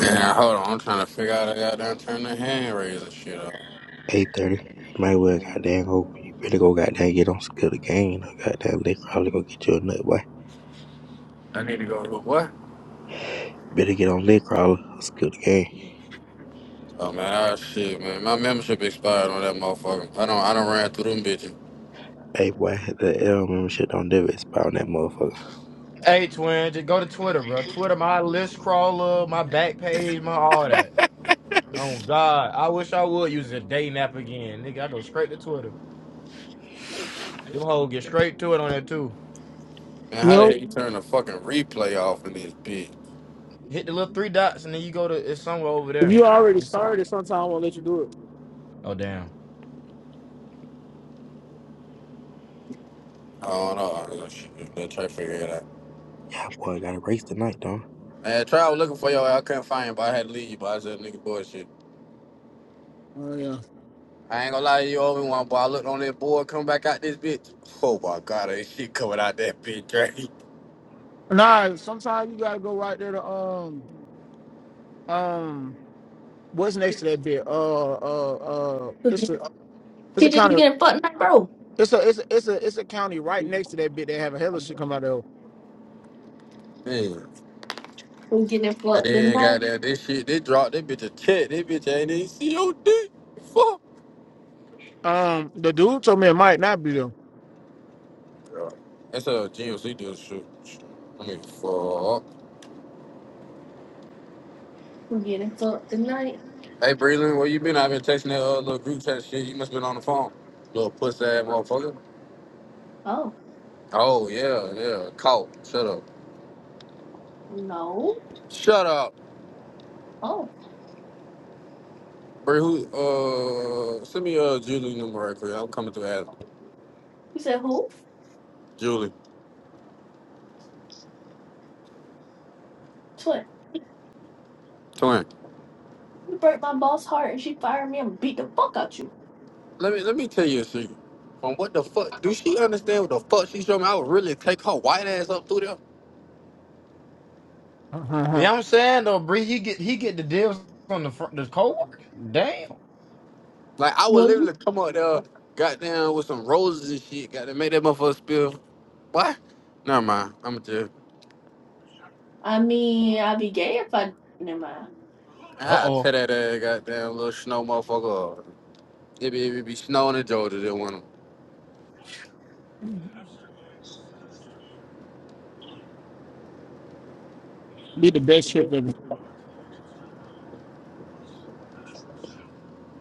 Yeah, hold on. I'm trying to figure out how to goddamn turn the hand raising shit up. eight thirty. You might well goddamn go. You better go goddamn get on skill the game. Or goddamn leg crawler go get you a nut boy. I need to go to what? Better get on leg crawler or skill the game. Oh man, oh shit, man. My membership expired on that motherfucker. I don't, I don't ran through them bitches. Hey boy, the L membership don't never expire on that motherfucker. Hey, twin, just go to Twitter, bro. Twitter, my list crawler, my back page, my all that. Oh God, I wish I would use a day nap again, nigga. I go straight to Twitter. Them hoes get straight to it on there too. Man, You how the know, hell you turn the fucking replay off in this bitch? Hit the little three dots, and then you go to it's somewhere over if there. you already It's, started, sometimes I won't let you do it. oh damn. I don't know. Shit, Let's try to figure it out. Yeah boy, got a race tonight, dog. Man, try looking for your. I couldn't find you, but I had to leave you. But I said, nigga, bullshit. Oh yeah. I ain't gonna lie to you, over one, but I looked on that board, come back out this bitch. Oh my god, ain't shit coming out that bitch, right? Nah, sometimes you gotta go right there to um um what's next to that bit? Uh uh uh it's a it's a TJ, you county getting fucked tonight, bro? it's a it's a it's a it's a county right next to that bit they have a hell of shit come out there. Man. We getting And fucked then got tonight. that this shit, they dropped that bitch a check. That bitch ain't even see your dick. Fuck. Um the dude told me it might not be them. Yeah. That's a GMC deal shoot. I mean, fuck. We getting fucked tonight. Hey, Breland, where you been? I've been texting that uh, little group chat shit. You must been on the phone. Little puss ass motherfucker. Oh Oh, yeah, yeah. Caught. Shut up. no. Shut up. Oh, Bree, who, uh, send me uh, Julie number right quick. I'm coming to ask you said who? Julie. Twin. Twin. You broke my boss heart, and she fired me and beat the fuck out you. Let me, let me tell you a secret. From what the fuck? Do she understand what the fuck she showed me? I would really take her white ass up through there. Yeah, I'm saying though, Bree, he get he get the deals on the front, the co-worker. Damn. Like I would Boy, literally you. come out there, goddamn, with some roses and shit, goddamn, make that motherfucker spill. What? Never mind. I'ma just I mean, I'd be gay if I. Never mind. Uh I tell oh. that ass goddamn little snow motherfucker up. It be, it be snowing in Georgia that one be the best ship ever.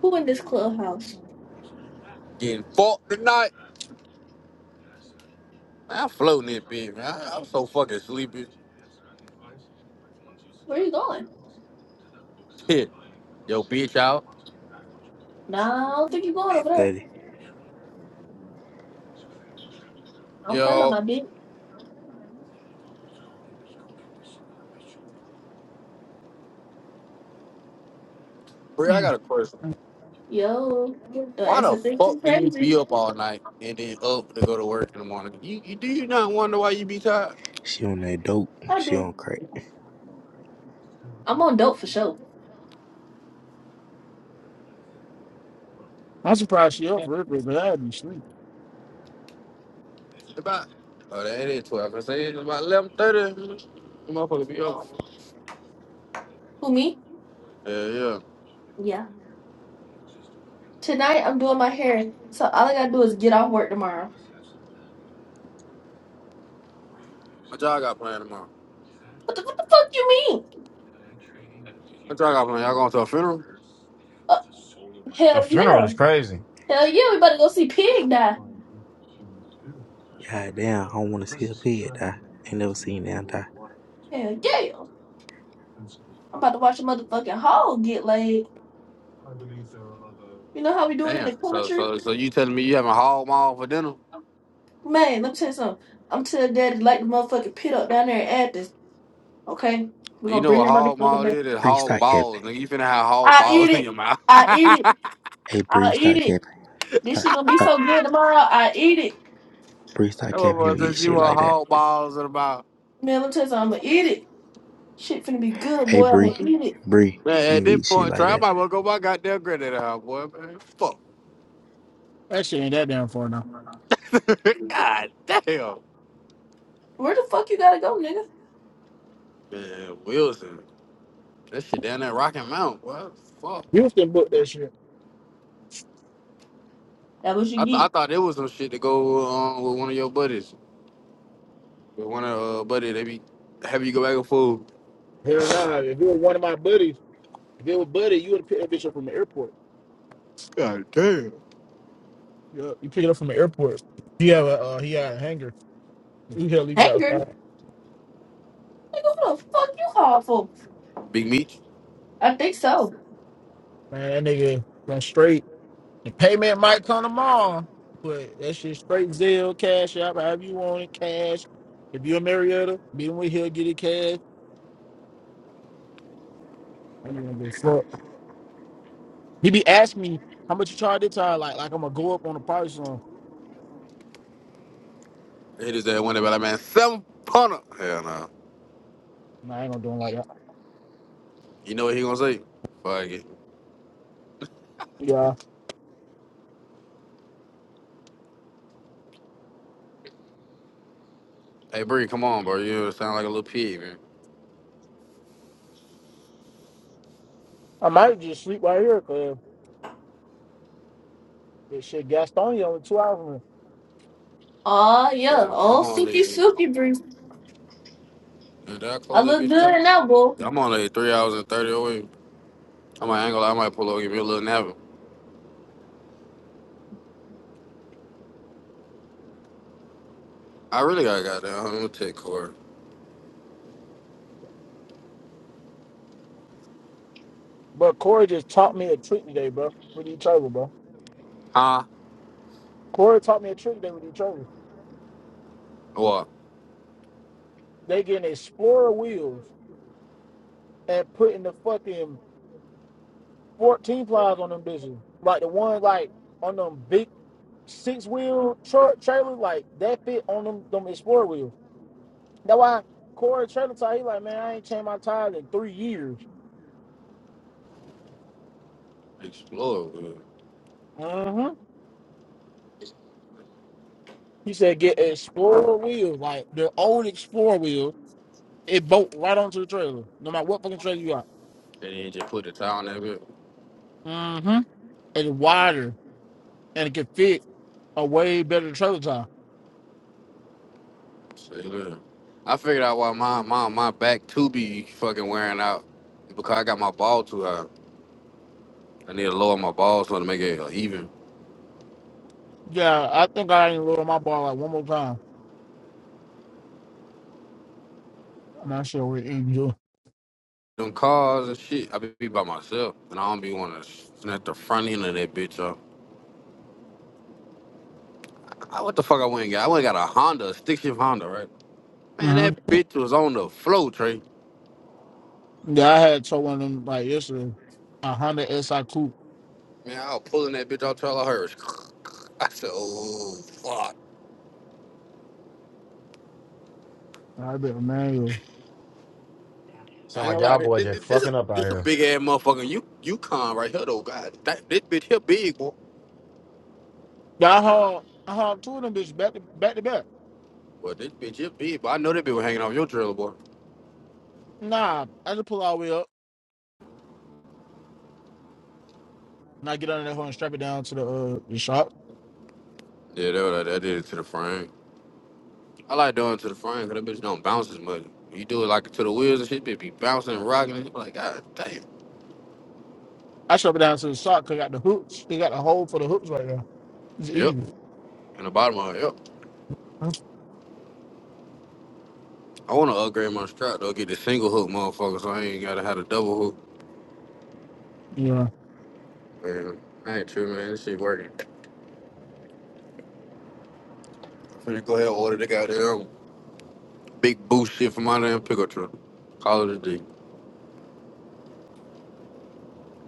Who in this clubhouse? getting fucked tonight. Man, I'm floating it, bitch, man. I, am so fucking sleepy. Where you going? Shit. Yo, bitch out. Nah, I don't think you going Eight over there. thirty. I'm playing by Yo, my bitch. Bri, I Mm. got a question. Yo, the Why the answer thing too fuck do you be crazy. up all night and then up to go to work in the morning? You, you do you not wonder why you be tired? She on that dope. I She do. on crack. I'm on dope for sure. I'm surprised she up for it, but I'd be sleep. About oh, that ain't twelve. I was gonna say it's about eleven thirty. Motherfucker be up. Who me? Yeah, yeah. Yeah. Tonight I'm doing my hair, so all I gotta do is get off work tomorrow. What y'all got playing tomorrow? What the, what the fuck you mean? What y'all got playing? Y'all going to a funeral? Uh, A hell funeral yeah. is crazy. Hell yeah, we about to go see Pig die. Goddamn, I don't want to see her pig die. Ain't never seen that die. Hell yeah. I'm about to watch a motherfucking hog get laid. You know how we do it in the Damn. So, country? so, so you telling me you having hog maul for dinner? Man, let me tell you something. I'm telling daddy to light the motherfucking pit up down there at this, okay? We're Do you gonna know bring what that hog motherfucker maul back. is? It's Bree, hog stop capping. balls, nigga. You finna have hog I eat balls in it. your mouth. I eat it. that Hey I Bree, eat stop it. capping. This Stop, shit gonna be stop. so good tomorrow. I eat it. Bree, stop capping. You motherfucker don't said eat she shit want like that. hog balls in her mouth. Man, let me tell you something. I'm gonna eat it. Shit finna be good, Hey boy. I'm Bree, gonna eat it. Bree, Man, you at don't this eat shit point, like try that. might well go my goddamn granddaddy house, boy, man. Fuck. That shit ain't that damn far now. God damn. Where the fuck you gotta go, nigga? Man, Wilson. That shit down there Rocky Mountain, boy. Fuck. Houston booked that shit. That was you I, th- I get. thought it was some shit to go on with one of your buddies. With one of uh buddy, they be have you go back and forth. Hell nah. If it was one of my buddies, if it was buddy, you would have picked that bitch up from the airport. God damn. Yeah, you pick it up from the airport. He have a uh, he had a hanger. You gotta leave it Hanger? outside. Nigga, who the fuck you call for? Big Meech. I think so. Man, that nigga went straight. The payment might come tomorrow, but that shit straight Zelle, Cash out. however you want it, cash. If you're a Marietta, meet him with he'll get it cash. I ain't gonna give a fuck. He be asking me how much you charge this time, like like I'm gonna go up on the price on. Hit his that one about like man, seven punter. Hell no. Nah, I ain't gonna do it like that. You know what he gonna say? Fuck it. Yeah, Hey Bree, come on, bro. You sound like a little pig, man. I might just sleep right here because this shit Gastonia only two hours. From here. Aw, yeah. Yeah, I'm Oh, Suki only Suki breeze. did I I close that look bitch good up? in that, boo. Yeah, I'm only three hours and thirty away. I might angle, I might pull over, give me a little nap. I really gotta got that. I'm gonna take car. But Corey just taught me a trick today, bro. What are you talking about? Huh? Corey taught me a trick day with each other. What? They getting Explorer wheels and putting the fucking 14 plies on them bitches. Like the one like on them big six wheel tra- trailers, like that fit on them them Explorer wheels. That's why Corey trailer tire, he like, man, I ain't changed my tires in three years. Explore. hmm He said get Explorer wheels, like the old Explorer wheels. It bolt right onto the trailer, no matter what fucking trailer you got. They didn't just put the towel on that bitch. Mm-hmm. It's wider and it can fit a way better trailer tire. Say that. I figured out why my, my, my back to be fucking wearing out because I got my ball too high. I need to lower my balls so to make it even. Yeah, I think I ain't lower my bar like one more time. I'm not sure what angel. Them cars and shit, I be be by myself and I don't be want to snap the front end of that bitch up. I, what the fuck I went and got? I went and got a Honda, a stick shift Honda, right? Man, Mm-hmm. that bitch was on the flow, Trey. Yeah, I had told one of them like yesterday. A Honda SI coupe. Man, I was pulling that bitch off till I heard. I said, oh, fuck. I bet manual. I Sound ain't gonna like lie, y'all this, boy this, this, just this a, fucking up out this a here. big ass motherfucker. You, you con right here though, God. That, this bitch here big, boy. Yeah, I hauled I hauled two of them bitches back to back to back. Well, this bitch is big, but I know that bitch was hanging off your trailer, boy. Nah, I just pull all the way up and I get under that hoe and strap it down to the uh the shop. Yeah, that, that, that did it to the frame. I like doing it to the frame because that bitch don't bounce as much. You do it like to the wheels and shit, bitch be bouncing and rocking. And like, God damn. I strap it down to the shop because I got the hooks. They got the hole for the hooks right there. It's Yep. easy. In the bottom of it, yep. I want to upgrade my strap, though, get the single hook, motherfucker, so I ain't got to have the double hook. Yeah. Man, I ain't true, man. This shit working. I'm finna go ahead and order the goddamn big boost shit from my damn pickup truck. Call it a day.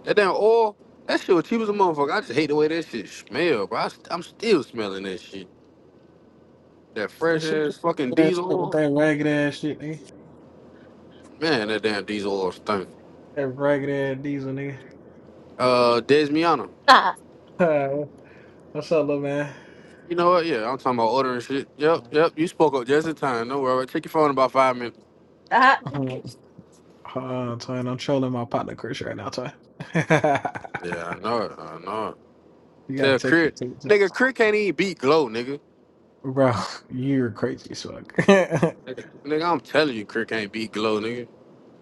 That damn oil, that shit was cheap as a motherfucker. I just hate the way that shit smell, bro. I, I'm still smelling that shit. That That fresh shit ass fucking ass diesel up with oil. that ragged ass shit, nigga. Man, that damn diesel oil stunk. That ragged ass diesel, nigga. Uh, Desmiano. Nah. Alright, what's up, little man? You know what? Yeah, I'm talking about ordering shit. Yep, yep. You spoke up just in time. Don't worry. Check your phone in about five minutes. That. Hold Hey, on, Twin. I'm trolling my partner Chris right now, Twin. you Yeah, I know it. I know it. gotta Tell check me, Crit. tape, me, Nigga, Crit can't even beat Glow, nigga. Bro, you're crazy as fuck. Nigga, nigga, I'm telling you, Crit can't beat Glow, nigga.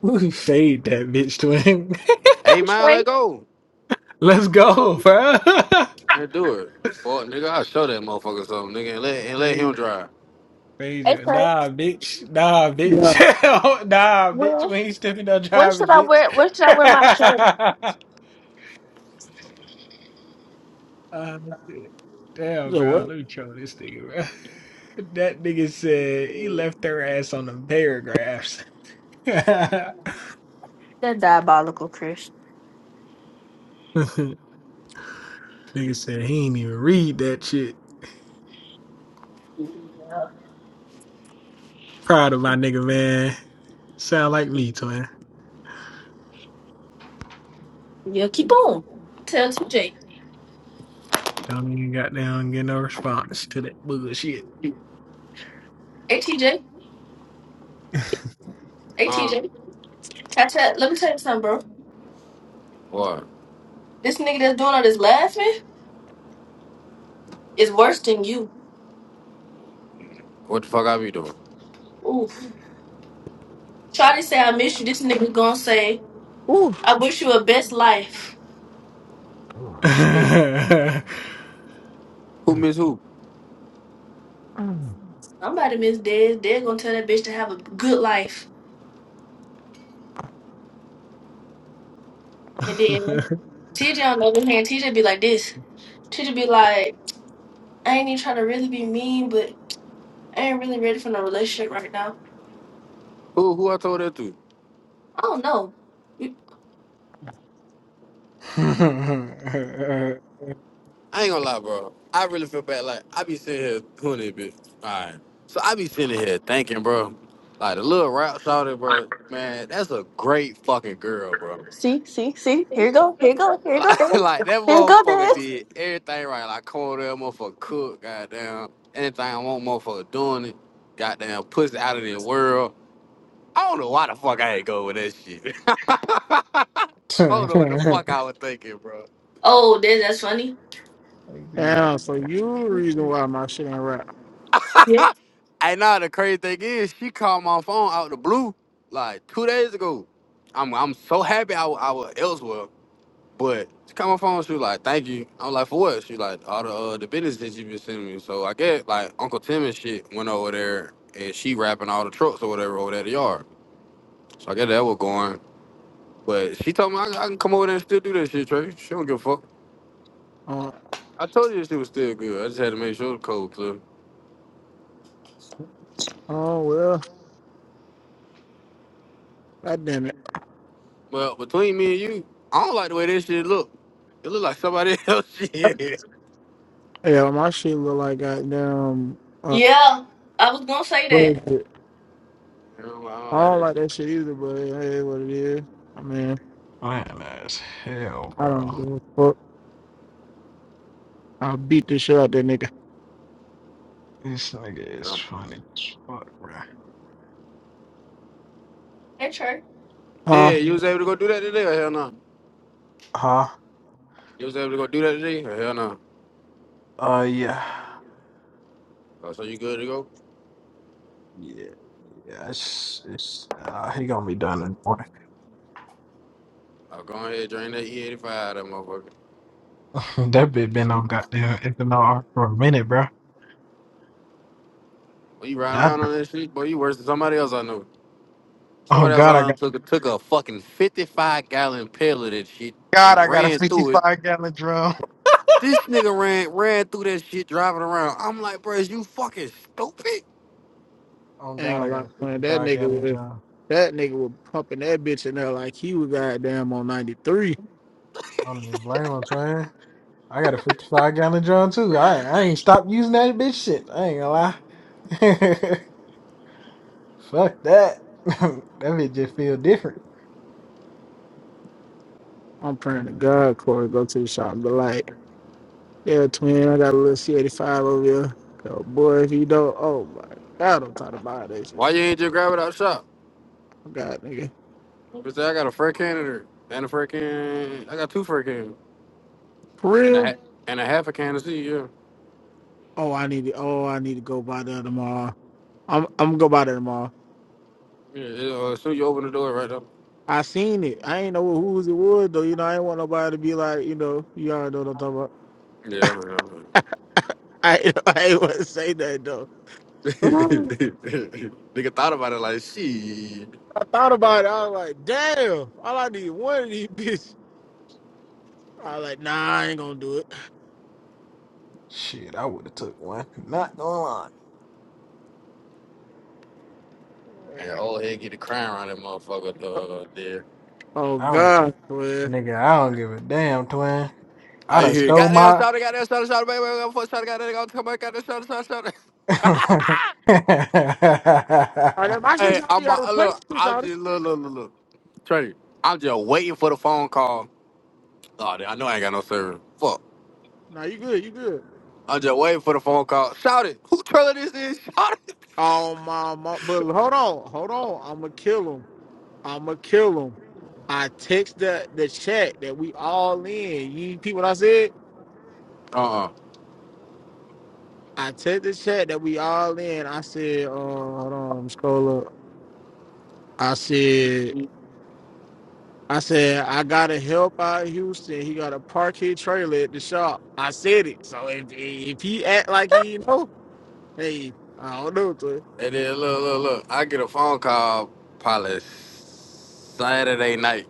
Ooh, Fade that bitch, Twin. Hey, mile, Trey. let go. Let's go, bro. And do it. Fuck, nigga. I'll show that motherfucker something, nigga. And let, and let him Crazy. drive. Hey, Major. Trey. Nah, bitch. Nah, bitch. Yeah. nah, bitch. When, We ain't stepping no when should drivers, I bitch. wear, when should I wear my shirt? Uh, shit. Damn, So bro. what? Let me troll this nigga, bro. That nigga said he left their ass on them paragraphs. Nigga That diabolical, Chris. said he ain't even read that shit. Yeah. Proud of my nigga, man. Sound like me, twin. Yeah, keep on. Tell TJ. Don't even got down get no response to that bullshit. Hey, TJ. Hey, Huh? TJ. Catch Let me tell you something, bro. What? This nigga that's doing all this laughing is worse than you. What the fuck I be doing? Oof. Try to say I miss you. This nigga gonna say. Ooh. I wish you a best life. Oh shit. Who miss who? Mm. Somebody miss dead. They're gonna tell that bitch to have a good life. And then TJ on the other hand, TJ be like this. TJ be like, I ain't even trying to really be mean, but I ain't really ready for no relationship right now. Who, who I told that to? I don't know. You- I ain't gonna lie, bro. I really feel bad. Like I be sitting here doing it, bitch. All right. So I be sitting here thinking, bro. Like the little rap shouted, bro. Man, that's a great fucking girl, bro. See, see, see. Here you go. Here you go. Here you go, dance. Like, that Here you go, motherfucker dance. did everything right. Like called that motherfucker cook, goddamn. Anything I want, motherfucker doing it. Goddamn, pussy out of the world. I don't know why the fuck I ain't go with that shit. I don't know what the fuck I was thinking, bro. Oh, Dez, that's funny. Be like, Damn, so you the reason why my shit ain't right. Yep. I know the crazy thing is she called my phone out the blue like two days ago. I'm I'm so happy I, wa- I was elsewhere, but she called my phone. She was like, "Thank you." i was like, "For what?" She like, "All the uh, the business that you been sending me." So I guess like Uncle Tim and shit went over there and she wrapping all the trucks or whatever over there at the yard. So I guess that was going. But she told me I, I can come over there and still do that shit, Trey. She don't give a fuck. Uh, I told you she was still good. I just had to make sure the code clear. oh well. God damn it. Well, between me and you, I don't like the way this shit look. It look like somebody else shit. Yeah, my shit look like goddamn uh Yeah, I was gonna say that. bullshit. I don't I don't I like don't that like shit. that shit either, but it it is what it is. I mean, man, as hell, I don't bro. give a fuck. I'll beat the shit out that nigga. This nigga is funny as fuck, bro. Hey, Trey. Yeah, Huh? you was able to go do that today or hell no? Huh? You was able to go do that today or hell no? Uh, yeah. Oh, so you good to go? Yeah, yeah. It's, it's, uh, he gonna be done in the morning. Oh, go ahead, drain that E85 out of that motherfucker. that bitch been on goddamn ethanol for a minute, bro. Well, you ride Yeah, I around do. on that shit, boy, you worse than somebody else I know. Oh, Somebody else God, I I know got, took a, took a fucking 55 gallon pail of that shit God, and I got a ran through it. 55 gallon drum. This nigga ran ran through that shit driving around. I'm like, bro, is you fucking stupid? Oh, Ain't God, I gonna got lie, a man. That 55 nigga gallon was drum. that nigga was pumping that bitch in there like he was goddamn on ninety three. I don't even blame him, son. I got a 55 gallon drum, too. I, I ain't stopped using that bitch shit. I ain't gonna lie. Fuck that. that bitch just feel different. I'm praying to God, Corey, go to the shop. But like, yeah, twin, I got a little C eighty five over here. Oh boy, if you don't oh my god, I'm tired about that shit. Why you ain't just grab it outside? Oh god nigga. But I got a fur cannon and a fur can. I got two fur cans For and a real? ha- and a half a can of sea. Yeah, Oh, I need to. Oh, I need to go by there tomorrow. I'm I'm gonna go by there tomorrow. yeah. It, uh, as soon as you open the door, right up. I seen it. I ain't know whose it was though. You know, I ain't want nobody to be like, you know, you already know what I'm talking about. Yeah, yeah. I I ain't want to say that though. Nigga thought about it like shit. I thought about it. I was like, damn. All I need is one of these bitches. I was like, nah, I ain't gonna do it. Shit, I would have took one. Not gonna lie. And old head get the crying around that motherfucker. Uh, there. Oh I don't, God, man. nigga, I don't give a damn, twin. I All you done hear, stole goddamn my. shot, it, goddamn shot, it, shot, it, baby, goddamn fuck shot, it, goddamn, goddamn, come on, goddamn shot, it, shot, it, shot. it. All right, my shit's Hey, out. You I'm uh, gotta replenish look, this I'm out. just look, look, look, look. Trey, I'm just waiting for the phone call. Oh, I know I ain't got no service. Fuck. Nah, you good. You good. I'm just waiting for the phone call. Shout it. Who trailer this is? Shout it. Oh my, my. But hold on, hold on. I'm gonna kill him. I'ma kill him. I text the the chat that we all in. You people what I said? Uh-uh. I text the chat that we all in. I said, uh, hold on, let me scroll up. I said, I said, I gotta help out Houston. He got a park his trailer at the shop. I said it. So if if he act like he know, hey, I don't know. To, And then look, look, look. I get a phone call probably Saturday night.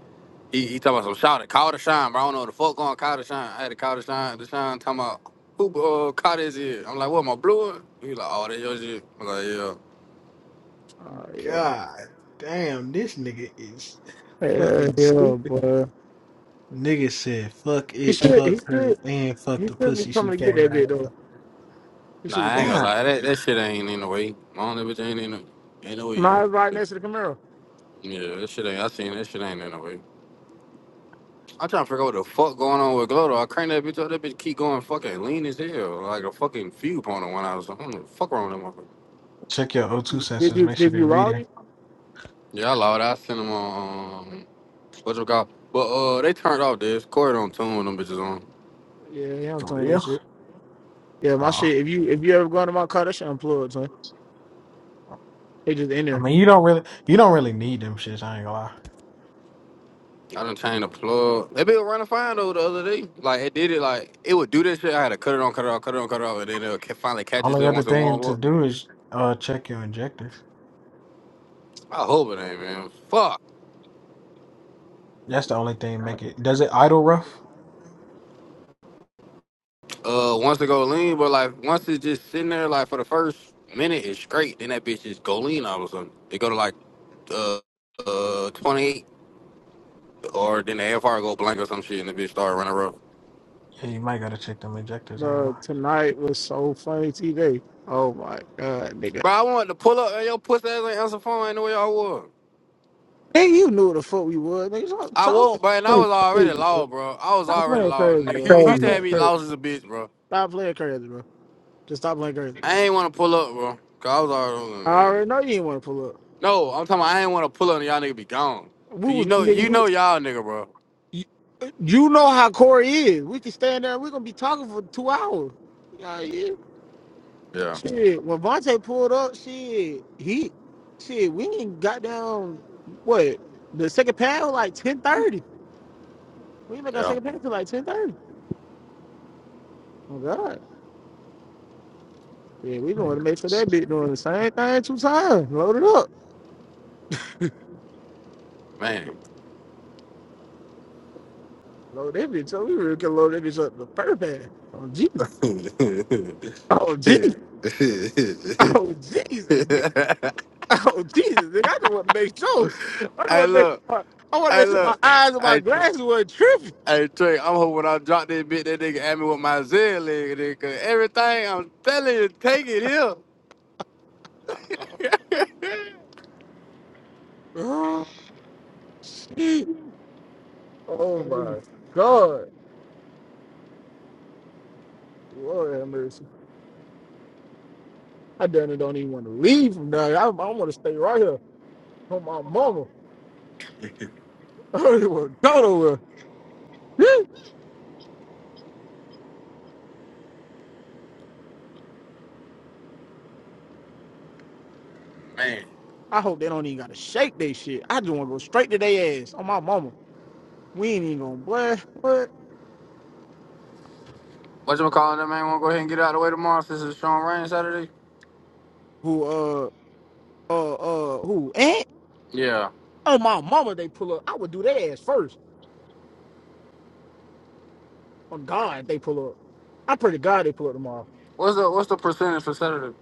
He, he talking about some shout it. Call the shine, bro. I don't know what the fuck going call the shine. I had to call the shine. The shine talking about who uh, caught this is. I'm like, what, my blue one? He like, oh, that your shit. I'm like, yeah. oh yeah, God damn, this nigga is yeah, fucking yeah, stupid. but Nigga said, fuck he it, should, he fuck her, should, and fuck he the should be pussy she coming to get came that out bit of. though. He Nah, should be I ain't coming. gonna God. lie. That, that shit ain't in the way. My only bitch ain't in the, ain't no way. Mine's right next to the Camaro. Yeah, that shit ain't. I seen that shit ain't in the way. I'm trying to figure out what the fuck going on with Glodo. I cranked that bitch up. That bitch keep going fucking lean as hell, like a fucking few pointer when I was like, what the fuck wrong with that motherfucker? Check your O2 Did sensors, you make sure did you they're allow reading. you? Yeah, I loud. I sent him on um, what you call, but uh, they turned off this. Corey don't tune them bitches on. Yeah, yeah, I'm For telling that real? shit. Yeah, my Oh. shit. If you if you ever go into my car, that shit unplugged, son. They just in I there. mean, you don't really, you don't really need them shits, I ain't gonna lie. I done changed the plug. That bitch was running fine though the other day. Like it did it like it would do this shit. I had to cut it on, cut it off, cut it on, cut it off, and then it'll ca- finally catch Only itself other once it thing warm to up. do is uh check your injectors. I hope it ain't man. Fuck. That's the only thing make it. Does it idle rough? uh once to go lean, but like once it's just sitting there like for the first minute it's great, then that bitch just go lean all of a sudden. It go to like uh uh twenty eight or then the fr go blank or some shit and the bitch start running rough. Yeah, you might gotta check them injectors. I ain't gonna Bro, lie. tonight was so funny, TJ. Oh my god, nigga. Bro, I wanted to pull up and your pussy ass ain't answer phone ain't the way I was. Hey, you knew what the fuck we was. Nigga, stop, I stop won't, bro, and I playing was already crazy, bro. low, bro. I was Stop already playing low, crazy, nigga. bro. He, he Oh, used Stop to have playing yeah. me crazy. lost as a bitch, bro. Stop playing crazy, bro. Just stop playing crazy, bro. I ain't want to pull up, bro. Cause I was I already already know you didn't want to pull up. No, I'm talking about I ain't want to pull up and y'all nigga be gone. We Cause you was know nigga. you we- know y'all nigga, bro. You, you know how Corey is. We can stand there. We're gonna be talking for two hours. Yeah, yeah. Yeah. Shit, when Vontae pulled up, shit, he, shit, we ain't got down, what, the second pad was like 10.30. We ain't make our Yeah. second pad till like 10.30. Oh, God. Yeah, we going to Like, make sure that bitch doing the same thing two times. Load it up. Man. Load that bitch up. We really can load that bitch up the first pad. Oh, Jesus. hey Oh, Jesus. Oh, Jesus. nigga. Oh, Jesus. Nigga, I just want to make sure. I just want to make look, sure. I want to hey make sure my look, eyes and my I glasses weren't tripping. I Trey, I'm hoping when I drop that bit that nigga at me with my Z leg, nigga. Everything I'm telling you, take it here. Oh, shit. Oh my God. Lord have mercy. I done it don't even want to leave from down here. I, I want to stay right here from my mama. I don't even want to go nowhere. Man. I hope they don't even got to shake they shit. I just want to go straight to their ass on my mama. We ain't even gonna boy. What? What you calling that man wanna go ahead and get it out of the way tomorrow since it's strong rain Saturday? Who? Uh. Uh. Uh. Who? Aunt? Yeah. On my mama, they pull up. I would do their ass first. On God, they pull up. I pray to God they pull up tomorrow, What's the what's the percentage for Saturday?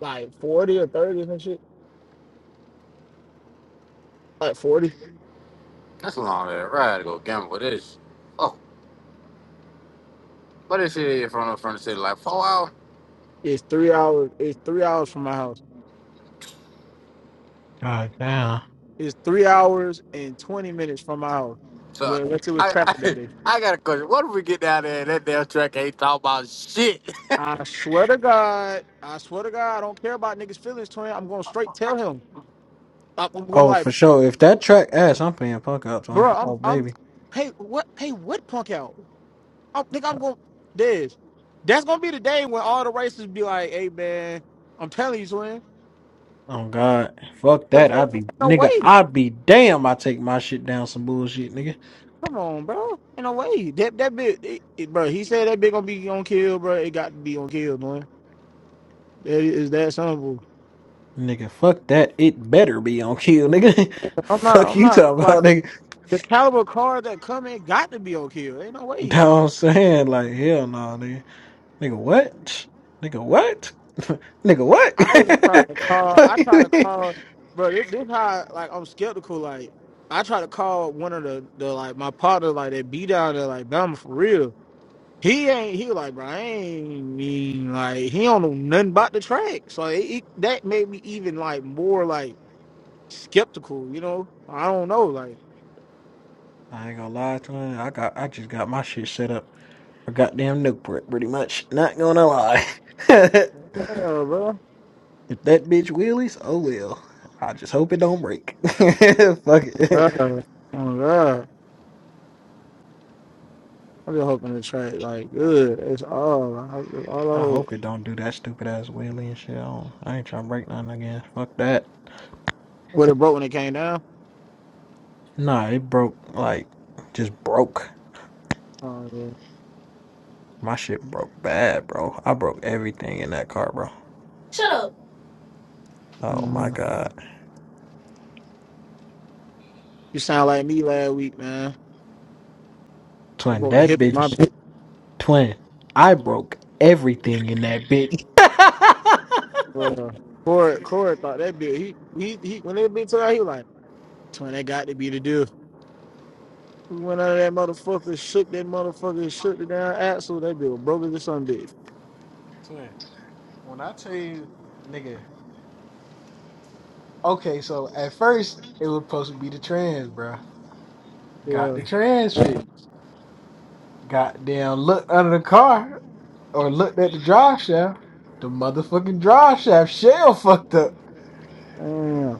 like forty or thirty and shit. Like forty. That's a long day. Right, I gotta go gamble with this. Oh, but this shit is from the front of the city like four hours. It's three hours. It's three hours from my house. God damn. It's three hours and 20 minutes from my house. So Well, unless it was I, traffic that I day. I got a question. What if we get down there and that damn track ain't talking about shit? I swear to God, I swear to God, I don't care about niggas' feelings, twin. I'm going to straight tell him. I- I'm, I'm Oh, like, for sure. If that track ass, I'm paying fuck up, man. bro, I'm, Oh, I'm, baby. hey, what, hey, what punk out? I think I'm going to, this. That's going to be the day when all the racists be like, hey, man, I'm telling you, twin. Oh, God. Fuck 'Cause that. I'd ain't be, no nigga, way. I'd be damn. I take my shit down some bullshit, nigga. Come on, bro. Ain't no way. That, that bit, it, it- bro, he said that bit going to be on kill, bro. It got to be on kill, man. That is that simple. Nigga, fuck that. It better be on kill, nigga. I'm not. fuck I'm you not talking about, like nigga. The caliber car that come in got to be on kill. Ain't no You way. know what I'm saying? Like, hell no, nigga. Nigga, what? Nigga, what? I even nigga, tried to call. I tried to what? call. bro. This, this how like I'm skeptical. Like I tried to call one of the the like my partner like that beat down there like Bama for real. He ain't. He was like bro. I ain't mean like he don't know nothing about the track. So it, it, that made me even like more like skeptical. You know. I don't know. Like I ain't gonna lie to you. I got I just got my shit set up for goddamn Newport, pretty much. Not gonna lie. if yeah, bro. that bitch wheelies, oh well. I just hope it don't break. Fuck it. Uh, Oh my God. I'm just hoping the track like good. It's all I- it's all I I hope. hope it don't do that stupid ass wheelie and shit. I, don't, I ain't trying to break nothing again. Fuck that. What it broke when it came down? Nah, it broke like just broke. Oh yeah. My shit broke bad, bro. I broke everything in that car, bro. Shut up. Oh my Mhm. god. You sound like me last week, man. I Twin, broke the that hip in my bitch bit. Twin, I broke everything in that bitch. Bro. Corey, Corey thought that bit. He he he. When that bit took out, he like, "Twin, that got to be the deal." We went under that motherfucker, shook that motherfucker, shook the damn axle. That bit was broke as a sun bitch. Twin, when I tell you, nigga, okay, so at first it was supposed to be the trans, bruh. Got Yeah. the trans fix. Goddamn, looked under the car or looked at the drive shaft. The motherfucking drive shaft shell fucked up. Damn.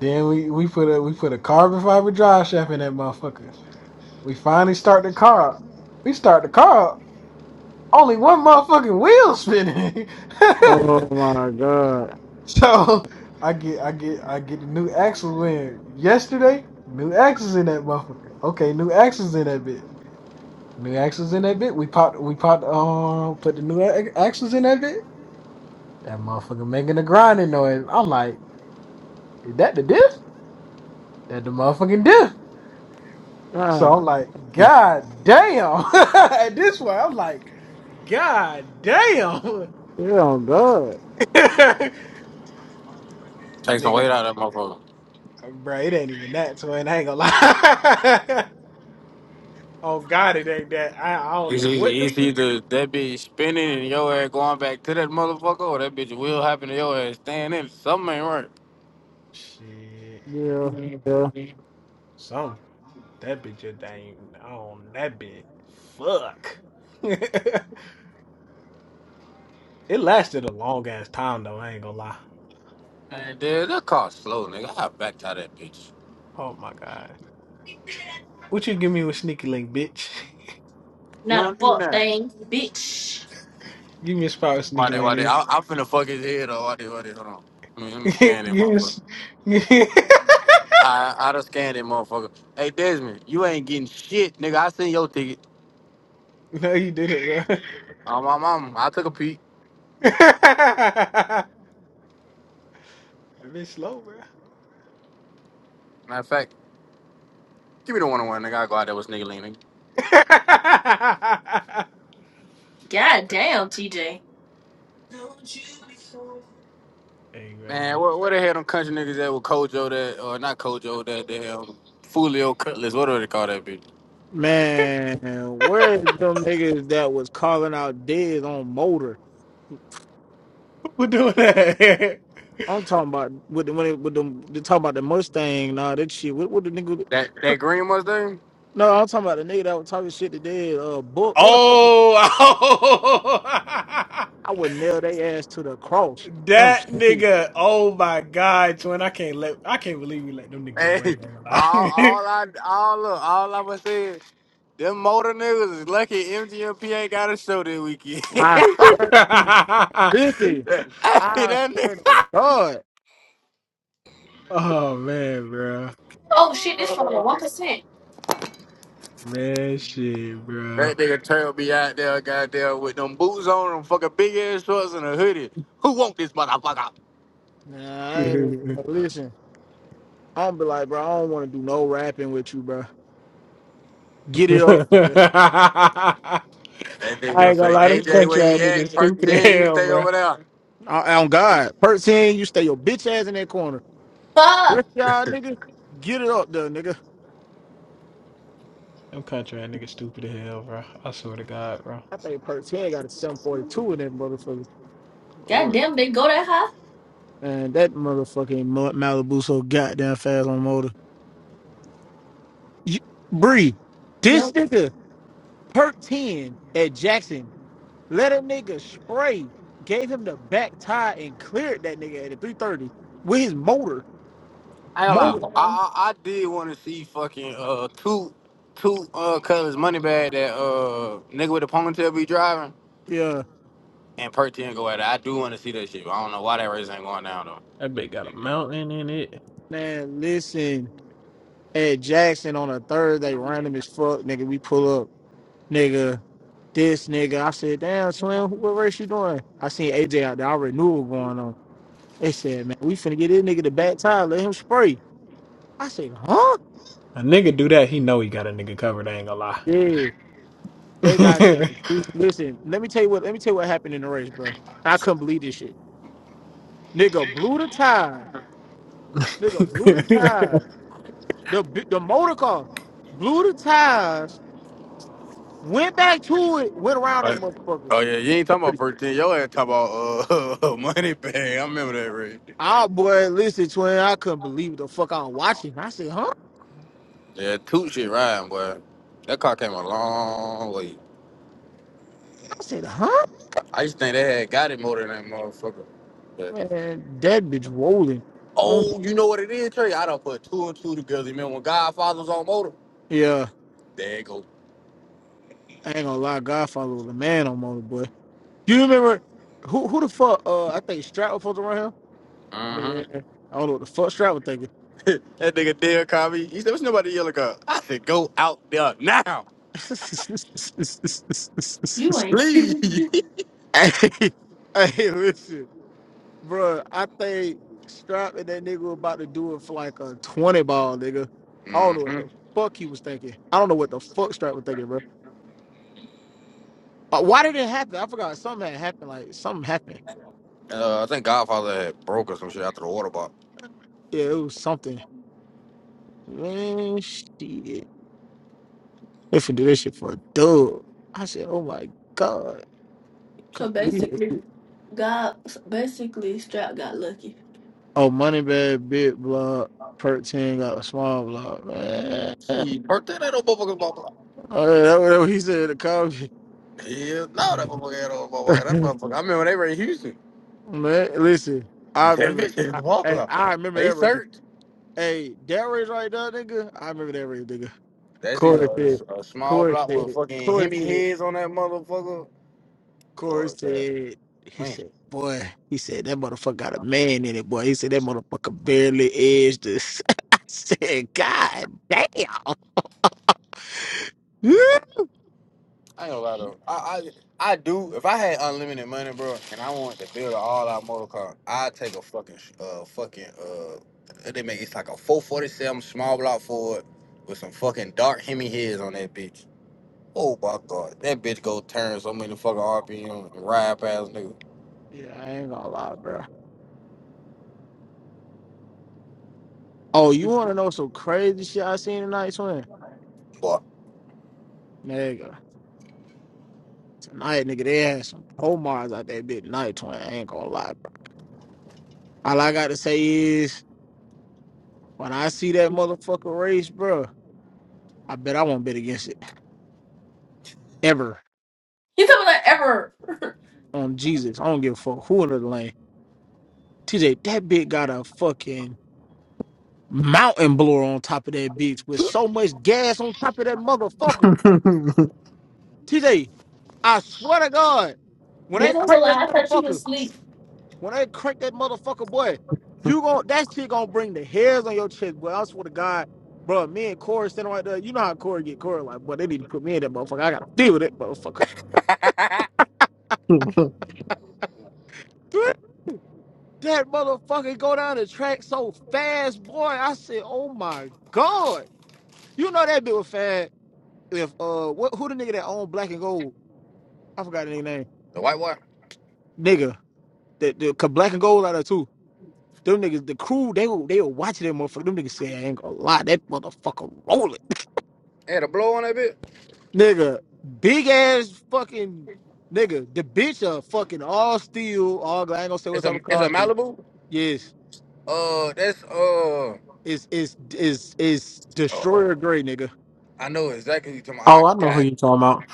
Then we, we put a we put a carbon fiber drive shaft in that motherfucker. We finally start the car up. We start the car up. Only one motherfucking wheel spinning. Oh my god. So I get I get I get the new axles in yesterday. New axles in that motherfucker. Okay, new axles in that bit. New axles in that bit. We popped we popped um put the new a- axles in that bit. That motherfucker making a grinding noise. I'm like, is that the diff? That the motherfucking diff. So I'm God. like, God damn. At this point, I'm like, God damn. Yeah. Oh god. Take some weight Nigga, out of that motherfucker. bro, it ain't even that toy, I ain't gonna lie. Oh God, it ain't that. I, I don't It's know what easy. the It's either that bitch spinning and your ass going back to that motherfucker, or that bitch will happen to your ass staying in. Something ain't Shit, Yeah. right. Yeah. some that bitch just ain't on that bitch. Fuck. it lasted a long ass time though. I ain't gonna lie. And dude, that car slow, nigga. I'll back tie that bitch. Oh my God, what you give me with sneaky link, bitch? You Not a don't need fuck that. thing, bitch. Give me a spot with Why sneaky they, why they? link, I, I'm finna fuck his head up. Why they, why they? Hold on. Let me, let me nigga. scan that give me. A... motherfucker. s- I, I done scanned that motherfucker. Hey, Desmond, you ain't getting shit, nigga. I seen your ticket. no, you did it, bro. Um, my mom! i I took a peek. that bitch slow, bro. Matter of fact, give me the one on one. Nigga, I go out there with Nigga leaning. God damn, TJ. hey Man, man, where, where the hell them country niggas at with Kojo that, or not Kojo that, the hell, Fulio Cutlass, whatever they call that bitch. Man, where is them niggas that was calling out dead on motor? who doing that? I'm talking about with the when it, with them they talking about the Mustang, nah that shit. What what the nigga That that green Mustang. No, I'm talking about the nigga that was talking shit to dead uh book. What the fuck Oh, I would nail their ass to the cross. I'm that serious. nigga. Oh my god, twin. I can't let I can't believe we let them nigga get away. Hey, man. all all I all look, all I was saying, them motor niggas is lucky MGMPA got a show this weekend. hey, I swear to this that I nigga, swear to God. oh man, bro. Oh shit, this phone at one percent. Man shit, bro. that nigga Trail be out there, goddamn, with them boots on, them fucking big ass shorts and a hoodie. Who want this motherfucker? Nah, I ain't even listen. I'm be like, bro, I don't wanna do no rapping with you, bro. Get it up. nigga. That nigga I gonna ain't gonna say, lie, them AJ, country where ass you niggas at? Perk stupid as 10, you hell, stay bro. over there. On God. Perk 10, you stay your bitch ass in that corner. Fuck. Rich y'all niggas, get it up though, nigga. Them country ass niggas stupid as hell, bro. I swear to God, bro. I think Perks he ain't got a 742 in that motherfucker. God Lord, damn, they go that high? And that motherfucking Mal- Malibu so goddamn fast on motor. You, Bree, this Yo. nigga Perk 10 at Jackson let a nigga spray, gave him the back tie and cleared that nigga at a 330 with his motor. Hell Motor. Lord. out. Yeah. I, I, I did want to see fucking uh two two uh colors money bag that uh nigga with the ponytail be driving Yeah. and Perk 10 go at it. I do want to see that shit. but I don't know why that race ain't going down though. That bitch got a mountain in it. Man, listen, at Jackson on a Thursday, random as fuck, nigga, we pull up. nigga, this nigga. I said, damn, Swim, what race you doing? I seen AJ out there. I already knew what was going on. They said, man, we finna get this nigga the back tire. Let him spray. I said, huh? A nigga do that, he know he got a nigga covered. I ain't gonna lie. Yeah. They got to the three. Listen, let me tell you what. Let me tell you what happened in the race, bro. I couldn't believe this shit. Nigga blew the tires. Nigga blew the tires. The bi- the motor car blew the tires. Went back to it. Went around that Right. motherfucker. Oh yeah, you ain't talking about Thirty. Perk 10. Your ass talking about uh money bag. I remember that race. Ah, boy, listen, twin. I couldn't believe the fuck I was watching. I said, huh? Yeah, two shit riding, boy. That car came a long way. I said, huh? I used to think they had got it more than that motherfucker. But. Man, that bitch rolling. Oh, Oh, you know what it is, Trey? I done put two and two together. You Remember when Godfather was on motor? yeah, There it go. I ain't gonna lie, Godfather was a man on Motorboy. You remember who who the fuck? Uh, I think Strat was supposed to run hmm here. Man, I don't know what the fuck Strat was thinking. that nigga Dale called me. He said, "What's nobody yelling car?" I said, "Go out there now, You ain't. leave." hey, hey, listen, bro. I think Strap and that nigga were about to do it for like a twenty ball, nigga. I don't know what hmm the fuck he was thinking. I don't know what the fuck Strap was thinking, bro. Uh, why did it happen? I forgot. Something had happened. Like something happened. Uh, I think Godfather had broke or some shit after the water bottle. Yeah, it was something. Man, shit. They finna do this shit for a dub. I said, oh my God. so Come basically, on. God so, basically Strap got lucky. Oh, money bag, big block, perk 10 got a small block. Man. He burnt that little motherfucker bottle. Oh, yeah, that what he said in Hell no, that the motherfucker had a motherfucker. That comment. motherfucker. I remember when they were in Houston. Man, listen, I That remember bitch had I, a bottle I out. I remember They that race. searched. Hey, that race right there, nigga. I remember that race, nigga. That's either Corey said, a, a small Corey block with said, fucking Corey Hemi said. heads on that motherfucker, Corey or that said, he man. said, boy, he said, that motherfucker got a man in it, boy. He said, that motherfucker barely edged this. I said, God damn. yeah, I ain't gonna lie though. I, I I do. If I had unlimited money, bro, and I wanted to build an all-out motor car, I'd take a fucking sh- uh fucking uh. They make it's like a 447 small block Ford with some fucking dark Hemi heads on that bitch. Oh my god, that bitch go turn so many fucking RPM and ride past nigga. I ain't gonna lie, bro. Oh, you wanna know some crazy shit I seen tonight, twin? Boy, Nigga. Tonight, nigga, they had some Pomars out that bit night, twin. I ain't gonna lie, bro. All I gotta say is, when I see that motherfucker race, bro, I bet I won't bet against it. Ever. He took me like ever. On Jesus. I don't give a fuck who in the lane. TJ, that bitch got a fucking mountain blower on top of that bitch with so much gas on top of that motherfucker. TJ, I swear to God, when they This was a crank that lie. I thought you was motherfucker, asleep. when they crank that motherfucker, boy, you gon' that shit gonna bring the hairs on your chest, boy. I swear to God, bro, me and Corey standing right there. You know how Corey get Corey like, boy, they need to put me in that motherfucker. I gotta deal with that motherfucker. that motherfucker go down the track so fast, boy. I said, oh my God. You know that bitch was fast. if uh what who the nigga that owned black and gold? I forgot the nigga name. the white one Nigga. That the cause black and gold out there too. Them niggas, the crew, they were they were watching that motherfucker. Them niggas said I ain't gonna lie, that motherfucker rolling. they had a blow on that bitch. Nigga, big ass fucking nigga, the bitch are fucking all steel, all glass. I ain't gonna say what It's a type of it's car a it is. Malibu. Yes. Uh, that's uh. It's it's is is uh destroyer gray nigga. I know exactly who you talking about. oh, I, I know who God you talking about.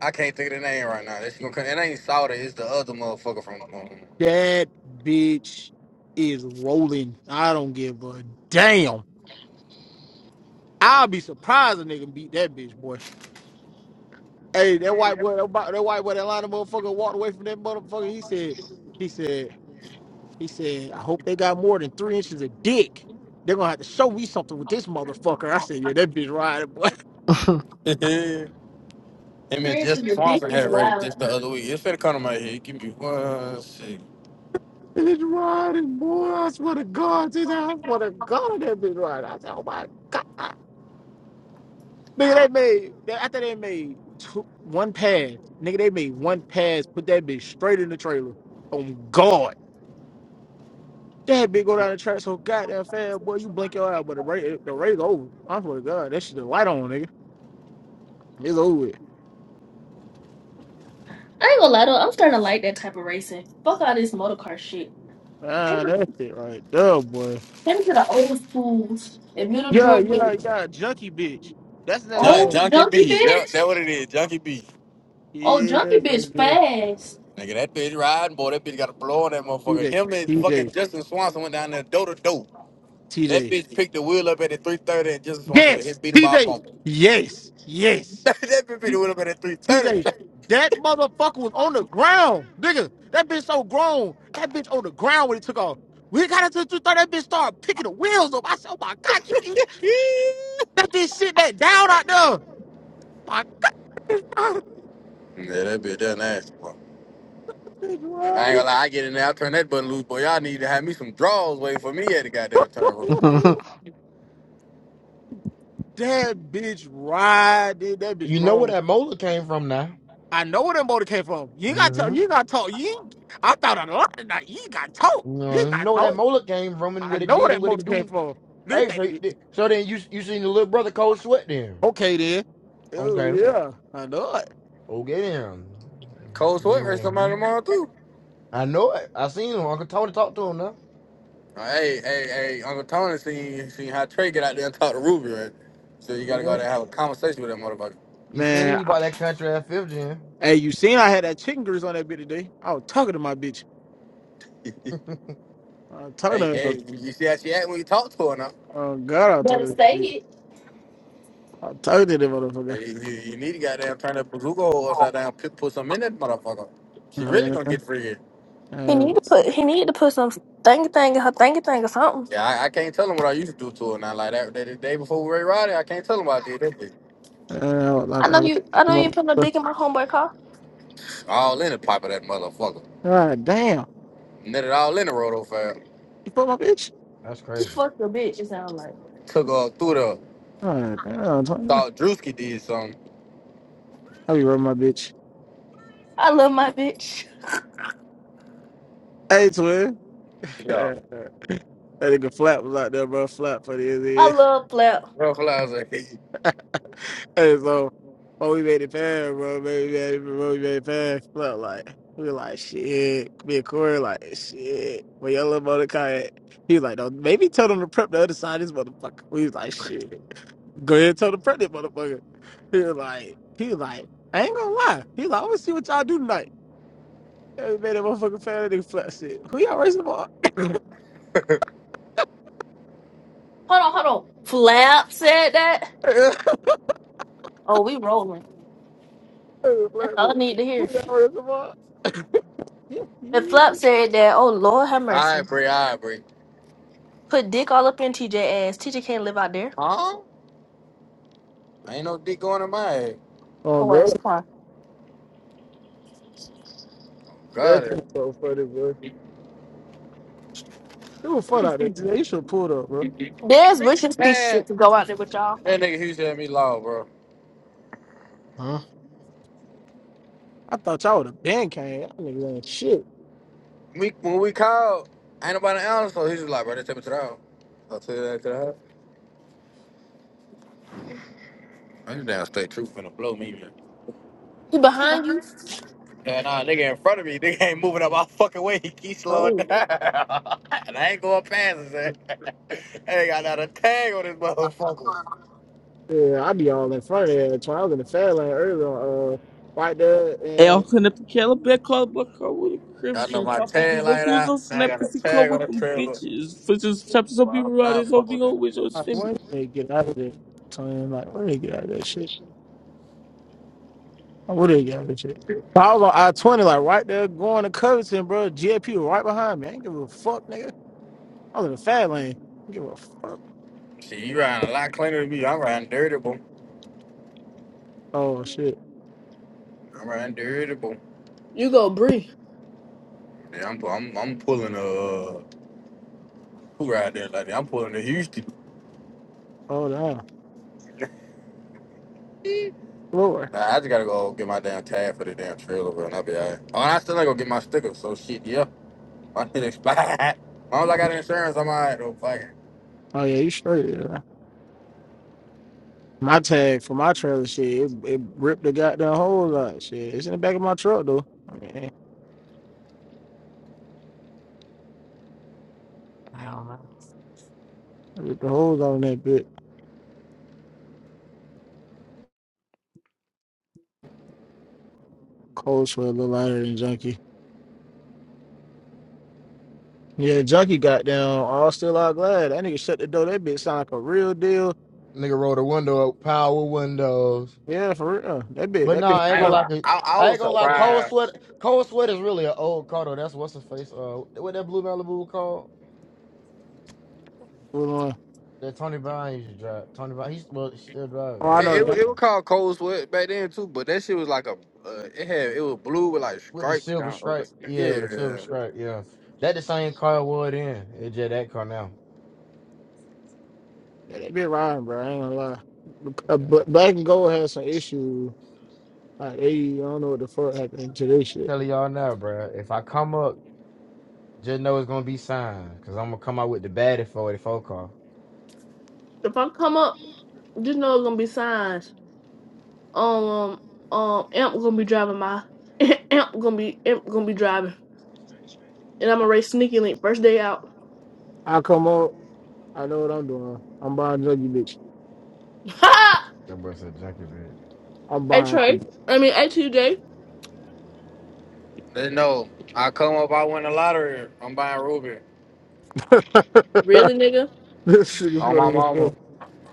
I can't think of the name right now. That's gonna come. It ain't Sauter. It's the other motherfucker from. Um, That bitch is rolling. I don't give a damn. I'll be surprised a nigga beat that bitch boy. Hey, that white boy, that white that white boy, that Atlanta motherfucker walked away from that motherfucker. He said, he said, he said, I hope they got more than three inches of dick. They're gonna have to show me something with this motherfucker. I said, yeah, that bitch riding, boy. him and Three inches Justin of dick Swanson is had race wild. just the other week. It's finna come to my head. Give me one second. That bitch riding, boy. I swear to God, this- I swear to God, that bitch riding. I said, oh my God. Nigga, they made, they, after they made two, one pass, nigga, they made one pass, put that bitch straight in the trailer. On God. That bitch go down the track so goddamn fast, boy. You blink your eye, but the race, the race over. I swear to God, that shit the light on, nigga. It's over. With. I ain't gonna lie though, I'm starting to like that type of racing. Fuck all this motor car shit. Take Man, me, that shit right there, boy. take me to the old schools in Middle Yeah, yeah, Georgia. yeah. Junkie bitch. That's the name of Jun- that. Old Junkie junkie B. Yep, bitch. that what it is. Junkie B. Old Yeah, junkie bitch nigga. fast. Nigga, that bitch riding, boy. That bitch got a blow on that motherfucker. TJ, Him and fucking TJ, Justin Swanson went down there door to door. That TJ. bitch picked the wheel up at the 330 and Justin Swanson Yes, hit beat him by a TJ. bumper. Yes, yes. that bitch picked T- the wheel up at the TJ. 330. That motherfucker was on the ground, nigga. That bitch so grown. That bitch on the ground when it took off. We got it to the two thirty. That bitch started picking the wheels up. I said, "Oh my god!" Let this shit back down out there. My God, Yeah, that bitch that nasty, boy. bitch I ain't ride, gonna lie, I get in there, I turn that button loose, boy. Y'all need to have me some draws waiting for me at the goddamn return room. that bitch riding. That bitch You know where grown. that molar came from now. I know where that motor came from. You ain't got to. talk. Mm-hmm. You ain't got to talk. You. Ain't, I thought a lot tonight. You ain't got to talk. You You know ain't you got to know where that talk. molar came from and I what it know where did that and what motor it came do. from. Look at Hey, so that bitch. so then you you seen the little brother cold sweat then? Okay then. Oh Okay, yeah, I know it. okay then. Cold sweat versus hmm somebody tomorrow too. I know it. I seen him. Uncle Tony talked to him now. Hey, hey, hey, Uncle Tony seen seen how Trey get out there and talk to Ruby, right? So you gotta go out Mhm. there and have a conversation with that motherfucker. He Man, seen he I, bought that country at fifth gen. hey, you seen I had that chicken grease on that bitch today? I was talking to my bitch. I was talking hey, to. her. hey, you see how she act when you talk to her now? Oh God, I was Better talking to that say bitch. it. I was talking to that Hey, you, you need to goddamn turn that bazooka horse out down, put, put some in that motherfucker. She really motherfucker. gonna get free here. He need Oh, to put he need to put some thingy thing in her thingy thing or something. Yeah, I, I can't tell him what I used to do to her now. Like that, that the day before Ray Roddy, I can't tell him what I did that bitch. oh, like, I know oh, you I know you my- ain't put no dick in my homeboy car. All in the pipe of that motherfucker. God damn. Net it all in the roto fab. You fuck my bitch? That's You crazy. fuck your bitch, you sound like. Took off through the God damn, Tony. thought Drewski did something. How you rub my bitch? I love my bitch. Hey, twin. Yeah. that nigga Flap was out there, bro. Flap for the end of the I year. love Flap. Real flies like Hey, so, oh, we made it pass, bro. Baby, baby, bro. We made it pass. Flap, like, we like, shit. Me and Corey, like, shit. When your little motor kayak, he was like, no, maybe tell them to prep the other side of this motherfucker. We was like, shit. Go ahead and tell the pregnant motherfucker. He was like, he was like, I ain't gonna lie. He was like, I'm gonna see what y'all do tonight. Hey, man, that motherfucker fan of nigga flat shit. Who y'all racing tomorrow? Hold on, hold on. Flap said that? Oh, we rolling. That's Flat all I shit. need to Who hear. y'all racing tomorrow? If Flap said that, oh Lord have mercy. I Bree, I Bree. Put dick all up in TJ ass. TJ can't live out there. Huh? Ain't no dick going in my head. oh, Oh that's God. fine. Got That's just it. so funny, bro. It was fun out there. today. You should have pulled up, bro. There's wishes speech to Man, go out there with y'all. that nigga Houston had me low, bro. huh? I thought y'all would have been came. Y'all niggas ain't shit. We when we called, ain't nobody else. so he was like, bro, they take me to the house. I tell you that to the house. I just damn straight truth finna blow me, man. He behind you? Yeah, nah, nigga in front of me, nigga ain't moving up my fucking way. He keeps slowing Oh. down. and I ain't going past his ass. I ain't got not a tag on this motherfucker. Yeah, I be all in front of that. When I was in the fair lane earlier, uh, right there, Ela and quando aquela with bacana I know Christians. my Pop on this tag little like dudes that. on I snap got a because he caught tag on with the them trailer. bitches. For just chapters will be Well, I'm right, it's not all fucking be with that. always or I semi. wanted to get out of there. Time like, when they get out of that shit. I would have got that shit. I was on I twenty, like right there, going to Covington, bro. GFP was right behind me. I ain't give a fuck, nigga. I was in the fat lane. I don't give a fuck. See, you riding a lot cleaner than me. I'm riding dirty, boy. Oh shit. I'm riding dirty, boy. You go Bree. Yeah, I'm, I'm, I'm pulling a, uh, who ride there like that? I'm pulling a Houston. Hold on. Nah, Lord. I just gotta go get my damn tag for the damn trailer, bro, and I'll be all right. Oh, and I still gotta go get my sticker, so shit, yeah. My shit expired. As long as I Oh got insurance, I'm all right, though. Fuck it. yeah, you straight. Yeah. My tag for my trailer shit, it, it ripped the goddamn holes out. Shit, it's in the back of my truck though. I mean, it I don't know. ripped the holes out on that bit. Cold sweat a little lighter than junkie. Yeah, junkie got down all still out glad. That nigga shut the door. That bitch sound like a real deal. Nigga rolled a window up, power windows. Yeah, for real. That bitch, But that nah, I I ain't ain't gonna gonna bitch. lie. lie. to- I, I I ain't was gonna lie. surprised. Cold sweat. Cold sweat is really an old car though. That's what's the face. Uh, what that blue Malibu called? That Tony Brown used to drive. Tony Brown, he's well, he still drive Oh, I it. It, did know it, that that it car. was called cold sweat back then too, but that shit was like a uh, it had it was blue with like With the stripes silver down over. stripe, the yeah, with the silver Yeah, stripe, yeah. That the same car it was then. It's just that car now. that be lying, bro. I ain't gonna lie. Uh, Yeah. But Black and Gold has some issues. Like they, I don't know what the fuck happened to this shit. Telling y'all now, bruh. If I come up, just know it's gonna be signed, cause I'm gonna come out with the baddest 44 car. If I come up, just know it's gonna be signs. Um, um, um, Amp gonna be driving my Amp gonna be Amp gonna be driving, and I'm gonna race Sneaky Link first day out. I come up, I know what I'm doing. I'm buying druggy bitch. Ha! That boy said junkie bitch. I'm Hey buying. Trey, I mean hey TJ, they know. I come up, I win the lottery. I'm buying Ruby really nigga, this nigga on my funny as fuck. mama,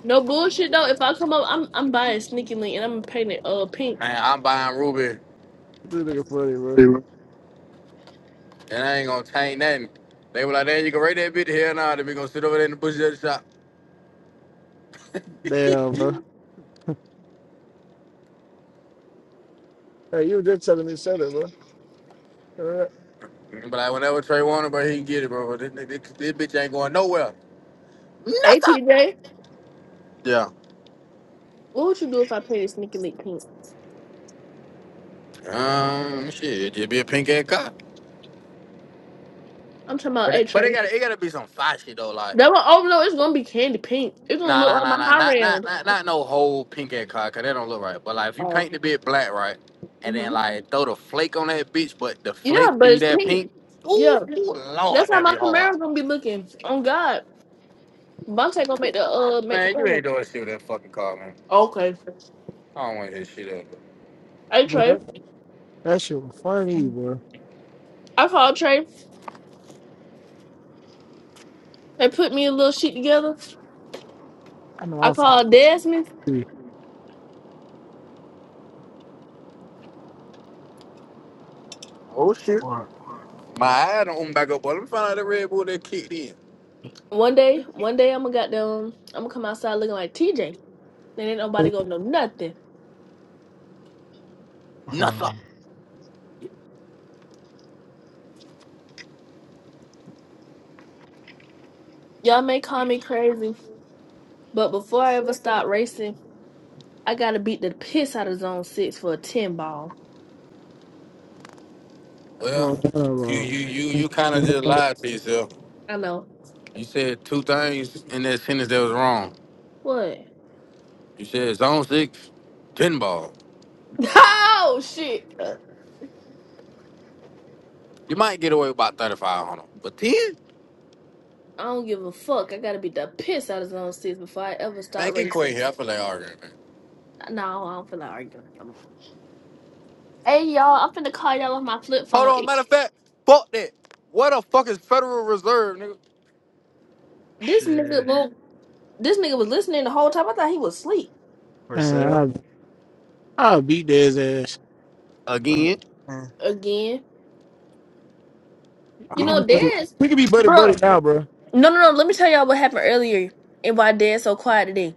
no bullshit though. If I come up, I'm I'm buying Sneaky Link and I'm gonna paint it uh pink. Man, I'm buying Ruby, This nigga funny, bro. They were- and I ain't gonna change nothing. They were like, "Damn, you can rate that bitch here now. Then we gonna sit over there in the bushes at the shop." Damn, bro. Hey, you were just telling me to sell it, bro. Alright, But like whenever Trey wanted, but he can get it, bro. This, this, this bitch ain't going nowhere. Hey Nothing. TJ, Yeah. what would you do if I painted Sneaky Link pink? Um, shit, it just be a pink ass cop. I'm talking about But A it, but it Trey. gotta it gotta be some fire shit though, like. That one, oh no, it's gonna be candy pink. It's gonna Nah, look nah, like nah, my nah, high not, not, ram. not, not no whole pink ass cloud, cause that don't look right. But like, if you Oh, paint the bit black, right, and then mhm, like throw the flake on that bitch, but the yeah, flake but be it's that pink. pink. Ooh, Yeah, ooh, that's lord, how that be my hard. Camaro gonna be looking. On God. Vontae gonna make the uh make the Man, you color. ain't doing shit with that fucking car, man. Okay. I don't want to hear shit up. Hey bro, Trey. That, that shit was funny, bro. I called Trey They put me a little sheet together. I know I I'm funny. called Desmond. Oh shit, Or my eye don't open back up. But let me find out the red bull that kicked in. One day, one day I'm gonna got them I'm gonna come outside looking like TJ. Then ain't nobody gonna know nothing. hmm, Nothing. Y'all may call me crazy, but before I ever start racing, I gotta beat the piss out of zone six for a ten ball. Well, Well, you, uh, you, you, uh, you kind of just lied to yourself. I know. You said two things in that sentence that was wrong. What? You said zone six, pinball. Oh shit. Uh, You might get away with about 35 on them. But 10? I don't give a fuck. I gotta beat the piss out of zone six before I ever Man, start get Quay racing. here. I feel like arguing, man. No, I don't feel like arguing. Hey y'all, I'm finna call y'all off my flip Hold phone. on, It- matter of fact, fuck that. Where the fuck is Federal Reserve, nigga? This nigga, Shit. will- this nigga was listening the whole time. I thought he was asleep For man, sale? I'll, I'll beat his ass. uh, Again. eh, again. You We can oh, be know, buddy. Dad's We can be God. buddy buddy bro. now, bro. No, no, no. Let me tell y'all what happened earlier and why Dad's so quiet today.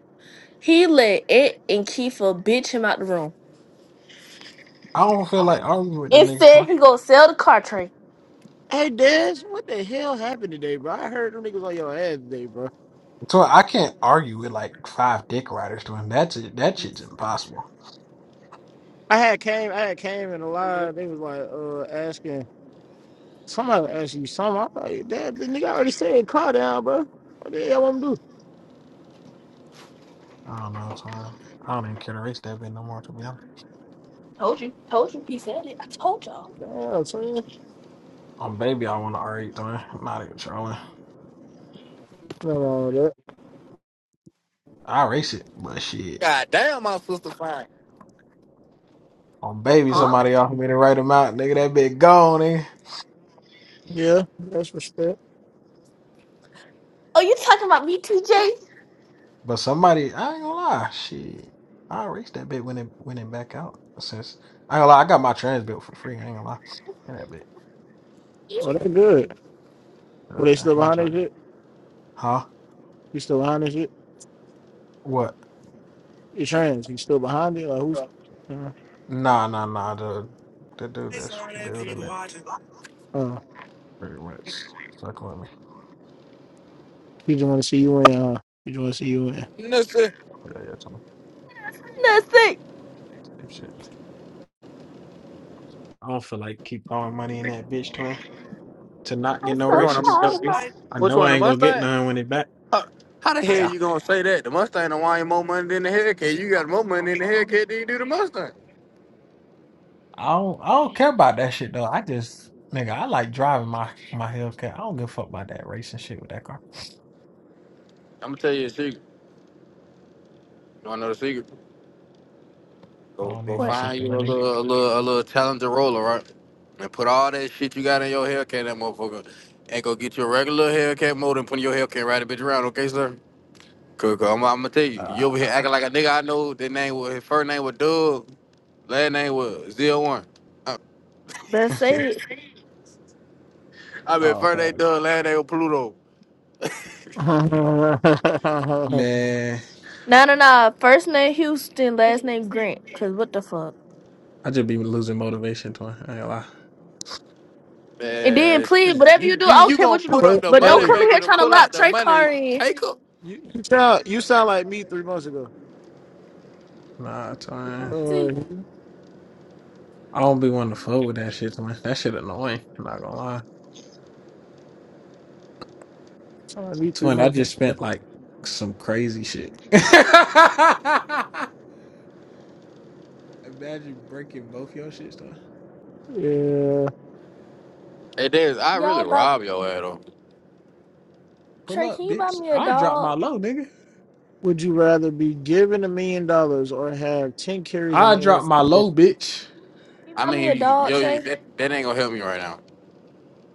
He let Ed and Kiefer bitch him out the room I don't feel like arguing with them and niggas. huh? said he gonna sell the car train. Hey Des, what the hell happened today, bro? I heard them niggas on your ass today, bro. So I can't argue with like five dick riders doing that. Shit, that shit's impossible. I had came, I had came in the live. They was like, uh, asking somebody asked you something. I'm like, damn, the nigga already said, calm down, bro. What the hell I'm do? I don't know, Twan. I don't even care to race that bit no more. To be honest, Told you, told you. He said it. I told y'all. Damn, son. on baby, I want to argue, Twan. I'm not even sure. No, no, that. I race it, but shit. God damn, my sister fine. On baby, that's- Huh? somebody offered me to write him out, nigga. That bit gone, nigga. Yeah, that's respect. Oh, you talking about me, TJ? But somebody, I ain't gonna lie, shit. I raced that bit when it when it back out. Since I ain't gonna lie, I got my trans built for free. I ain't gonna lie. And that bit, Oh, that's good. Were uh, they still I ain't behind that trying. shit? Huh? You still behind that shit? What? You trans? You still behind it? Like who's? Uh, Nah, nah, nah. The the dude that's building it uh, pretty much stuck on me. he just want to see you in. Uh, he just want to see you in. This shit. Yeah, yeah, tell me Nothing. type shit. I don't feel like keep throwing money in that bitch, twin, to not I'm get no Which so one? the- races. proud of my. I Which know one? I The ain't gonna get Mustang? none when it back. How, how the Yeah. hell you gonna say that? The Mustang don't want more money than the Hellcat. You got more money than the Hellcat than you do the Mustang. I don't I don't care about that shit though. I just nigga, I like driving my my Hellcat. I don't give a fuck about that racing shit with that car. I'm gonna tell you a secret. You wanna know the secret? I Go don't go need no What? find secret you a money. little a little a little talented roller, right? And put all that shit you got in your haircut, that motherfucker, and go get you a regular haircut mold and put your haircut right a bitch around, okay, sir? Cause, cause I'm, I'm gonna tell you, Uh, you over here acting like a nigga I know. That name was his first name was Doug, last name was Zero One. I, Better say it. I mean, oh first name Doug, last name was Pluto. man, No, no, no. First name Houston, last name Grant. Cause what the fuck? I just be losing motivation, twin. I ain't gonna lie. And then Man, please, shit, whatever you you do, you I don't you care gonna what you do, put up what? the but don't money Hey. come in maker here to trying to pull lock out the Trey money Car in. taker? You you sound you sound like me three months ago. Nah, twin. Uh, See, you I don't be wanting to fuck with that shit, twin. That shit annoying. I'm not gonna lie, sound like me three twin. I months ago. just spent like some crazy shit. Imagine breaking both your shits, twin. Yeah. Hey, Davis, I y'all really about rob your ass though. Pull Trey? Can up, you buy bitch. me a I drop my dog? low, nigga. Would you rather be given a million dollars or have ten carries in I the drop NFL? my low, bitch. Can you I buy me a mean, dog, yo, Trey? that, that ain't gonna help me right now.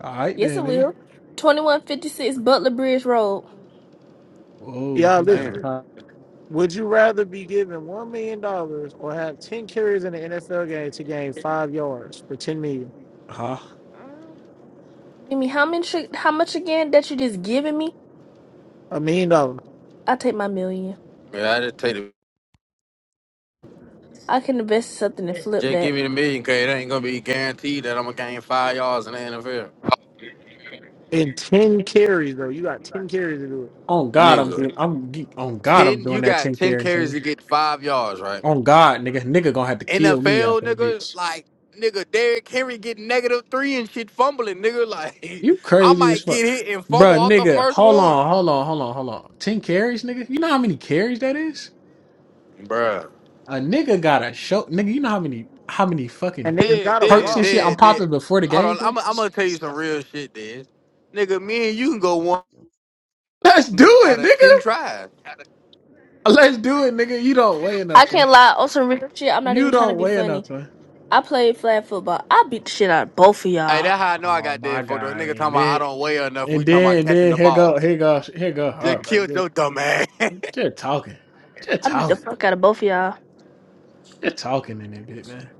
All right Yes, I then, nigga. will. Twenty one fifty six Butler Bridge Road. Oh, Yeah, we got listen. a Damn. cop. Would you rather be given one million dollars or have ten carries in the NFL game to gain five yards for ten million? Huh? Mm, Give me how much? How much again that you just giving me? A million dollars I take my million. man! I just take the I can invest in something and flip just give that. me the million, cause it ain't gonna be guaranteed that I'm gonna gain five yards in the NFL. in ten carries though. You got ten carries to do it, On God, I'm doing. Nigga. I'm ge- on God, I'm Ten doing you that got ten ten carries, carries nigga. to get five yards, right? On God, nigga, nigga gonna have to kill me out NFL that nigga, bitch. like nigga, Derrick Henry getting negative three and shit fumbling, nigga. Like You I crazy as might fuck, get hit and fumble bro, off the nigga. first Hold one. on, hold on, hold on, hold on. Ten carries, nigga. You know how many carries that is? Bruh. A nigga got a show, nigga. You know how many how many and fucking they just Dead, got a perks dead, and block. shit I'm dead, popping dead. before the Hold game. on, bro? I'm, I'm gonna tell you some real shit, Dez. Nigga, me and you can go one Let's do out it, of ten nigga. tries. Let's do it, nigga. You don't weigh I enough, son. can't lie. On some real shit, I'm not You even trying to don't be weigh enough, funny. son. I played flag football. I beat the shit out of both of Hey, y'all. that's how I know I Oh got my dead fucked up. god, Nigga and talking about I then don't weigh enough. And We talking then, about and catching then the here go, ball. here go, here go Just hard, bro. killed Just, your dumb ass. just talking, just I beat the talking, fuck out of both of y'all. just talking in it, bit, man.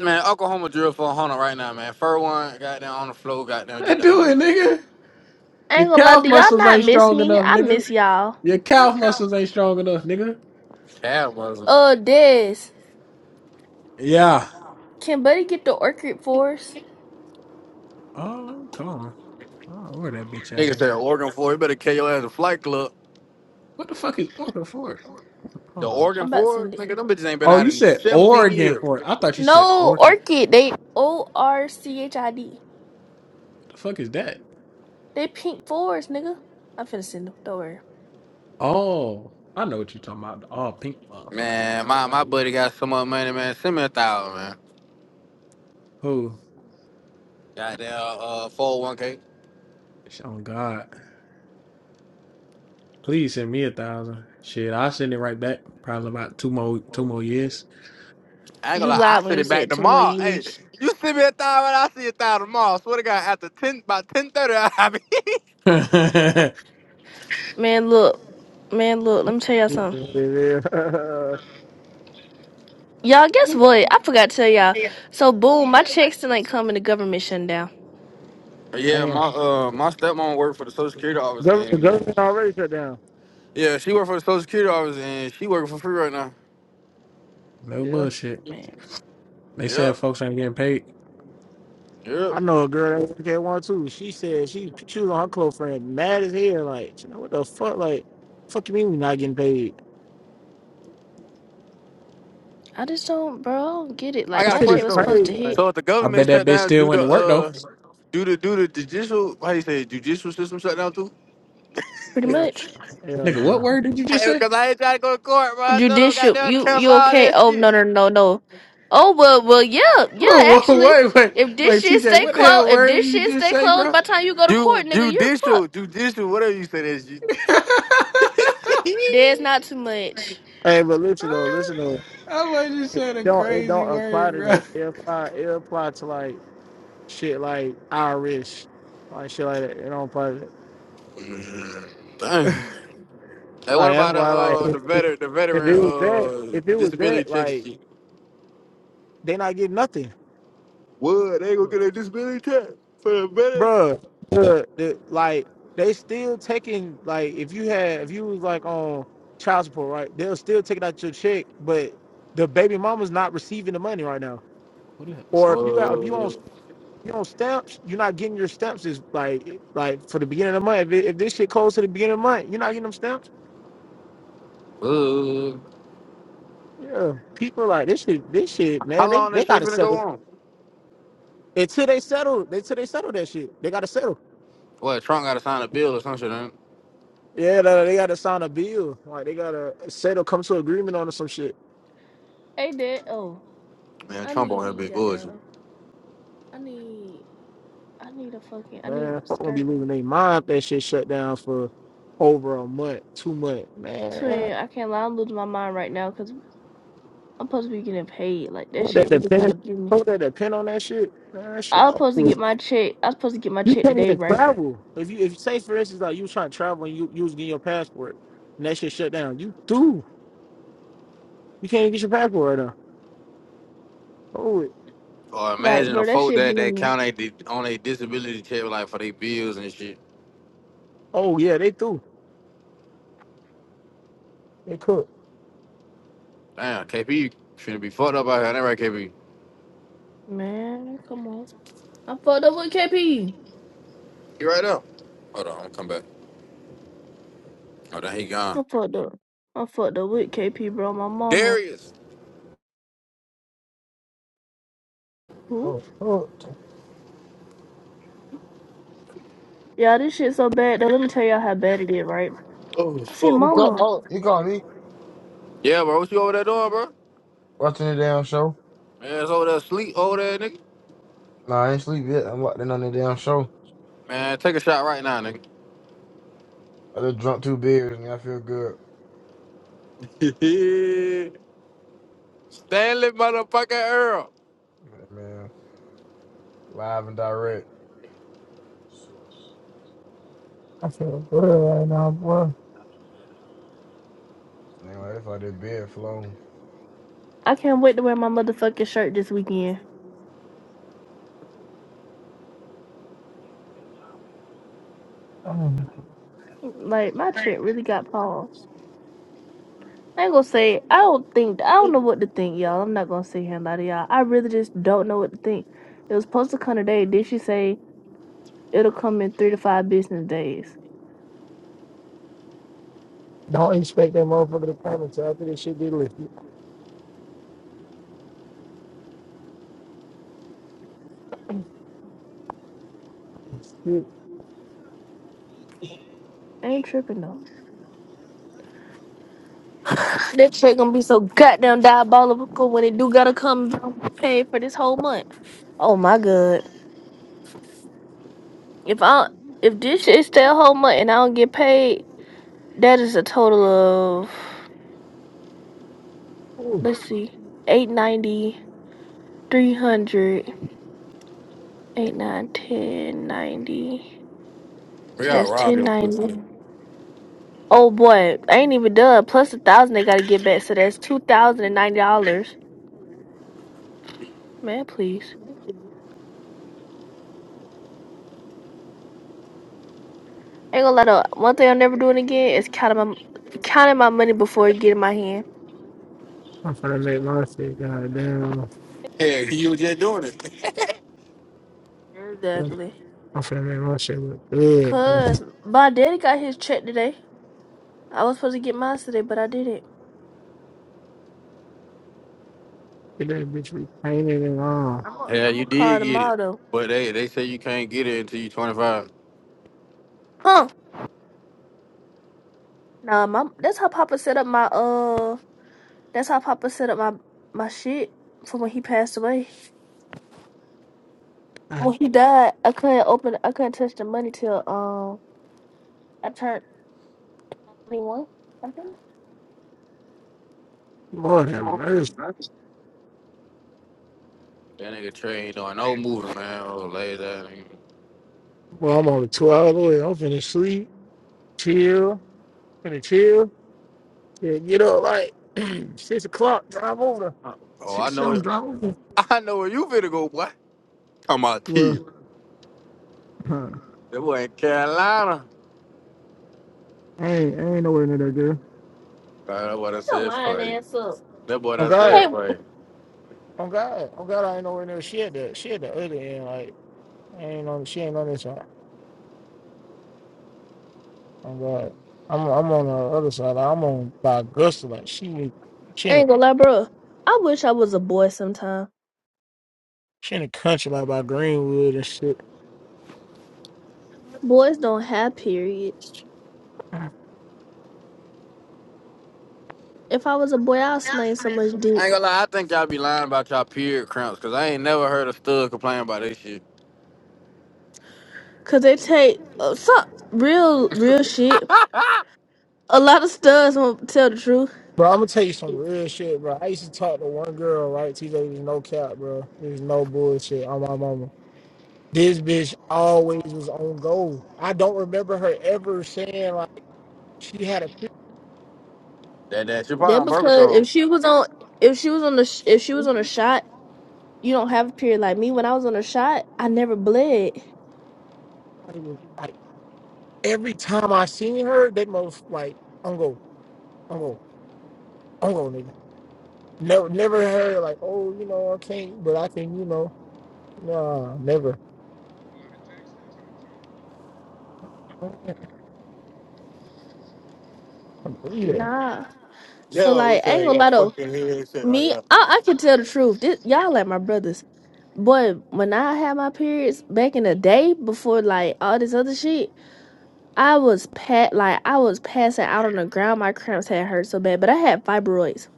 man, Oklahoma drill for a hunter right now, man. Fur one, goddamn on the floor, goddamn I get the do hunter. it, nigga. I Your ain't gonna lie, calf do y'all muscles not ain't miss strong me? enough, I nigga. miss y'all. Your calf muscles ain't strong enough, nigga. Cab wasn't. Uh, Des, Yeah. can Buddy get the orchid for us? Oh, let me call him. Oh, where that bitch at, Nigga said nigga? Oregon four. You better kill your ass a flight club. What the fuck is Orca for? Hold The on. Oregon I'm about to four, send it. nigga, them bitches ain't been Oh, out you in said 17 Oregon years. for it. I thought you said No, orchard. orchid. They O R C H I D. What the fuck is that? They pink fours, nigga. I'm finna send them. Don't worry. Oh, I know what you're talking about. The all pink motherfuckers. Man, Look my, like my you. buddy got so much money, man. Send me a thousand, man. Who? Goddamn uh 401k. It's on God. Please send me a thousand. Shit, I'll send it right back. Probably about two more two more years. I ain't You gonna lie, I lied when send you it back said two more tomorrow. Hey, years. you send me a thousand, I see a thousand tomorrow. I swear to God, after ten, by ten thirty, I'll be. no Man, look. Man, look. Let me tell y'all something. Damn. Y'all, guess what? I forgot to tell y'all. So, boom, my checks tonight coming. The government shutting down. Yeah, my uh, my stepmom worked for the Social Security office, Gov- The and government already shut down. yeah, she worked for the Social Security office, and she working for free right now. Yeah. bullshit. Man, They said Yep, folks ain't getting paid. yep. I know a girl that worked at one too. She said she she was on her close friend, mad as hell. Like, you know what the fuck? Like, fuck you mean we not getting paid? I just don't, bro. I don't get it. I Like, That got a my shit is check question was though. supposed to crazy. Like, hit. So if the I government bet that shut bitch down, still do went the to work though. uh, do the do the judicial, how you say, it, judicial system shut down too? Pretty yeah, much. hell Nigga, no. what no. word did you just Hey, say? Cause I ain't trying to go to court, bro. I tell them Judicial, goddamn you cancel you all okay? that Oh shit. no no no no. Oh well well yeah yeah Whoa, whoa, actually, wait, wait, if this wait, shit TJ, stay what the hell closed, if word did this you shit just stay say, closed bro? by the time you go to Ju- court, nigga, you're judicial, fucked. judicial, whatever you say that Dad's shit. not too much. Hey, but listen though, listen I though. was just It saying a don't it crazy don't apply word, to bro. that. It apply it apply to like shit like Irish, like shit like that. It don't apply. To that. Dang. Hey, what Like that's about uh why like uh if, the if veteran the if veteran it was that uh if it was disability that check like shit? they not getting nothing. What they gonna What get a disability check for the veteran? Bruh, the, the like they still taking like if you had if you was like on child support, right? They'll still take it out your check, but the baby mama's not receiving the money right now. what the hell is Or if called? you out- if you on What? you on stamps, you're not getting your stamps is like like for the beginning of the month. If, it, if this shit goes to the beginning of the month, you're not getting them stamps. What? Yeah, people like this shit. This shit, man. How They long they that shit gotta finna go settle on? until they settle. They till they settle that shit. They gotta settle. What Trump gotta sign a bill or some shit? Ain't? Yeah, they they gotta sign a bill. Like they gotta settle, come to agreement on some shit. Hey dad, oh it? Man, I Trump need on that him to big get bullshit. down. I need I need a fucking I need Man, my folk gonna be skirt. losing their mind if that shit shut down for over a month, two months. Man, Twin, I can't lie, I'm losing my mind right now because I'm supposed to be getting paid. Like that folk that shit really kind depend, of blew me. folk that depend on that shit. Man, that shit I was over. supposed to get my check. I was supposed to get my You check can't today, even right? travel. If you, if say for instance, like you was trying to travel and you, you was getting your passport, and that shit shut down. You through. You can't even get your passport right now. Oh, it- Or Like imagine a bro, that folk shit that that blew count they di- on a disability check like for their bills and shit. oh yeah, they through. They cooked. Damn, KP you finna be fucked up out here. That right, KP? me. Man, come on. I fucked up with KP. You right up? Hold on, I'm come back. Oh, then he gone. I fucked up. I fucked up with KP, bro. My mama. Darius. Who? Oh, oh, Yeah, this shit so bad though. Let me tell y'all how bad it is, right? Oh I say, He fuck, bro. call, mama, oh, he called me Yeah, bro. What you over there doing, bro? watching the damn show. Man, it's over there sleep over there, nigga. Nah, I ain't sleep yet. I'm locked in on the damn show. Man, take a shot right now, nigga. I just drunk two beers and I feel good, Stanley motherfucking Earl. man. Live and direct. I feel good right now, boy. Anyway, that's why that beer flowing. I can't wait to wear my motherfucking shirt this weekend. Mm. Like my shit really got paused. I ain't gonna say I don't think I don't know what to think, y'all. I'm not gonna sit here and lie to y'all. I really just don't know what to think. It was supposed to come today. Did she say? It'll come in three to five business days. Don't expect that motherfucker to come until after this shit be lifted. Shit. I ain't tripping though. That check gonna be so goddamn diabolical when it do gotta come paid for this whole month. Oh my god. If I if this shit stay a whole month and I don't get paid, That is a total of Ooh. let's see, eight ninety, three hundred, eight nine ten ninety. We So all that's rob your 1090. pussy. Oh boy, I ain't even done. Plus a thousand they gotta get back. So that's two thousand and ninety dollars. Man, please. Ain't gonna let up. One thing I'm never doing again is counting my counting my money before it get in my hand. I'm finna make my shit goddamn. Hey, you was just doing it. Exactly. I'm finna make my shit look good, bro. Cause my daddy got his check today. I was supposed to get mine today, but I didn't. Get that bitch repainted and all. I'm gonna Yeah, I'm you gonna call did get it. tomorrow though. But they they say you can't get it until you 25. Huh? Nah, my that's how Papa set up my uh that's how Papa set up my my shit from when he passed away. God, When he died, I couldn't open I couldn't touch the money till um I turned twenty one. Shut Lord have mercy. That nigga Trey ain't doing no moving, man. Oh, lay that nigga. Well, I'm only two hours away. I'm finna sleep, chill, finna chill. Yeah, get up like six o'clock, drive over. Oh, I Six know something, it. drive over. I know where you finna go, boy. Talking about Well, T. huh, That boy in Carolina. I ain't, I ain't nowhere near that girl. Nah, that boy I your said lying for you. ass up. That boy Oh I said God, Hey, for you. oh God, oh God, I ain't nowhere near. She at the, she at the other end. Like I ain't on, she ain't on this one. I'm glad. I'm I'm on the other side. like, I'm on by Augusta. Like she in she I in a ain't gonna lie, bro. I wish I was a boy sometime. she in a country like by Greenwood and shit. Boys don't have periods. If I was a boy, I'd sling so I much ain't gonna dick. lie, I think y'all be lying about y'all period cramps, cause I ain't never heard a stud complain about this shit. Cause they take uh, some real real shit. A lot of studs won't tell the truth. Bro, I'm gonna tell you some real shit, bro. I used to talk to one girl, right? TJ there's no cap, bro. There's no bullshit on my mama. This bitch always was on goal. I don't remember her ever saying like she had a period. That that shit probably That on birth because if control. she was on, if she was on the, sh- if she was on a shot, you don't have a period like me. When I was on a shot, I never bled. Like, it was, like every time I seen her, they most like on goal, on goal, on goal, nigga. Never, never heard like, oh, you know, I can't, but I can, you know. No, never. I don't Either. Nah. So Yeah, we like, I ain't saying gonna that lie though. fucking head and shit right Me, I, now. I can tell the truth. This, y'all like my brothers, but when I had my periods back in the day before like all this other shit, I was pat like I was passing out on the ground. My cramps had hurt so bad, but I had fibroids.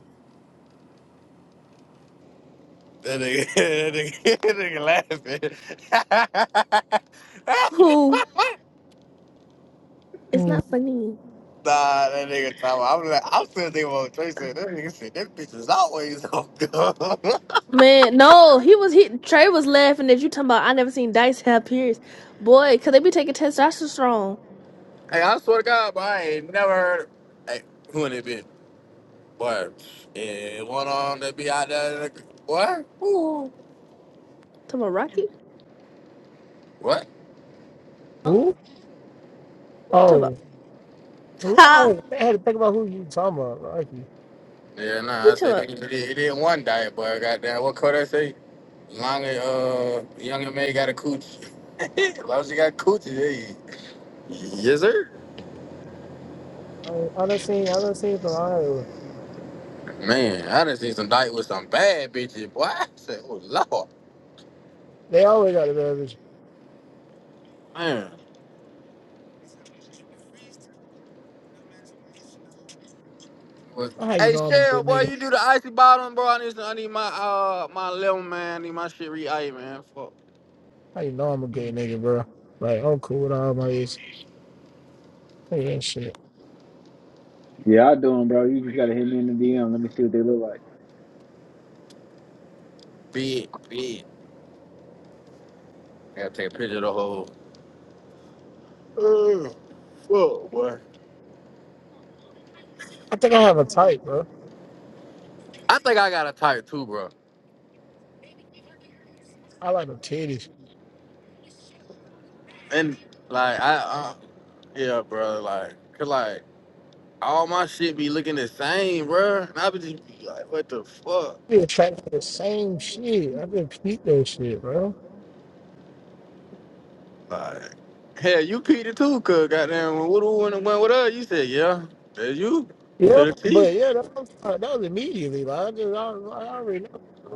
That nigga, that nigga, that nigga laughing. Who? It's Hmm. not funny. nah, that nigga talking. I'm like, I'm still thinking about what Trey said. That nigga said that bitch is always on. Man, no, he was he Trey was laughing at you talking about I never seen Dice have periods. Boy, could they be taking testosterone? hey, I swear to God, but I ain't never heard. Hey, who in it been? Boy, Yeah, one on that be out there. like, What? Ooh. Talking about Rocky? What? Huh? Who? What you talking about? Oh, who? Ha! Oh, I had to think about who you talking about. Lucky. Yeah, What nah, you I talking said about? it, it, it didn't one diet, boy. Goddamn, what could I say? Long as uh, young and May got a cooch. as long as you got coochie, hey. Yes, sir. I, I done seen, I done seen from Iowa. Man, I done seen some diet with some bad bitches, boy. I said, oh, Lord. They always got a bad bitch. Man. Was- How you Hey, know I'm a Cheryl, good boy, nigga? you do the icy bottom, bro. I need, I need my, uh, my lemon, man. I need my shit re-ice, man. Fuck. How you know I'm a good nigga, bro? Like I'm cool with all my ex. Yeah, shit. Yeah, I do 'em, bro. You just gotta hit me in the DM. Let me see what they look like. Big, big. Gotta take a picture of the whole. Whoa, boy. I think I have a type, bro. I think I got a type too, bro. I like them titties. And like I, uh, yeah, bro. Like, cause like all my shit be looking the same, bro. And I be just be like, what the fuck? They attracted to the same shit. I've been peeped that shit, bro. Like, hell, you Peter too, cuz goddamn. When Woodoo went and went with us, you said, yeah, that's you Yeah, to the T. but yeah, that was, that was immediately. Like I just, I, I already know.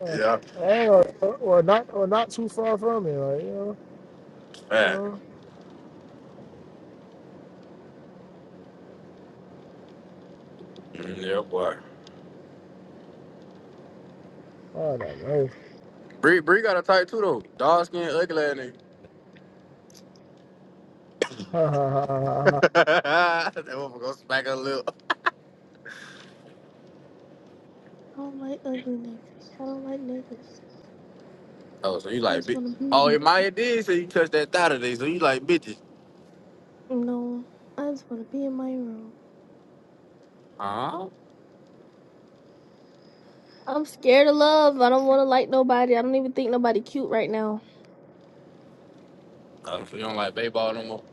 Uh, Yeah, or, or or not or not too far from it, like, you know, you man. know. Mm, Yeah, boy. Lord have mercy. Bree, Bree got a type too though. Dog skin, ugly ass nigga. Ha, ha, ha, ha, ha. that motherfucker gonna smack her lip. I don't like ugly niggas. I don't like niggas. Oh, so you I like, just bi- wanna be oh, in- and Maya did say you touched that thigh today, so you like bitches. No. I just wanna be in my room. Uh-huh. I'm scared of love. I don't wanna like nobody. I don't even think nobody cute right now. Uh, so you don't like baseball no more.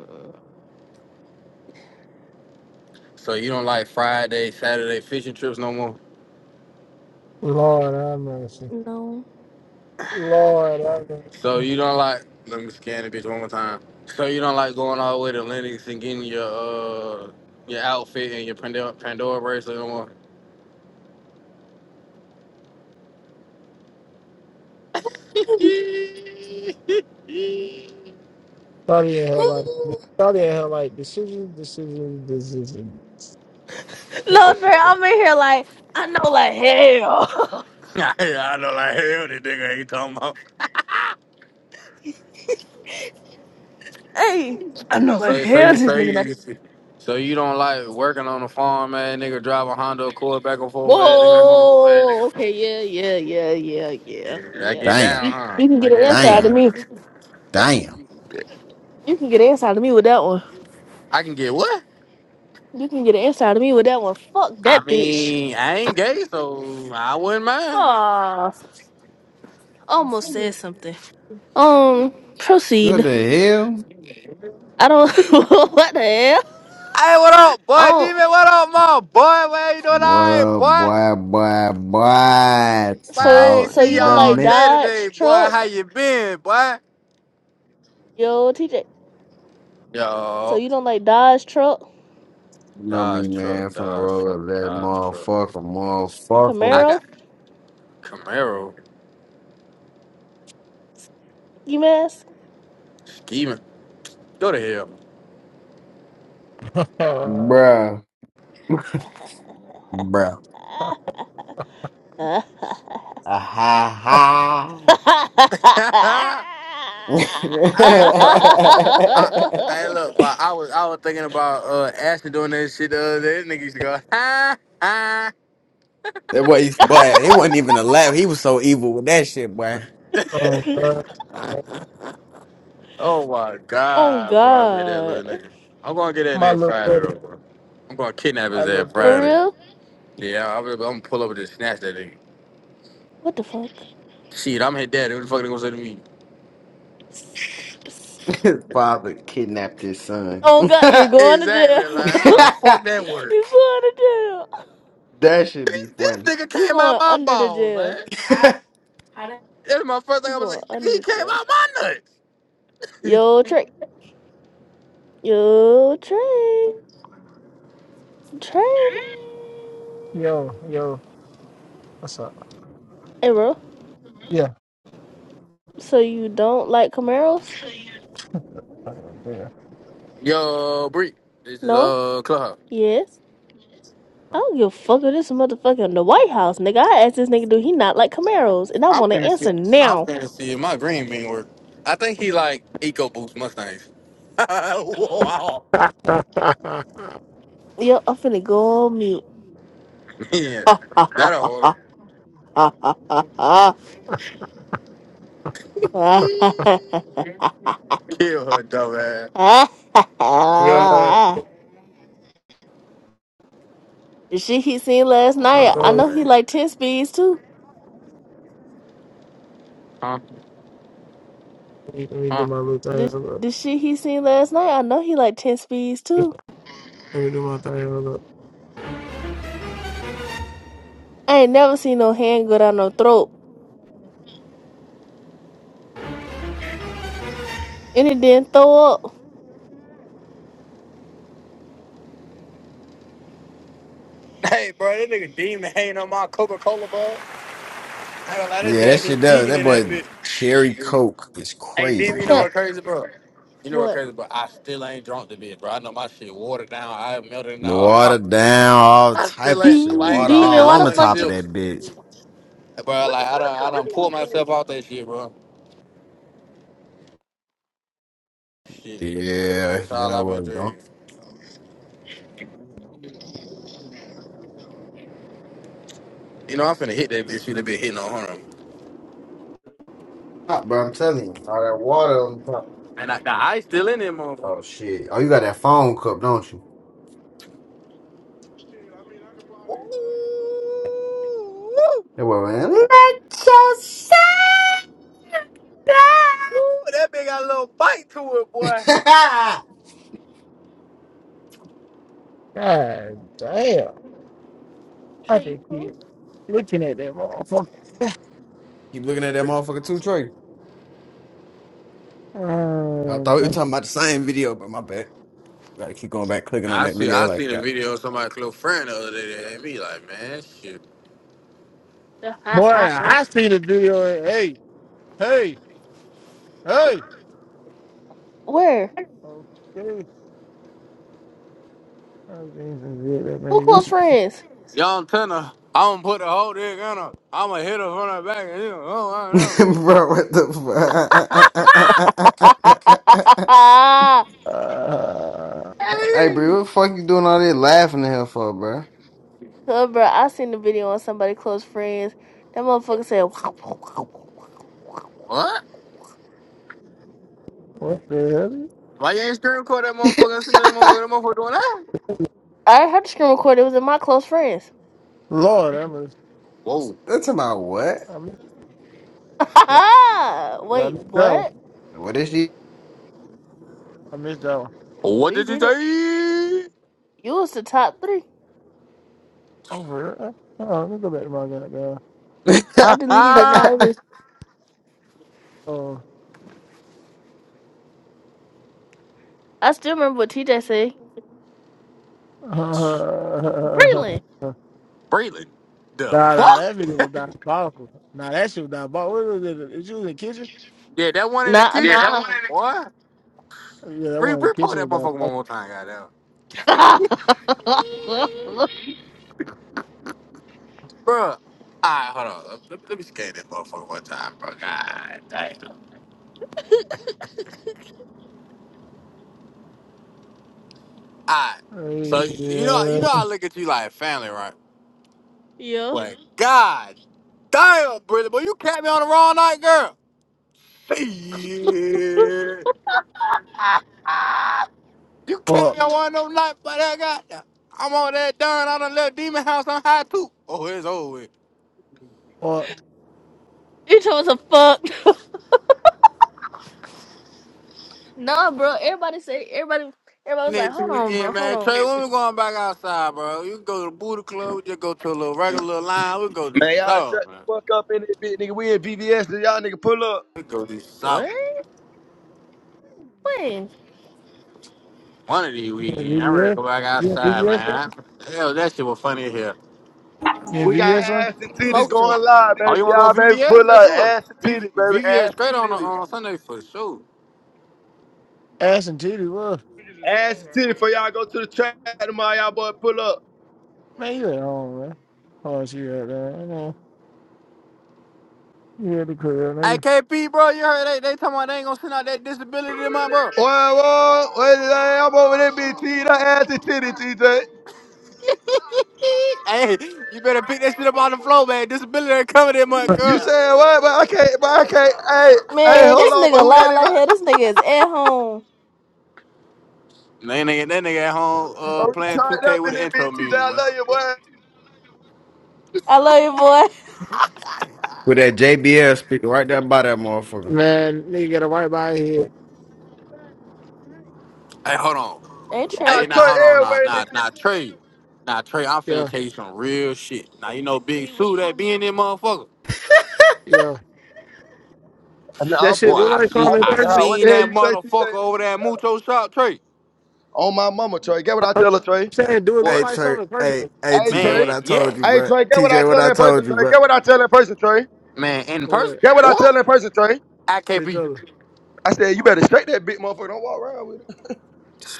Mm, So you don't like Friday, Saturday fishing trips no more. Lord have mercy. No. Lord have So mercy. you don't like. Let me scan the bitch one more time. So you don't like going all the way to Lennox and getting your uh your outfit and your Pandora, Pandora bracelet no more. Study in hell like study in hell like decision, decision, decision. No, Trey, I'm in here like I know like hell. I know like hell this nigga ain't talking about. hey. I know like So so hell you this so nigga. not you so you don't like working on the farm, man? Nigga driving a Honda Accord back and forth, man, nigga no more. Whoa. Okay. Yeah. Yeah. Yeah. Yeah. Yeah. Yeah, I Yeah. get Damn, down, You, huh? you can I get an get answer out of damn, me. down. damn. You can get an answer out of me with that one. I can get what? You can get an answer out of me with that one. Fuck I that bitch. mean, I ain't gay, so I wouldn't mind. Ah, almost said something. Um, What proceed. the hell? I don't. what the hell? Hey, what up, I boy? don't. Demon, what up, mom? Boy, man, you doing all What right, up, boy? boy, boy, boy? Boy, I So, ain't Talk so seen you don't the y'all like man. day Dodge today, boy. How truck, you been, boy? yo, TJ. So Yo, you don't like Dodge truck, You know me, Dodge man. truck, Finna Dodge roll truck, up that Dodge truck. motherfucker, I motherfucker. Camaro, got Camaro you mask. scheming. Go to hell. Uh, Bruh. Bruh. Ah, ha, ha. that hey, bro. I, hey, look, bro. I was I was thinking about uh Ashley doing that shit the other day. That nigga used to go, ha, ha. boy, he's- boy, it wasn't even a laugh. He was so evil with that shit, boy. oh, God. Oh my oh god, bro! I met that God, little nigga. I'm gonna get that my nigga little Friday brother, though, bro. I'm gonna kidnap my his little ass for brother. Friday. real? Yeah, I'm, I'm gonna pull up and just snatch that nigga. What the fuck? Shit, I'm his daddy. What the fuck they gonna say to me? Psst, psst. His father kidnapped his son. Oh God, you're that going to jail. Exactly. Like how the fuck that work? you are going to jail. should be This, this funny. nigga You came out going my under the balls, jail. man. I, I That's my first thing You I was going like. under He the came jail. out my nuts. Yo, Trey. Yo, Trey. Trey. Yo, yo, what's up? Hey, bro. Yeah. So you don't like Camaros? Yeah. Yo, Bree, this is No. uh club. Yes. I don't give a fuck if this motherfucker in the White House, nigga. I asked this nigga, do he not like Camaros? And I I'm want an finna see. answer I'm now. finna see if my green bean work. I think he like EcoBoost Mustangs. wow. Yo, I'm finna go on mute. yeah, the that'll hold him. Kill her dumb ass. yeah. Let shit he seen last night, I Oh me, know he man. like 10 speeds too. Huh? let me do Huh? my little thing. The, Hold up. the shit he seen last night, I know he like 10 speeds too. Let me do my thing. Hold up. I ain't never seen no hand go down no throat. And it didn't throw up. Hey, bro, that nigga demon hanging on my Coca Cola, bro. I ain't gonna lie, this Yeah, shit that had me shit does. geeking That in boy that cherry bitch. coke is Hey, I crazy, demon, you know man. can't. what crazy, bro? You know what What? crazy, bro? I still ain't drunk the bitch, bro. I know my shit watered down. I melted The now. water down, all I still type of ain't. shit. I ain't Water took Demon, all why not on the the one fuck top of you? sip, that bitch. bro. What the, Like I what the done, I fuck this done pulled nigga from? myself off that shit, bro. Shit. Bro, Yeah, That's all that I've been was what's on doing. You know, I'm finna hit that bitch. She been hitting on her. top, bro. I'm telling you, all that water on top. And I, the ice still in him, motherfucker. Oh shit! Oh, you got that phone cup, don't you? Ooh, ooh, That boy, man. Let ooh, that bitch got a little bite to it, boy. yourself God damn. I Shay, you just keep cool? looking at that motherfucker. Keep looking at that motherfucker too, Trey. I Um, thought we were talking about the same video, but my bad. Gotta keep going back, clicking on I that see. video, I seen a like. video of somebody close friend the other day that had me like, man, shit. The ha boy, ha ha. I see the video. and, Hey, hey, hey. Where? Okay. i seen some video that Who made me. close friends? Young Turner, I'm gonna put the whole dick in her. I'm gonna hit her from her back and you know, oh, Bro, what the fuck? Cause Uh, I hey, know. bro, Hey, what the fuck you doing all this laughing at hell for, bro? bro, I seen the video on somebody close friends. That motherfucker said. What? what the hell? why you ain't screen record that motherfucker and send me that motherfucker, that motherfucker doing that? I heard the screen record. It was in my close friends. Lord, I missed, Whoa, That's about what? I missed that one. I Wait, missed that one. what? What is she? I missed that one. No, what you did you didn't. say? You was the top three. Oh, for real? Oh, let me go back to my goddamn. With I Ha deleted it. Now ha, it was. Oh. I still remember what TJ said. nah, Breland. Braylon, the nah, fuck? that video was diabolical. Nah, that shit was diabolical. What was it? She was in the kitchen? Yeah, that one in the Nah, kitchen, yeah, nah. What? Yeah, that Re- one in the repo kitchen that was motherfucker diabolical. one more time, goddamn. yeah. Bro, alright, hold on. Let, let let me scan this motherfucker one time, bro. God damn. Alright. Hey, So you know you yeah. know I look at you like family, right? Like, God damn, Brittany, boy, you kept me on the wrong night, girl. Shit. You kept me on Fucked. one of them nights, but I got I'm on that darn I done left demon house on high too. Oh, it's over. with. Fucked. You told us a fuck. nah, bro. Everybody say everybody. Everybody was like, Next "Hold on, bro. weekend, Hold man. on." Trey, when we going back outside, bro? You can go to the booty club. We just go to a little regular little line. We go do Man, y'all shut something, the man. fuck up in it, bitch, nigga. We in BVS, so y'all nigga pull up. We go do What? something. When? One of these You in weekends, I'm ready to VBS? go back You in outside, VBS, man? man. Hell, that shit was funny as hell. You in We got VBS, one. ass and titties Smoking. going live, Oh, you baby. want Y'all, to go baby, VVS? pull Let's up. do it. Ass and V- titties, baby. VVS Ass and straight on titties. on Sunday for sure. Ass and titty, what? Ass and titties for y'all go to the track tomorrow. Y'all boy, pull up. Man, you at home, man. Oh, she at there. I know. You at the crib, Hey, nigga. KP, bro, you heard they, they talking about they ain't going to send out that disability in my bro. Whoa, whoa, what is that? I'm over there, bitch. T, that ass and titties, TJ. hey, you better pick that shit up on the floor, man. Disability ain't coming in month, You girl. saying what? But I can't, but I can't. Hey, hey, Man, hold this on, but nigga who that lying is like right hell. there? This nigga is at home. And That nigga, that nigga at home But uh, we playing turned up 2K in with the this bitch, intro TJ. music, I man. love you, boy. I love you, boy. that JBL speaker right there by that motherfucker. Man, nigga got a white body here. Hey, hold on. hey We Trey. Hey, got now turned hold on, nah, everywhere in this nah, nah, bitch. Trey, nah, Trey, I'm finna Yeah, tell you some real shit. Now you know Big Sue that being that motherfucker. yeah. Nah, That I'm Boy, shit look bullshit. I like see, something I'm in I at the person? house. What the seen hell that you say, motherfucker TJ? over there at Mucho Shop, Trey. On my mama, Trey. Get what I- I I'm tell her, Trey. Hey, saying, do it look Boy, hey, like Trey. something in Hey, person? hey, Hey, TJ, Trey. what man, I told yes, you, Hey, bro. Trey. Get what I TJ, what tell her I in person, told you, Trey. bro. Get what I tell her in person, Trey. man, in person. What? Get what I tell What? her in person, Trey. I What you KP, talking I said, you better straight that big motherfucker. Don't walk around with it.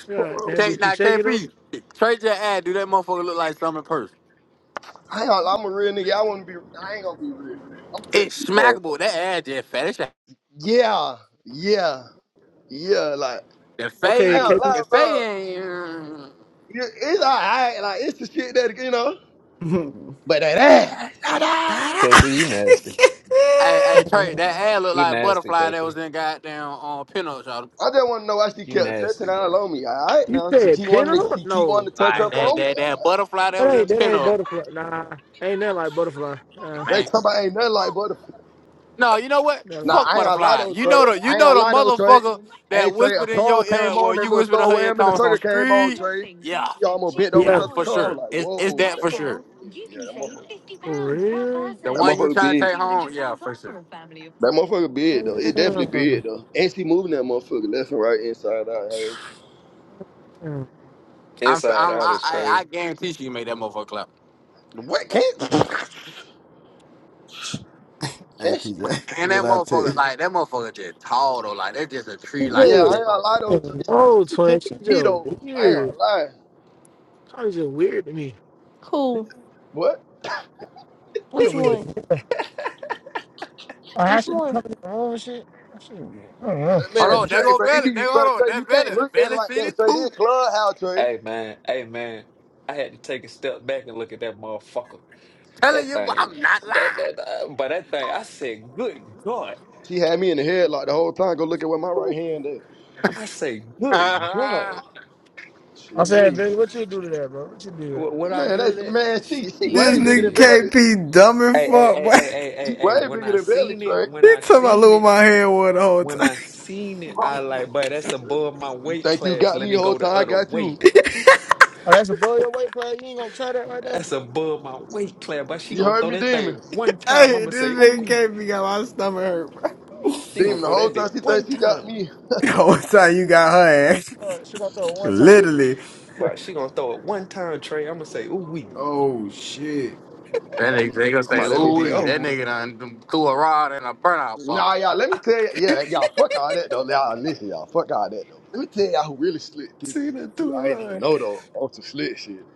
Fuck God around damn, with did take you. she now shake it up? KP. Trey just ad do that motherfucker look like something in person. I ain't, I'm a real nigga. I want to be. I ain't gonna be real. I'm gonna text It's you, bro. smackable. That ad just fat. That shit- Yeah, yeah, yeah. Like The I Okay, ain't fade, gonna KP. lie, the bro. fade ain't. You- It's alright. Like it's the shit that you know. hey, But that ass. ta-da! I KP, you nasty. Hey, hey, Trey, that ad looked You like nasty, butterfly that KP. was in goddamn on uh, pinup, y'all. just want to know why she You kept nasty, touching bro. all on me. All right, you now she said keep pin wanting to up? she keep No. wanting to touch Like up Nah. that, on me. that, that butterfly that That was in ain't, that ain't pinup, butterfly. Nah. Ain't nothing like butterfly. Uh, They man. talking about ain't nothing like but No, you know what? Nah, That- Fuck I ain't a lot butterfly. though, You Trey. know the, you I ain't a know the lot though, Trey. motherfucker Hey, that Trey, a whispered in song your came ear. on, Well, that you little whispered in her throwaway ear, him in the Thomas on circle came on, street. Trey. Yeah, She almost bent over to yeah, Yeah, the for toe. I was sure. like, It's, it's whoa, that that for sure. motherfucker is. Yeah, that motherfucker. for real. The That one you motherfucker trying to big. take home, yeah, for sure. That motherfucker big, though. It definitely big, Damn. though. And she moving that motherfucker left and right, inside out. Hey. Yeah. I'm, Inside I'm, out I, is I, I crazy. guarantee you made that motherfucker clap. What? Can't, can't she? But- TJ, And what that I tell motherfucker, you. like that motherfucker, just tall though. Like that's just a She tree. Like Yeah, you I just, just ain't gonna a lot though, Trey. She, no, she twin. bigger She than me, just though. I ain't weird. gonna lie. Probably just weird to me. Who? What? Probably Which one? weird. Yeah. Oh, how Which she be one? coming home and shit? That shit, I don't know. That Hold Shit. man, on, there Trey, go bro, it Valley. be, There, bro, hold on, Trey, you that's can't Valley. look at it Valley like City that, Trey. This too. clubhouse, Trey. Hey man, hey man. I had to take a step back and look at that motherfucker. Telling That you, thing, I'm not that lying. that, that- but that thing. I said, good God. She had me in the head like the whole time. Go look at where my right Ooh, hand is. I say, good God. that Shit, I said, me. Vince, what you do to that, bro? What you do to that? What what I Man, do to that's that? man. She she This way bigger nigga than Belly. Shit. KP dumb and Hey, hey, fuck, hey, boy. hey, hey, hey, She hey. way When bigger I than Belly seen it, Train. when He I talking about seen little it, my hand one the whole time. when I seen it, Huh. I like, but that's above my You weight think you class. got Let me me the whole go the time? I other got way. you. Oh, that's above your weight player. You ain't gonna try that right now. That's above my weight class, but she You gonna heard throw me, that thing Demon. one time. I'm Hey, gonna this say, ooh, nigga wee. can't be got my stomach hurt, bro. She gonna Demon, the throw whole that time bit she one thinks she got time. me. The whole time you got her ass. Or she gonna throw it one time. Literally. Literally. But she gonna throw it one time, Trey. I'm gonna say, ooh, wee. Oh shit. nigga they gonna I'm say, out It's that gonna ooh, bitch be taking. that over. nigga done threw a rod and a burnout ball. Nah, y'all. Let me tell you. with. Yeah, y'all. Fuck all that though. Y'all listen, y'all. Fuck all that though. Let me tell y'all who really slick dick in See here the too. do a I ain't even run. know though. On some slick shit.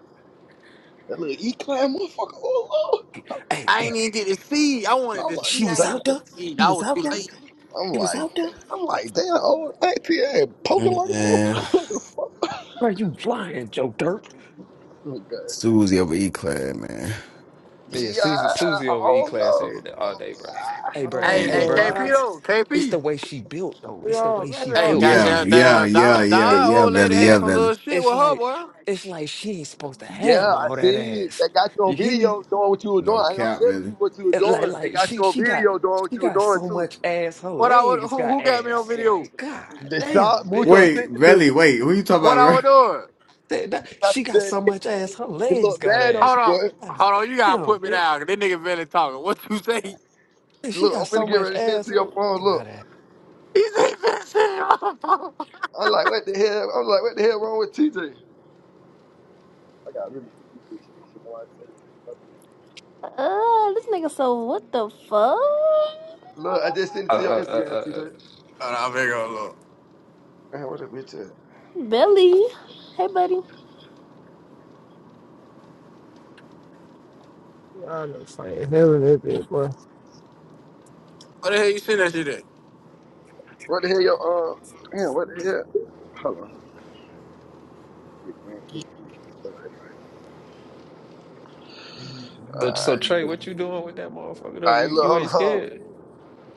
That little E-clan motherfucker. Oh, oh. I Hey, I hey, ain't even get to see. I wanted to hey, was she see. I was like, damn. out there. ain't see. He I was was out too there. late. I'm He was like, out there. I'm like, damn, old auntie ain't poking like a Man. motherfucker. Fuck Bro, you lying, Joe Dirt. them guys. Susie over E clad, man. Yeah, Yeah, Susie, I Susie over E don't class know. every day, all day, bro. Hey, I bro. I Hey, don't ain't Hey, even hey, know. bro. gonna KP lie, I, though, It's KP. the way she built, though. you It's the know, way she maybe Hey, I'm built. It's tripping. Yeah, goddamn, like yeah, damn, yeah, Don, yeah, it Don yeah, old lady Velly, yeah, had it's some Velly. little shit it's with her like boy. it's like she ain't supposed to Yeah, have I all that see. ass. They got you on You hear me? video doing what you were doing. No I ain't gonna cap, tell the Velly. people what you were It like doing. They like got she you on she got video doing what she you were got doing so too. much ass, her What I would, legs who, got who got me on ass. video? Like, god They shot damn, bitch. Mucho Wait, sent it to me. Velly, wait, who you talking about, What I bro? I was ain't doing? That- They that- got she you got there. so They, much ass, her it legs looked got bad on ass. Hold you, on, boy. God hold on. You gotta damn, put me bitch. down. 'cause That nigga Valley talking. What you say? And She got Look, I'm so finna get much ready to send it ass, to her your phone. legs got Look, ass. He's even sitting in my phone. Hold I'm like, what the hell? I'm like, what the hell wrong with TJ? I got really delete this shit. I don't even know why I say this. Uh, this nigga. So what the fuck? Look, I just sent it Uh, uh, to your Instagram, uh, TJ. on, I'm gonna go look. Damn, what that bitch at? Belly. Hey, buddy. You know, I'm just playing. Hell, that bit, boy. What the hell you send that shit at? What the hell, your um? Damn, what the hell? Hold on, been going through. All right, man. All uh, uh, so right, Trey, what you doing with that motherfucker though? all You right. Look, you hold ain't on. scared?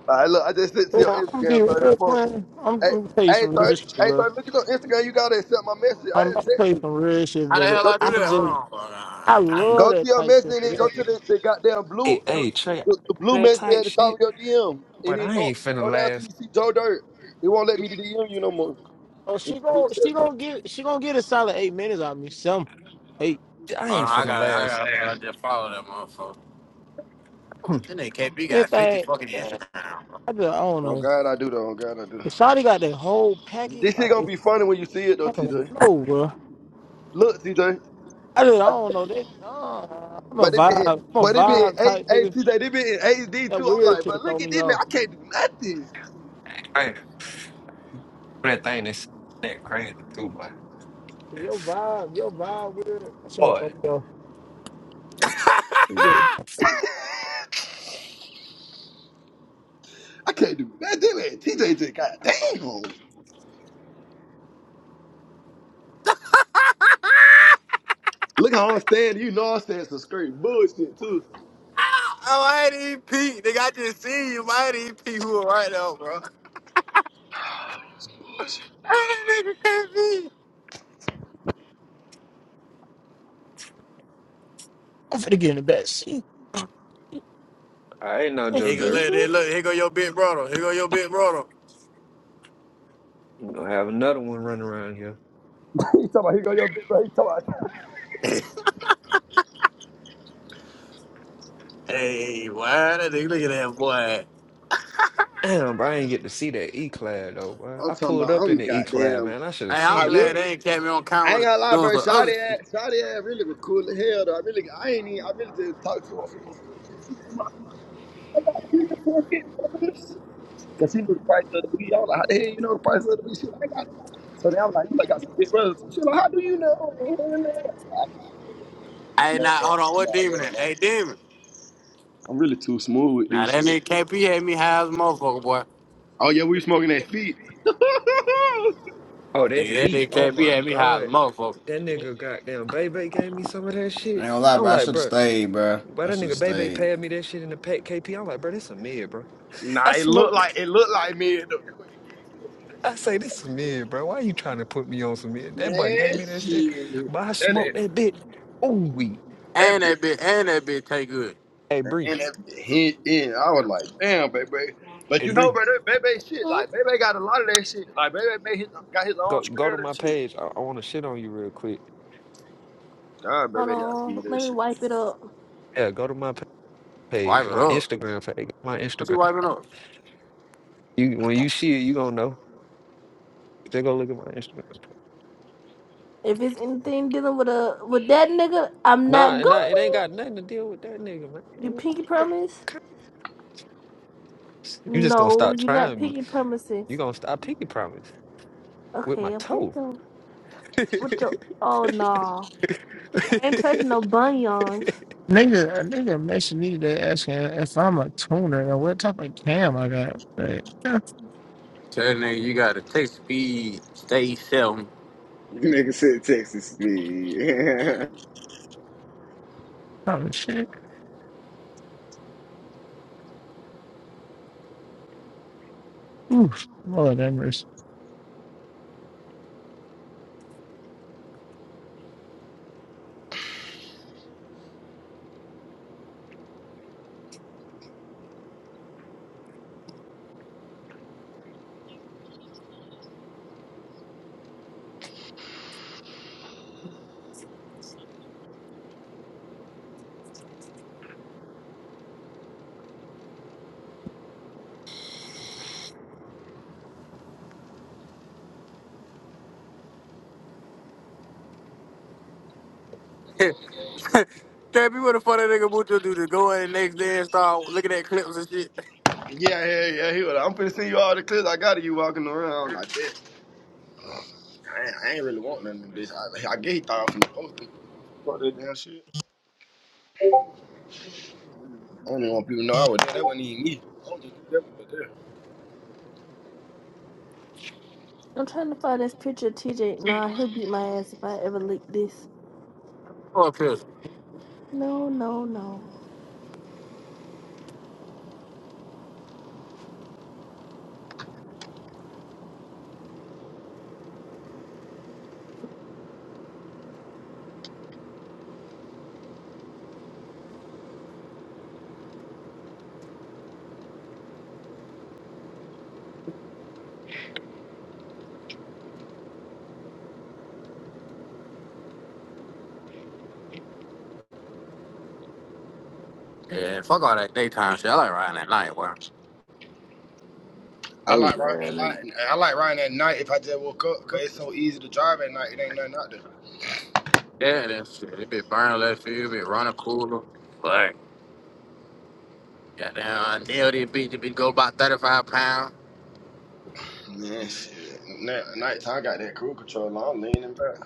All right, look, I just sent it to your Yeah, I'm gonna be Instagram. Thirty, them real, folks- twin. I'm, I'm Hey, gonna tell you hey, some real thirty, shit, hey, bro. thirty. Look at your Instagram. You gotta accept my message. I I'm had gonna text play you. some real shit, How the Billy. hell Go I to, do I that? Hold just on. Hold on. I Damn. Hold love go to that your type message shit and for then this. go to Bro. the, the goddamn blue, Hey, the, hey, Trey, the, the blue that message type at the top of shit, your DM, but and then I go ain't finna go down last. till you see Joe Dirt. It won't let me DM you no more Oh, she until you gon' she accept. me. gon' get she gon' get a solid eight minutes out of me. Some hey I on, ain't I finna gotta, I last. gotta, I gotta just follow that motherfucker. That nigga KB got 50 anything. fucking eh, Instagram. bro. I just I don't Oh know. God, I do though. Oh God, I do. If Shawty got that whole package, This like shit gonna it's, be funny when you see it though, I don't TJ. know, bro. Look, TJ. I just I don't know. They, nah, I'm a But it be vibe. in- I'm a but it be in vibe eight type hey nigga. TJ, they be in HD That too. I'm weird like, shit but throw look at me this man, off. I can't do nothing. I ain't, that thing is that crazy too, boy. If your It's- vibe, if your vibe weird, that shit gonna Boy, throw me off. You get- it. I can't do nothing, man. TJ just got damn. Look how I'm standing, you know I'm standing some straight bullshit too. oh, I ain't even peep. Nigga, I just see you. I ain't even peep who are right now, bro. Bullshit. That nigga, KB. I'm finna get in the back seat. I ain't no Joe Here go, Excuse Dirt. look, me. look, look, here go your big brother. Here go your big brother. You gonna have another one running around here. He talking about he got your big bro. He talking about Hey, why that nigga? Look at that boy. Damn, bro, I ain't get to see that E clad though, bro. I'm I talking pulled about up in I'm the E clad, goddamn man. I should have Hey, I'm I seen that. glad really they ain't catch me on I ain't camera gonna lie, doing bro. some other Shotty shit. ass, Shotty ass really was cool as hell though. I really I ain't even I really just talked to her for a little quick shit. She talking about some, I got three or four big brothers. Cause she knew the price of the weed. I was like, how the hell you know the price of the weed? She was like, I got this. So then I was like, you like got some big brothers. So she was like, how do you know? Hell no. I was like, I can tell. Hey, Come on, now, bro. hold on, I'm what not demon doing it, that? man. Hey, demon. I'm really too smooth with Now, this shit. that nigga KP had me high as a motherfucker, boy. Oh yeah, we smoking that feet. Oh, that Dude, that feet. nigga Oh KP my had me high as a god. motherfucker. That nigga goddamn Bebe gave me some of that shit. gonna lie, I'm bro. I like, should have bro, stayed, bro. but I that should have nigga Bebe stayed. paid me that shit in the pack KP. I'm like, bro, that's a mid, bro. I nah, it looked smoked. like it looked like me though. That way it get to I say this some it. That shit look mid, bro. like Why you trying to put me on some mid? me. That boy gave me that shit, Man, shit. but I That smoked that that, bit. Ooh we. And that that bitch, and that bitch take good. Hey Bree, and that hint in. I was like, damn, baby. But hey you know, Bree, brother, baby, shit, like baby got a lot of that shit. Like baby made his, got his own go go screen to my and shit. page. I, I want to shit on you real quick. God, Hold baby got some on, of that let me shit. wipe it up. Yeah, go to my pa- Wipe page, it my up. Instagram page, my What Instagram. you wiping up? You when you see it, you gonna know. Just go look at my Instagram If it's page. anything dealing with a with that nigga, I'm not Nah, nah, it ain't going. got nothing to deal with that nigga, man. Man, You what pinky the fuck? promise? You just gonna No, stop you're not trying me. pinky promising. You gonna stop pinky promise with my Okay, I'm finna toe. go. What your? Oh no, I ain't touching no bunions. Nigga, a nigga messaged me today asking if I'm a tuner and what type of cam I got. Like, that's Tell that nigga you gotta take speed, stay seven. Nigga said Texas speed. the type of shit. Oof, Lord that mercy. KP, what the fuck that nigga Mucho do to go in the next day and start looking at clips and shit? Yeah, yeah, yeah. He was like, I'm finna send you all the clips I got of you walking around like that. I ain't, I ain't really want nothing, bitch. I, I guess he thought I was finna post it. Fuck that damn shit. I don't even want people to know I was there. That wasn't even me. I don't even know who that was there. I'm trying to find this picture of TJ. Nah, he'll beat my ass if I ever leak this. Fuck pills. No, no, no. Yeah, fuck all that daytime shit. I like riding at night, boy. I Crazy like riding that ass light. nigga. I like riding at night if I just woke up, cause it's so easy to drive at night. It ain't nothing out there. Yeah, that shit. It be burning left field, it be running cooler. Like, goddamn, I nailed it, bitch. It be go about 35 pounds. Man, shit. Night, nighttime, I got that crew control. on, I'm leaning back.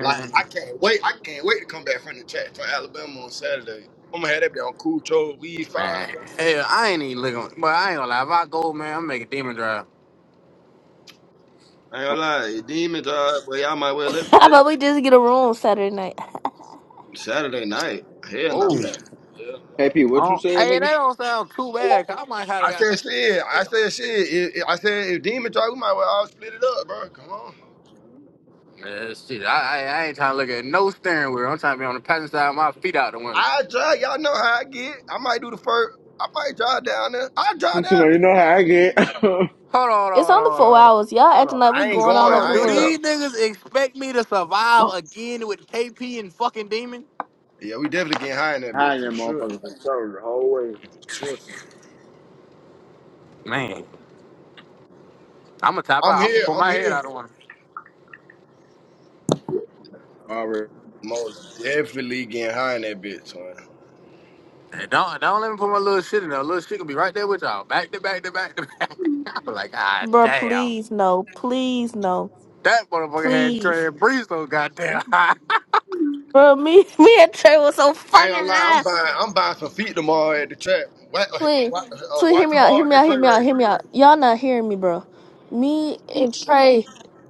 Like I can't wait. I can't wait to come back from the track for Alabama on Saturday. I'm gonna have that be on cool Troll weed five. man. Hell, I ain't even looking, but I ain't gonna lie. If I go, man, I'm making demon drive. I ain't gonna lie, it demon job, but y'all might well look How hey, about we just get a room Saturday night? Saturday night. Hell no, we Whoa. got hell no. KP, what you Oh, said, hey, nigga? that don't sound too bad. 'cause I might have to I said got. shit. I said shit. It, it- I said if demon drive, we might well all split it up, bro. Come on. Yeah, shit. I, I, I ain't trying to look at no steering wheel. I'm trying to be on the passenger side, with my feet out the window. I drive. Y'all know how I get. I might do the first. I might drive down there. I drive You down there. know how I get. I ain't Hold on, it's hold on, only hold on, four hold on, hours. Y'all hold acting on. like we I ain't going Hold all going. over on, the I do ain't world, these driving. niggas expect me to survive again with KP and fucking Demon? Yeah, we definitely getting high in that bit for that sure. Like, motherfucking control the whole way. sure. Man. I'm gonna top I'm out. I'm gonna here. put I'm my head here. out of one. Already. Most definitely getting high in that bitch, man. Hey, Don't don't let me put my little shit in there. Little shit gonna be right there with y'all. Back to back to back to back. I'm like, ah bro. damn. Please no, please no, That motherfucker had please. Trey and Breeze though, goddamn. I, Bro, me, me and Trey was so I ain't fucking gonna lie, high. I'm buying. I'm buying some feet tomorrow at the trap. What? uh, Twin, What? Uh, twin, hear watch me out, hear tomorrow me at out, hear Trey me out, Ray. hear me out. Y'all not hearing me, bro. Me and Trey,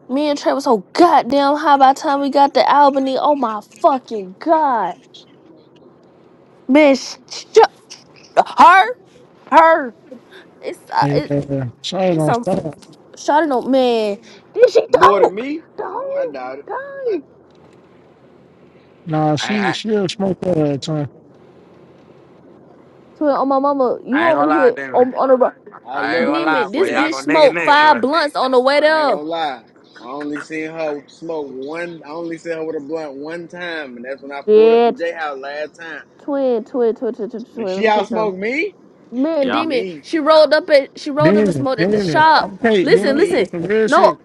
me and Trey was so goddamn high by the time we got to Albany. Oh my fucking god, man, sh- shut her, her. It's uh, Yeah, it, Shawty it's don't some stop. shouting on man. Did she More than talk? me? The I whole doubt it. time. Nah, she I, she'll smoke that at a time. Twin, on my mama, you I ain't gonna only lie, hit damn. on on the ro- I I ain't love gonna to lie, demon. see boy. This Y'all that. bitch gonna nigga and smoked neck, five boy. blunts on the way I ain't there. gonna lie. I only seen her smoke one, I only seen her with a blunt one time, and that's when I pulled up Shit. to J House last time. Twin, twin, twin, twin, twin, And twin. Let she me tell out you something. smoked me? Man, Yeah. Kidding demon. me. She rolled up at she rolled up and Damn, smoked at the damn it. shop. I'm tell you, then Listen, Kidding I'm tell you listen. me. some real No, shit.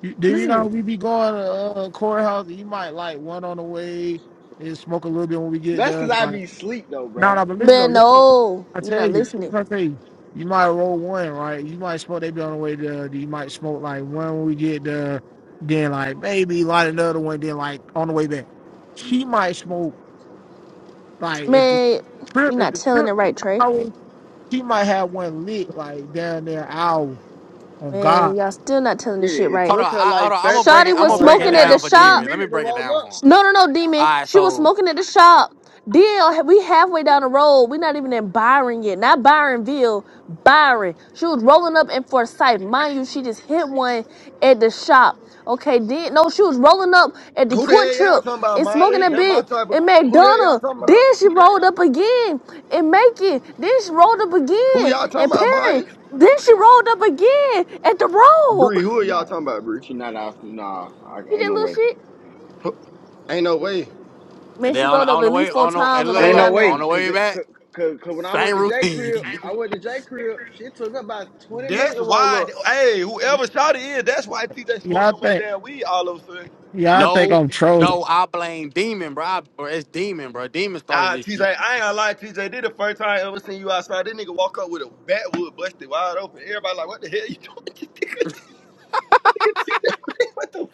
You, then you know how listen. we be going to uh, courthouse. You might like one on the way and smoke a little bit when we get That's there. because I Like, be sleep though, No, bro. no, but listen though, Man, listen. no, I you're tell not you, listening. I tell you, you might roll one, right? You might smoke. They be on the way to. You might smoke like one when we get there, then like maybe light another one, then like on the way back. She might smoke like at the Man, trip you're at not the telling trip it right, Trey. hour. She might have one lit like down there hour on God Man, y'all still not telling this Get it. shit It right. Hold on, took her I, hold like on. I'm gonna that. break it. Shotty I'm It was gonna hour and took break a it her smoking at half. the down like for 20 shop. Demon. Let me minutes to break it roll down for up. him. No, no, no, demon. All right, She was so smoking at the shop. Deal, we halfway down the road. we are not even in Byron yet. Not Byronville, Byron. She was rolling up in Forsyth. Mind you, she just hit one at the shop. Okay, then no, she was rolling up at the Who the Quick hell y'all Trip talking about, and smoking Maya? a That my bit type of. in Who the hell y'all McDonough. talking about? Then she rolled up again in Macon. Then she rolled up Who again y'all talking in about, Maya? Perry. Then she rolled up again at the road. Bree. Who are y'all Not talking about, Bree? she not out. Nah, I, She ain't did no little way. shit. Who- Ain't no way. Man, and then she on, rolled up on at the way, least four on the times and on the look, way Ain't no down look, there. on way, the cause way it, back, cause, cause 'cause when I same went to J crib, routine. I went to J crib. She took about twenty minutes That's to roll why. up. Hey, whoever shot it is, that's why TJ Yeah, smoked I so much think. damn weed all of a sudden. Yeah, I think No, I'm trolling. no, I blame Demon, bro. I, bro it's Demon, bro. Demon started Nah, this TJ, shit. I ain't gonna lie, TJ. This the first time I ever seen you outside. This nigga walk up with a backwood busted wide open. Everybody like, what the hell you doing? This nigga, TJ, what the?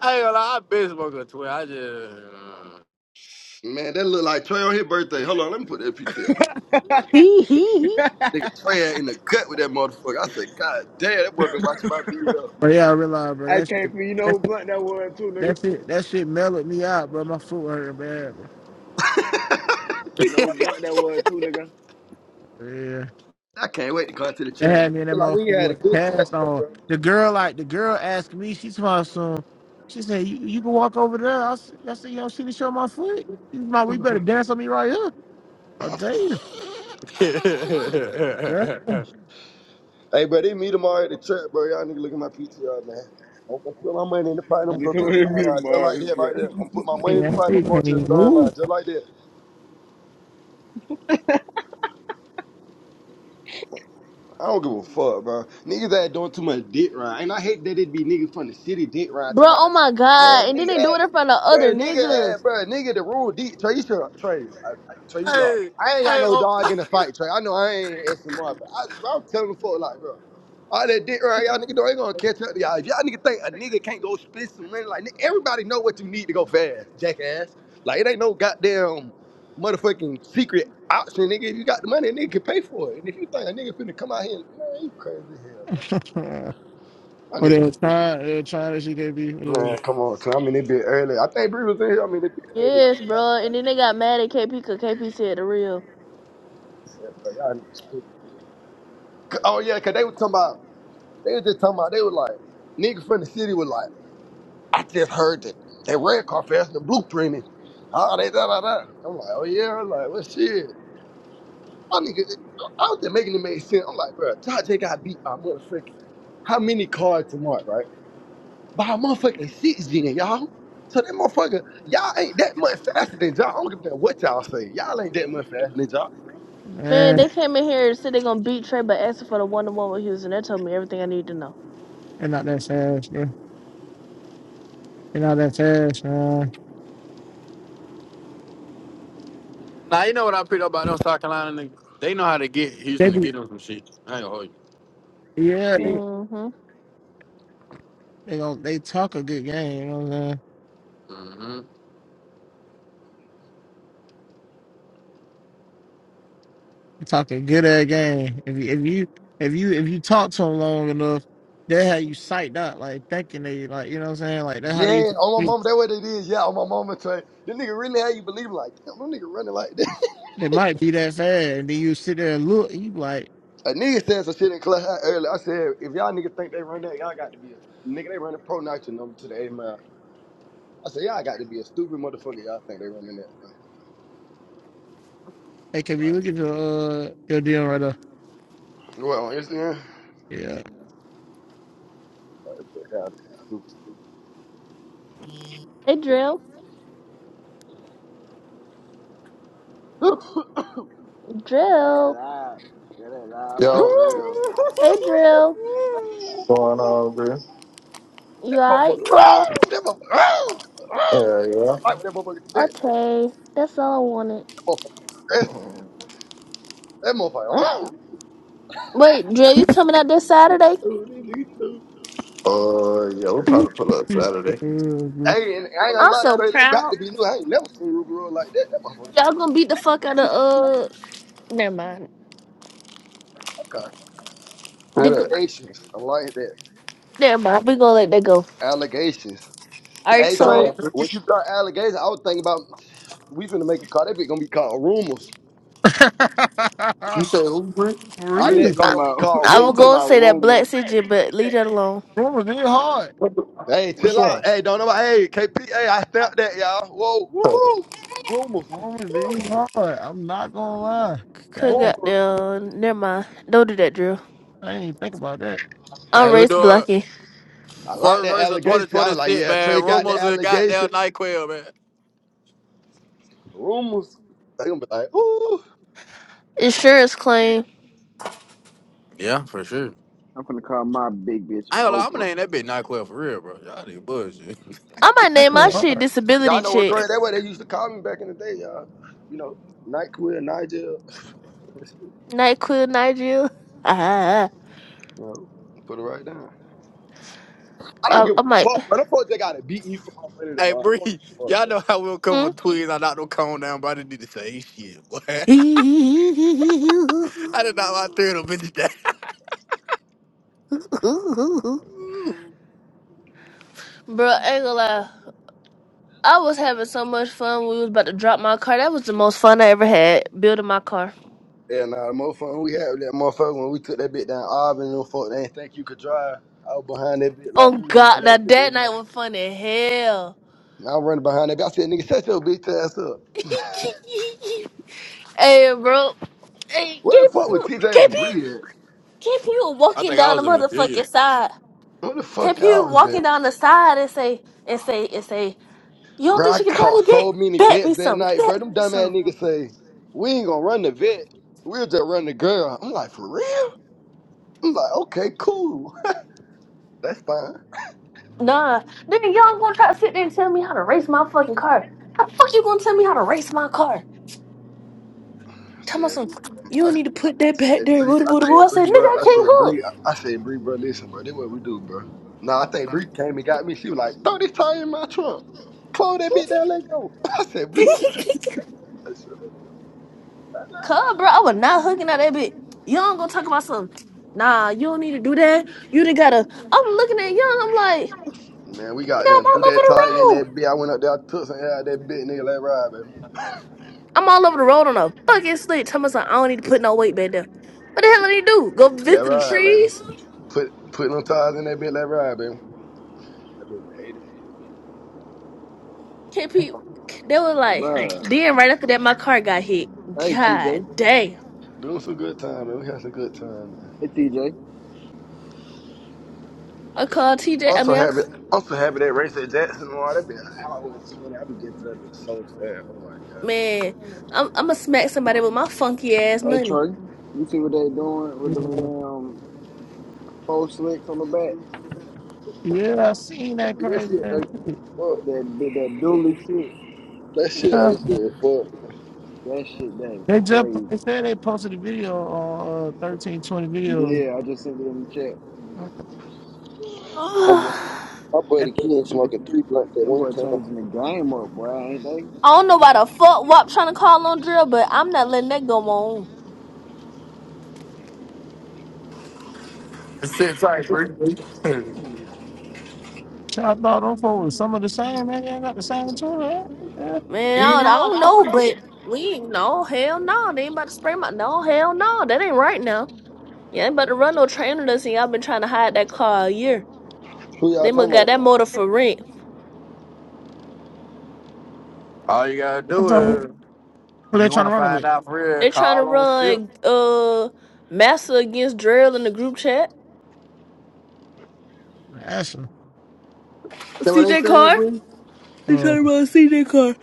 I ain't gonna lie, I been smoking twin. I just. Man, that look like Trey on his birthday. Hold on, let me put that PTR. Hee hee. Nigga, Trey had in the gut with that motherfucker. I said, God damn, that boy been watching my video. But yeah, I realize, bro. I That shit. can't be you know That's who blunt that was too, nigga. that's it. That shit That shit mellowed me out, bro. My foot hurt bad, bro. No blunt that was too, nigga. Yeah. I can't wait to come to the They trap. had man. me I in that Feel like motherfucker we had a with a good trap cast day, on. bro. The girl, like the girl, asked me. She saw some. She said, "You you can walk over there." I said, "I said, you yo, see the show my foot. You my, we better dance on me right here." I tell you, yeah, Hey, bro, they meet tomorrow at the trap, bro. Y'all nigga look at my PTR, man. I'm gonna put my money in the pot and I'm you gonna go to told the me to star be the line just like that right there. I'm mod. gonna put my money in the yeah, I pot and see, I'm going can't to the even star line move. just like that. I don't give a fuck, bro. Niggas that doing too much dick ride, and I hate that it be niggas from the city dick ride Bro, talking about oh my that. Man, god. And then nigga, they do had, it in front of other bro, nigga, had, niggas. bro, nigga, the rule deep. Trey, you should, Trey, I, I, Trey, you know, like, hey, I ain't got hey, no oh. dog in the fight, Trey. I know I ain't SMR, but I, bro, I'm telling the fuck, like, bro, all that dick ride, y'all nigga, do not ain't gonna catch up to y'all. If y'all nigga think a nigga can't go spend some money, like, nigga, everybody know what you need to go fast, jackass. Like, it ain't no goddamn motherfucking secret option, nigga. If you got the money, a nigga can pay for it. And if you think a nigga finna come out here, and, man, you crazy as hell, man. but That they nigga were stupid. trying, they were trying that she could be, it Man, was, come on, son. I mean, it be early. I think Bree was in here. I mean, it be early. Like, Yes, bro, y'all bro. niggas got And to then they be got mad at KP because KP said the real. stupid. Yeah, bro, y'all niggas stupid, bro. C- Oh, yeah, because they was talking about, they was just talking about, they were like, niggas from the city was like, I just heard that that red car fast and the blueprinting. Ah, they da da da. I'm like, oh yeah. I'm like, what shit? Y'all niggas, I was just making it make sense. I'm like, bro, J got beat by motherfucking how many cards to mark, right? By a motherfucking six gen, y'all. So that motherfucker, y'all ain't that much faster than y'all. I don't give a damn what y'all say. Y'all ain't that much faster than y'all. Man, man, they came in here and said they gonna beat Trey but asking for the one to one with Houston. That told me everything I need to know. they're not that fast, bro. They're not that fast, man. now you know what I picked up about them South Carolina niggas? They know how to get They Houston to be, get them some shit. I ain't gonna hold you. yeah, bitch. they Mm-hmm. they, going they talk a good game. You know what I'm saying? hmm You talking good at game. If you if you if you if you talk to them long enough, they how you psyched out, like thinking they like you know what I'm saying. Like that, how Yeah, they on my mama, that what it is. Yeah, on my mama train. This nigga really had you believe like, damn, no nigga running like that. They might be that fast, and then you sit there and look, and you be like, A nigga said some shit in class earlier. I said, if y'all niggas think they run that, y'all got to be a nigga. They running pro nitro number to the A mile. I said, y'all got to be a stupid motherfucker. Y'all think they running that, hey, can bro. we look at your uh your deal right there? What on Instagram? Yeah. But y'all niggas stupid. Hey Drill. that ain't Drill. live. That ain't live for Yo, real. Hey Drill. what's going man. on, bro? You that alright, motherfucker. Carl? That motherfucker. I Yeah, yeah. like when that motherfucker do that. Okay. That's all I wanted. That motherfucker aggressive. That motherfucker. Wait, Dre, you coming out this Nigga, Saturday? dude, these niggas stupid. Uh, yeah, we probably pull up Saturday. Hey, and I ain't gonna I'm lie, so Trey, that got proud. to be new. I ain't never seen Ruby Road like that. That motherfucker so Y'all gonna beat goddamn the fuck out of uh. Never mind. cocky. Who The, g- that? Allegations. I like that. never mind. We gonna let that go. Allegations. All You right, Hey, talking Trey, so about, bro? when you got allegations, I was thinking about we finna make a car. That bitch gonna be called Rumors. You say who, bro? For Our Nigga next real, car talking I, gonna be about called I nigga was talking Rumors. gonna about say that black rumors. Sitchin, but leave that alone. woman, be hard. What the, Hey, which chill out. one? Hey, don't know. Hey, KP. Hey, I felt that, y'all. Whoa, woo, Huh. woo. Rumors, Woman, woo, be hard. I'm not gonna lie. Could Damn, got rumors. there. Never mind. Don't do that, Drew. I did even think about that. I'm Man, we race doing blocking. I like first that verse of allegation. I was like, 2026, yeah, man. Trey got the Rumors and goddamn allegation. NyQuil, man. Rumors. They gonna be like, ooh, Insurance claim. Yeah, for sure. I'm finna call my big bitch I ain't gonna lie, I'm gonna Oprah. name that bitch NyQuil for real, bro. Y'all niggas bullshit. I might That name my was shit disability y'all know what check. crazy. That way they used to call me back in the day, y'all. You know, night queer, Nigel. Night Quill Nigel. Ah, You know, put it right down. I don't I, give I a might. fuck, but I'm they gotta beat me for my money Hey, tomorrow. I don't give Bree, a fuck, y'all bro. know how we'll come for Hmm? twins. I knocked no cone down, but I didn't need to say shit, boy. I did not my three of them bitches down. Ooh. Bro, I ain't gonna lie. I was having so much fun. We was about to drop my car. That was the most fun I ever had building my car. Yeah, nah, the motherfucker, when we had that motherfucker when we took that bit down Auburn, and them folk, they ain't think you could drive. I was behind that bit like, Oh come on, man, God, now let's get this that night money. was fun as hell. And I was running behind that bit. I said, nigga, shut your bitch ass up. hey, bro. Hey, What the KP, fuck with TJ and KP, Bree at? KP was I walking think I down the was in Virginia. motherfucking side. What the fuck KP y'all was was walking at? down the side and say, and say, and say, you don't Bro, think I she can try caught to so bet? many Bet bets me that some. night, bro. Bet Them me dumb ass some. niggas say, we ain't gonna run the vet. We'll just run the girl. I'm like, for real? I'm like, okay, cool. That's fine. I Tell me said, some. You I don't need to said, put I that back said, there. Bree, Boo, boo, I boo, boo. I said, said, Bree, nigga, bro, I I can't said, hook. Bree, I said, Bree, bro, listen, bro, this what we do, bro. Nah, I think Bree came and got me. She was like, throw this tire in my trunk. Close that bitch down, let go. I said, Bree, who you think you talking to? I said, "Shut up." Shut up. Cub, bro, I was not hooking at that bitch. Young gonna talk about something. Nah, you don't need to do that. You didn't gotta. I'm looking at Young. I'm like, Man, we nigga, got I'm them threw all over that the tire in road. that bitch. I went up there, I took something out of that bitch, nigga. Let ride, baby. I'm all over the road on a fucking slit. Tell me something. I don't need to put no weight back there. What the hell did he do? Go Let visit the ride, baby. trees? Put put them tires in that bitch. Let ride, baby. That bitch went A to B. Can't pe- They were like, Bruh. then right after that, my car got hit. Hey God TJ. damn. Doing some good time, man. We had some good time, man. Hey TJ. I called TJ. I Also mean, I have c- it. Also have it at race at Jackson. Wow, that would be an hour and twenty. I I'd be getting to that bitch so fast. Oh my god. man, I'm I'm gonna smack somebody with my funky ass Hey money. Trey. You see what they doing with the hard. damn four slicks on the back? Yeah, I seen that Hey, That crazy shit ass ugly. shit. as Fuck. That did that dually shit. That shit Yeah. ugly. as Fuck. That shit that is They just they crazy. said they posted a video on uh thirteen twenty videos. Yeah, I just sent it in the chat. Man. My buddy, my buddy Ken smoking three blunts at Them one boy time. changing the game up, boy, ain't they? I don't know why the fuck WAP trying to call on drill, but I'm not letting that go on. Just sit tight, bro. that I thought them folks was some of the same. Man, they ain't got the same tool. Yeah, Man, I don't, I don't know, but we ain't- no hell no. They ain't about to spray my no hell no. That ain't right now. You ain't about to run no train on us, and y'all been trying to hide that car a year. Who y'all They must talking got about? that motor for rent. All you gotta I'm do talking. Who is they you trying wanna to run find with? out for real, They trying to call on SIP. run uh massa against drill in the group chat. Asher. what they CJ saying, car. bro? They Uh, trying to run CJ car.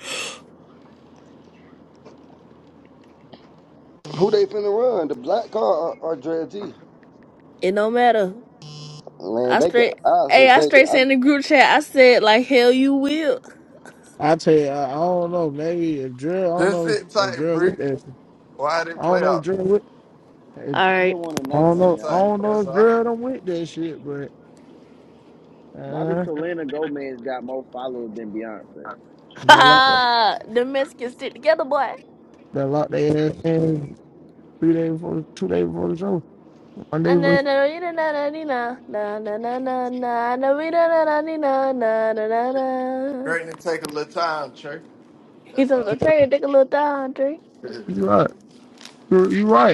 Who they finna run? The black car or, or Dre G? It don't matter. Man, I they got. straight. I was Hey, finna I say straight said that. in the group chat. I said like hell you will. I tell you, I, I don't know. Maybe if drill. I don't Just know if, sit if tight, Dre with bro. that. shit. Why I didn't don't play know if out? Dre with. All I just right. wanna I know don't something, Sit know. I tight. y'all. don't know That's if all. drill done with that shit, but Why does uh, Selena Gomez got more followers than Beyonce? they locked. Ah, the mess can stick together, boy. They locked their ass in three days before, two days before the show, one Ah, day before. na na na na na na na na na na na na na we na na na na na na na na. Great to take a little time, Trey. He That's told all. the train to take a little time, tree. You right. little You, you right.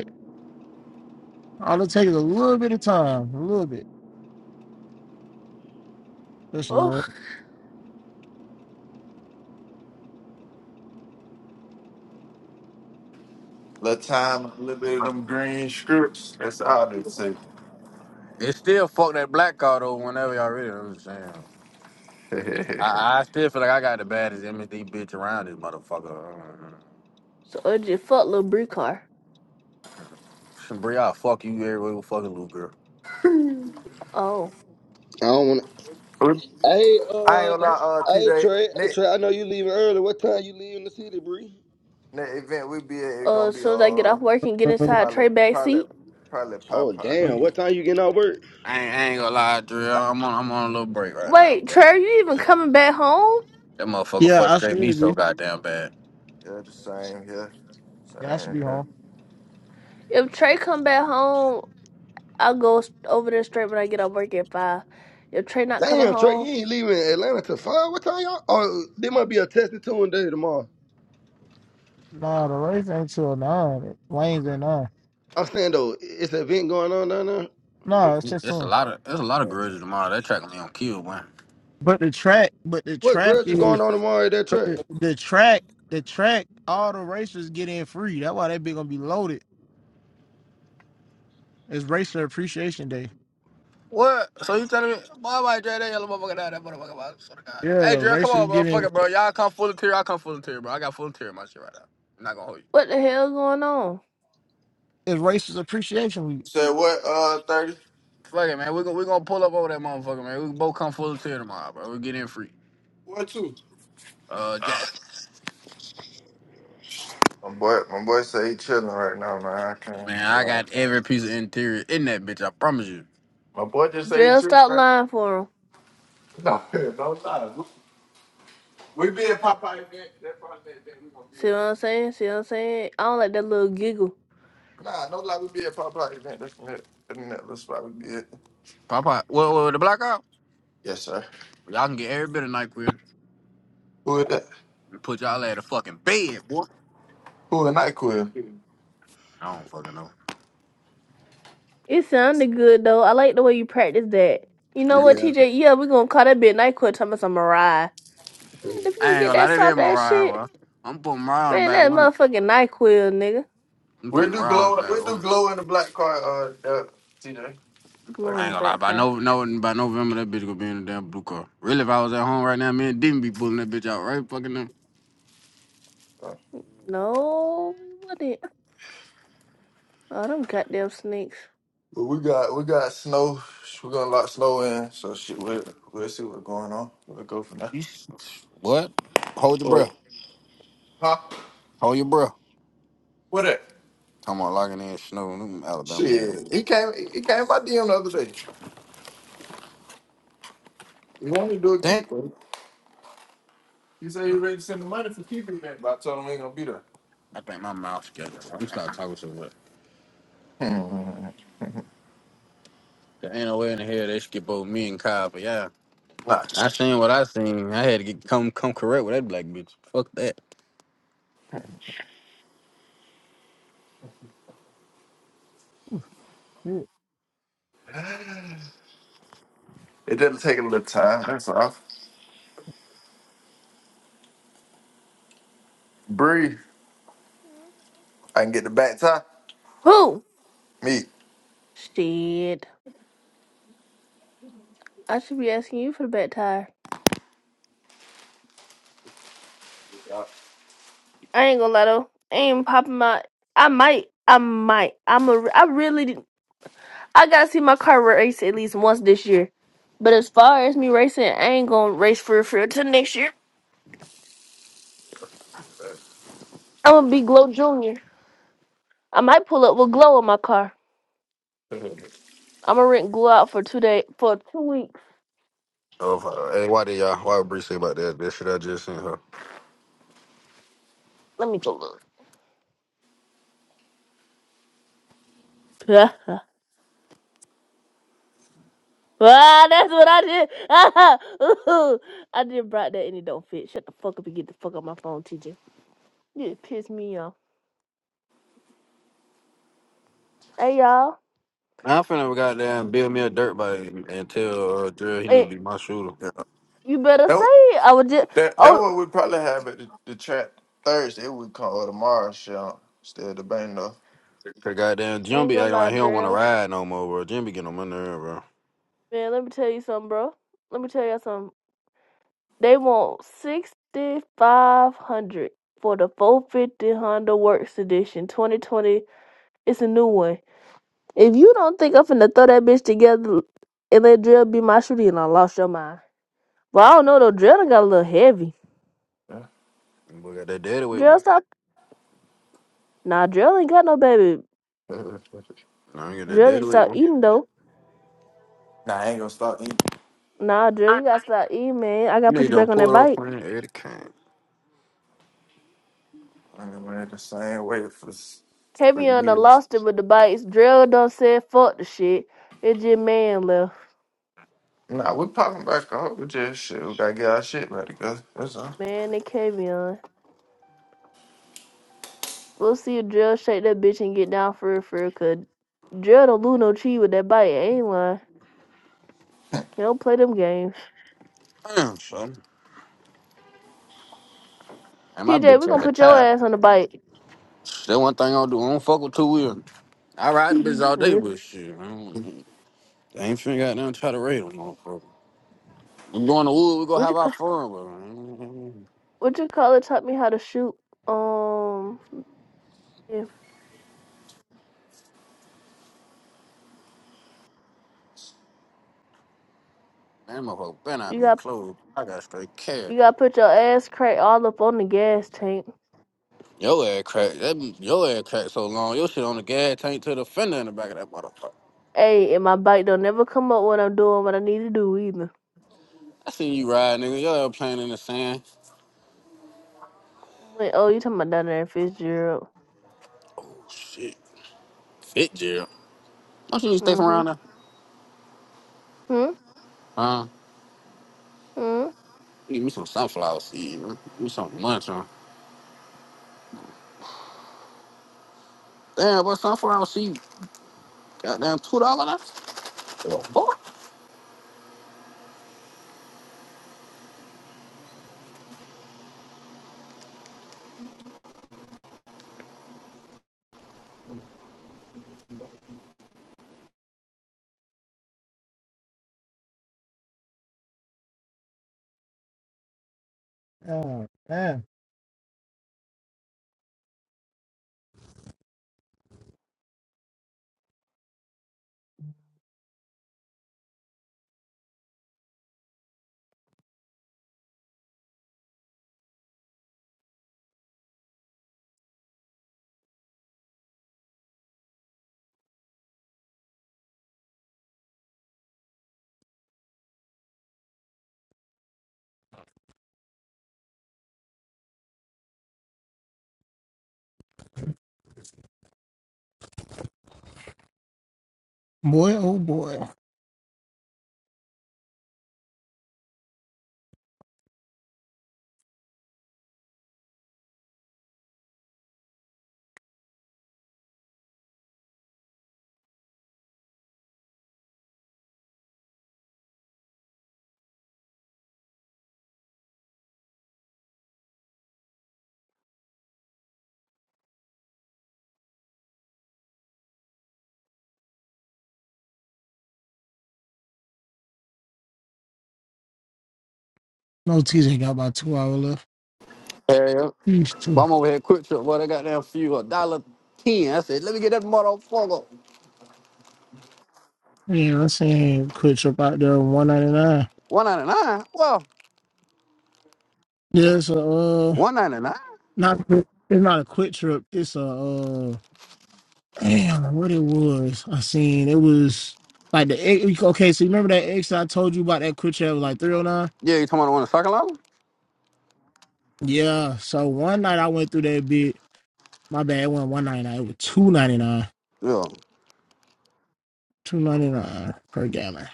All it takes is a little bit of time, a little bit, just a Oh, little. time, a little bit of them green scripts. That's all I need to say. It still fuck that black card though whenever y'all ready. I'm just saying. I I, I still feel like I got the baddest MSD bitch around this motherfucker. so it just fuck little Brie car. Uh, Bree, I'll fuck you everywhere with fucking little girl. Oh, I, I don't wanna. ain't Hey, uh, gonna lie, uh, hey T.J. Trey, hey Day. Trey. I know you leaving early. What time you leaving the city, Bree? Next event we be at, it uh, gonna as be soon as I get uh off work and get inside probably Trey back probably seat. probably Oh Popeye. damn! What time you getting out work? I ain't, I ain't gonna lie, Drill. But I'm on I'm on a little break right now, wait, but Trey, are you even Yeah, coming back home? that motherfucker fuck Yeah, I straight me should so be. goddamn bad. yeah, the same. Yeah, Yeah, I should same. be Yeah. home. If Trey come back home, I'll go s- over there straight when I get off work at five. If Trey not coming Damn, Trey, you home, ain't leaving Atlanta till five. What time y'all? Oh, there might be a testing two and day tomorrow. Nah, the race ain't till nine. Lanes at nine. I'm saying though, it's an event going on down there. No, it's just It's a on. lot of it's a lot of grudges tomorrow. That track gonna be on kill, man. But the track, but the What track grudge is is going on tomorrow at that track? the track, the track. All the racers get in free. That's why they be gonna be loaded. It's Racer Appreciation Day. What? So you telling me, boy, I might drag that yellow motherfucker down that motherfucker. Bro. Swear to God. Hey, Yeah, Drill, come racers on, bro. get Fuck in. it, bro. Y'all come full of tear. I come full of tear, bro. I got full of tear in my shit right now. I'm not gonna hold you. what the hell going on? It's Racers Appreciation Week. You said what? Uh, thirty. Fuck it, man. We're gonna, we gonna pull up over that motherfucker, man. We both come full of tear tomorrow, bro. we get in free. Uh, Jazz. My boy, my boy say he chilling right now, man. I can't. Man, I Like, got every piece of interior in that bitch. I promise you. my boy just say he Drill, chilling stop right now. lying for him. No, no lie. We we- See what I'm saying? See what I'm saying? I don't like that little giggle. nah, no lie. We be at Popeye event. That's the next that's the next little spot we be at. Pop out. What, what, the blackout? Yes, sir. Y'all can get every bit of NyQuil Who is that? and put y'all at a fucking bed, boy. Who and I quit? I don't fucking know. It sounded good though. I like the way you practice that. You know what, Yeah. TJ? Yeah, we gonna call that bitch NyQuil talking about some Mariah. Man, if We you I ain't get gonna lie, that that is soft ass Mariah. shit, Well, I'm putting Mariah on the man, back that window. motherfucking NyQuil, nigga. I'm putting do Mariah on the glow. We back do window. glow in the black car. Uh, uh, TJ. Glow Like, in I the ain't gonna lie, by backfire. no, no, by November that bitch gonna be in the damn blue car. Really, if I was at home right now, me and Dean be pulling that bitch out right fucking now. uh, No, what it wouldn't. Oh, them goddamn snakes. But we got we got snow. We're gonna lock snow in, so shit. We'll, we'll see what's going on. We'll go from there. You s- What? Hold your Well, breath. huh? Hold your breath. What it? Talking about locking in snow. Them Alabama nigga. Shit, he came. He came by DM the other day. He wanted to do a Damn. keeper, I but I told him he ain't gonna be there. think my mouth's together. I'm gonna start talking so much. Hmm. There ain't no way in the hell they skip over me and Kyle, but yeah. Nah, I seen what I seen. I had to get come come correct with that black bitch. Fuck that. Shit, it doesn't take a little time. That's all. Breathe. Hmm. I can get the back tie. Who? Me. Shit. I should be asking you for the back tire. I ain't gonna lie though. I ain't popping my. I might. I might. I'm a. I really. I gotta see my car race at least once this year. But as far as me racing, I ain't gonna race for for till next year. I'm gonna be Glow Junior. I might pull up with Glow in my car. I'm gonna rent Glow out for two day for two weeks. Oh, fuck. hey, why did y'all? Why would Bree say about that? That shit I just sent her. Let me go look. ah, that's what I did. I did brought that and it don't fit. Shut the fuck up and get the fuck on my phone, TJ. You just pissed me off. Hey y'all, I'm finna goddamn build me a dirt bike and tell uh, Drill he need hey, to be my shooter. Yeah. you better say That it. I was just that that oh, what we probably have at the, the track Thursday. We come or tomorrow. Shit, I'm still the bang though. Cause goddamn Jim ain't be gonna acting lie, like he don't want to Drill. ride no more, bro. Jim be getting on my nerve, bro. Man, let me tell you something, bro. Let me tell you all something. They want sixty five hundred for the four fifty Honda Works Edition twenty twenty. It's a new one. If you don't think I'm finna throw that bitch together and let Drill be my shooter, and I lost your mind. Well, I don't know though. Drill done got a little heavy. We got that daddy weight, Drill bro. stop. Nah, Drill ain't got no baby. I ain't got that Drill need daddy to weight, stop bro. eating though. Nah, I ain't gonna stop. Nah, Drill, you gotta stop eating, man. I gotta You know put you you done back on pulled that up bike. playing Eddie Kane. And we're the same way for for Kavion done years. lost it with the bikes. Drill done said fuck the shit. It's just man left. Nah, we're popping back off. We just shit. We gotta get our shit back together. That's all. Man and Kavion. We'll see if Drill shake that bitch and get down for it for it. cause Drill don't lose no cheat with that bite. Ain't lying. He don't play them games. Damn, son. And my TJ, we bitch gonna at a put your tire. ass on the bike. That one thing I don't do. I don't fuck with two wheels. I ride the bitch all day, Mhm. but shit, I, don't, I ain't finna goddamn try to raid them, motherfucker. We go in the woods, we go What you have our call? fun, bro. What you call it? Taught me how to shoot. Um, yeah. That motherfucker better you not be got closed. I got straight care. you got to put your ass crack all up on the gas tank. Your ass crack. That your ass crack so long. Your shit on the gas tank to the fender in the back of that motherfucker. Hey, and my bike don't never come up when I'm doing what I need to do either. I seen you ride, nigga. Your ass playing in the sand. Wait, oh, you talking about down there in Fitzgerald? Oh shit. Fit jail. Don't you need to stay from Mm-hmm. around there? Hmm. Huh? Hmm. Give me some sunflower seed. man. Give me some munch on. Damn, but sunflower seed. Goddamn two dollar now. What the fuck? Oh man, boy, oh boy. No, TJ got about two hours Hell yeah. left. But I'm over here quick trip, boy. They got damn few a dollar ten. I said, let me get that motherfucker. Yeah, I seen Quick Trip out there on one ninety nine. One ninety nine. Well, Yeah, it's a uh, one ninety nine. not it's not a Quick Trip. It's a uh, damn what it was. I seen it was like the X- okay. So you remember that X I told you about that Quick Trip was like three oh nine. Yeah, you talking about on the one Yeah. So one night I went through that bit. My bad. It wasn't one ninety nine. It was two ninety nine. in Sakalala? Two ninety nine per gallon.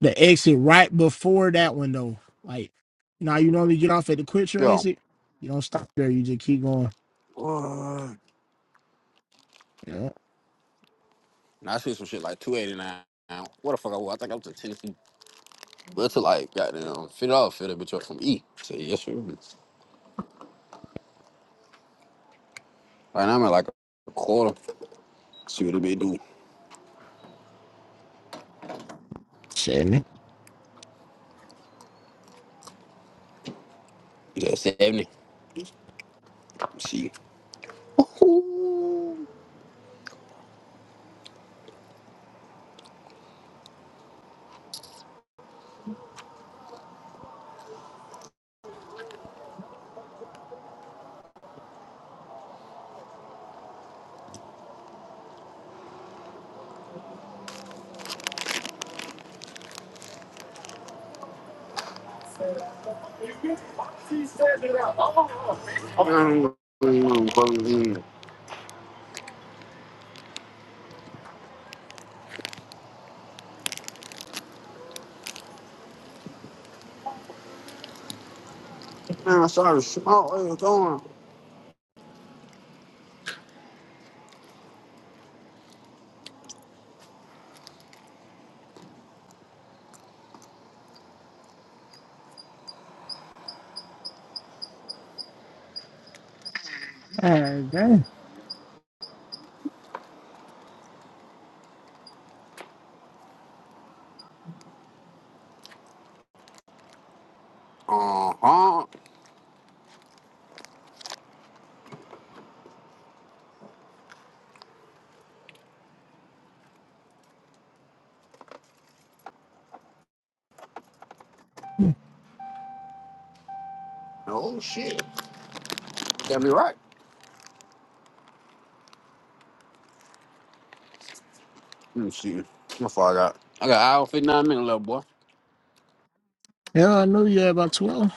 The exit right before that one though. Like now you normally get off at the Quick Trip Yeah, yeah. exit. You don't stop there. You just keep going. Uh, Yeah. I see some shit like two eighty nine. What the fuck I was? I think I was in Tennessee, but to like goddamn fifty dollars for that bitch up from E. So yes, sir. Right now I'm at like a quarter. See what it be do. Shit, It's at seventy. See. Ooh. Mm, mm, mm. Man, I saw the smoke. What was going? Hey, dang. Uh huh. Oh shit. Got me right. Let me see. How far I got? I got hour fifty nine minutes left, boy. Yeah, I knew you had about 12.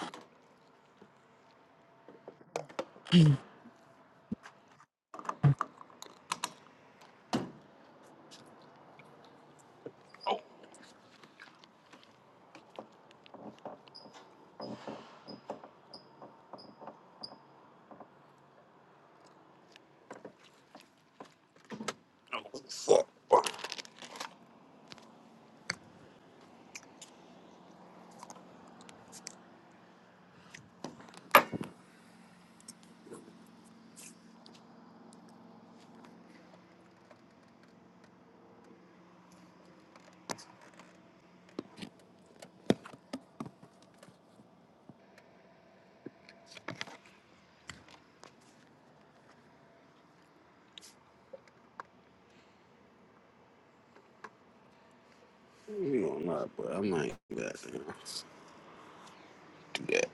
Fuck. You know i not, but I might do that. Do that.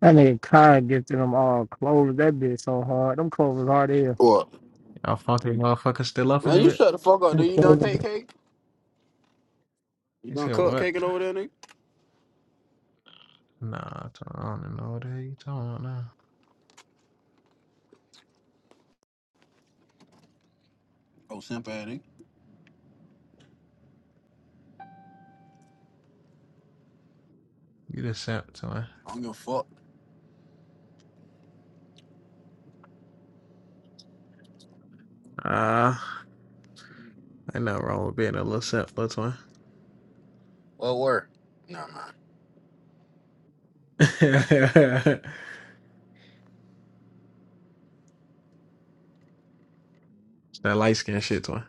That nigga Khan gifted them all clothes. That bitch so hard. Them clothes was hard here. What? Y'all fucking motherfuckers still up in Man, you it? shut the fuck up, Them nigga. You done cake clothes. cake? You He done said cut what? caking over there, nigga? Nah, I don't even know what the hell you talking about now. Oh, simp ass nigga. You the simp, twin. I don't give a fuck. Ah, uh, ain't nothing wrong with being a little simp, little twin. What word? Nah, man. that light skin shit, twin.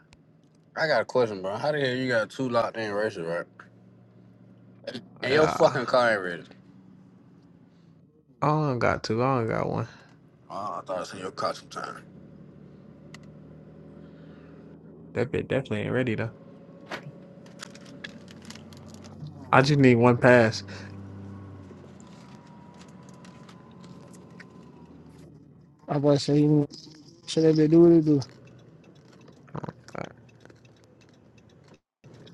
I got a question, bro. How the hell you got two locked in races, right? And your Yeah, fucking car ain't ready. I don't got two. I don't got one. Oh, I thought I seen your car sometime. That bit definitely ain't ready though. I just need one pass. I was about to say, you know, shit, that bitch do what it do. I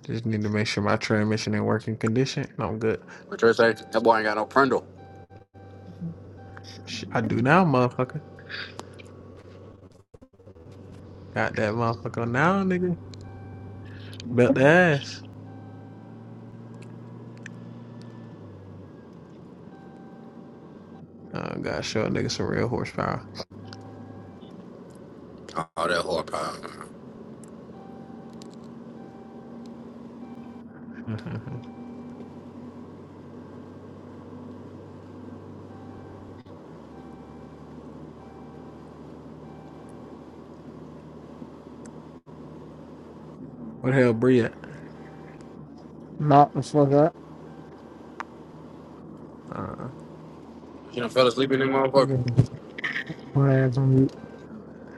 just need to make sure my transmission in working condition. and I'm good. But you say that boy ain't got no prindle. I do now, motherfucker. Got that motherfucker now, nigga. Belt the ass. I gotta show a nigga some real horsepower. Oh, that horsepower. man. what the hell, Bree at? Knock the fuck up. Uh, You done fell asleep in that And motherfucker. then just put her ass on mute.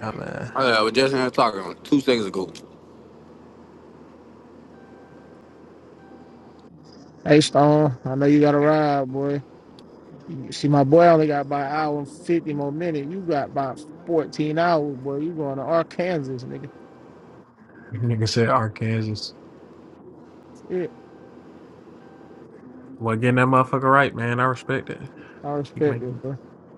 dumbass. Oh, yeah, I uh, was just in here talking two seconds ago. Hey, Stone, I know you got a ride, boy. You- See, my boy only got about an hour and 50 more minutes. You got about 14 hours, boy. You going to Arkansas, nigga. Nigga said Arkansas. Shit. Well, getting that motherfucker right, man. I respect it. I Keep respect making. it, boy.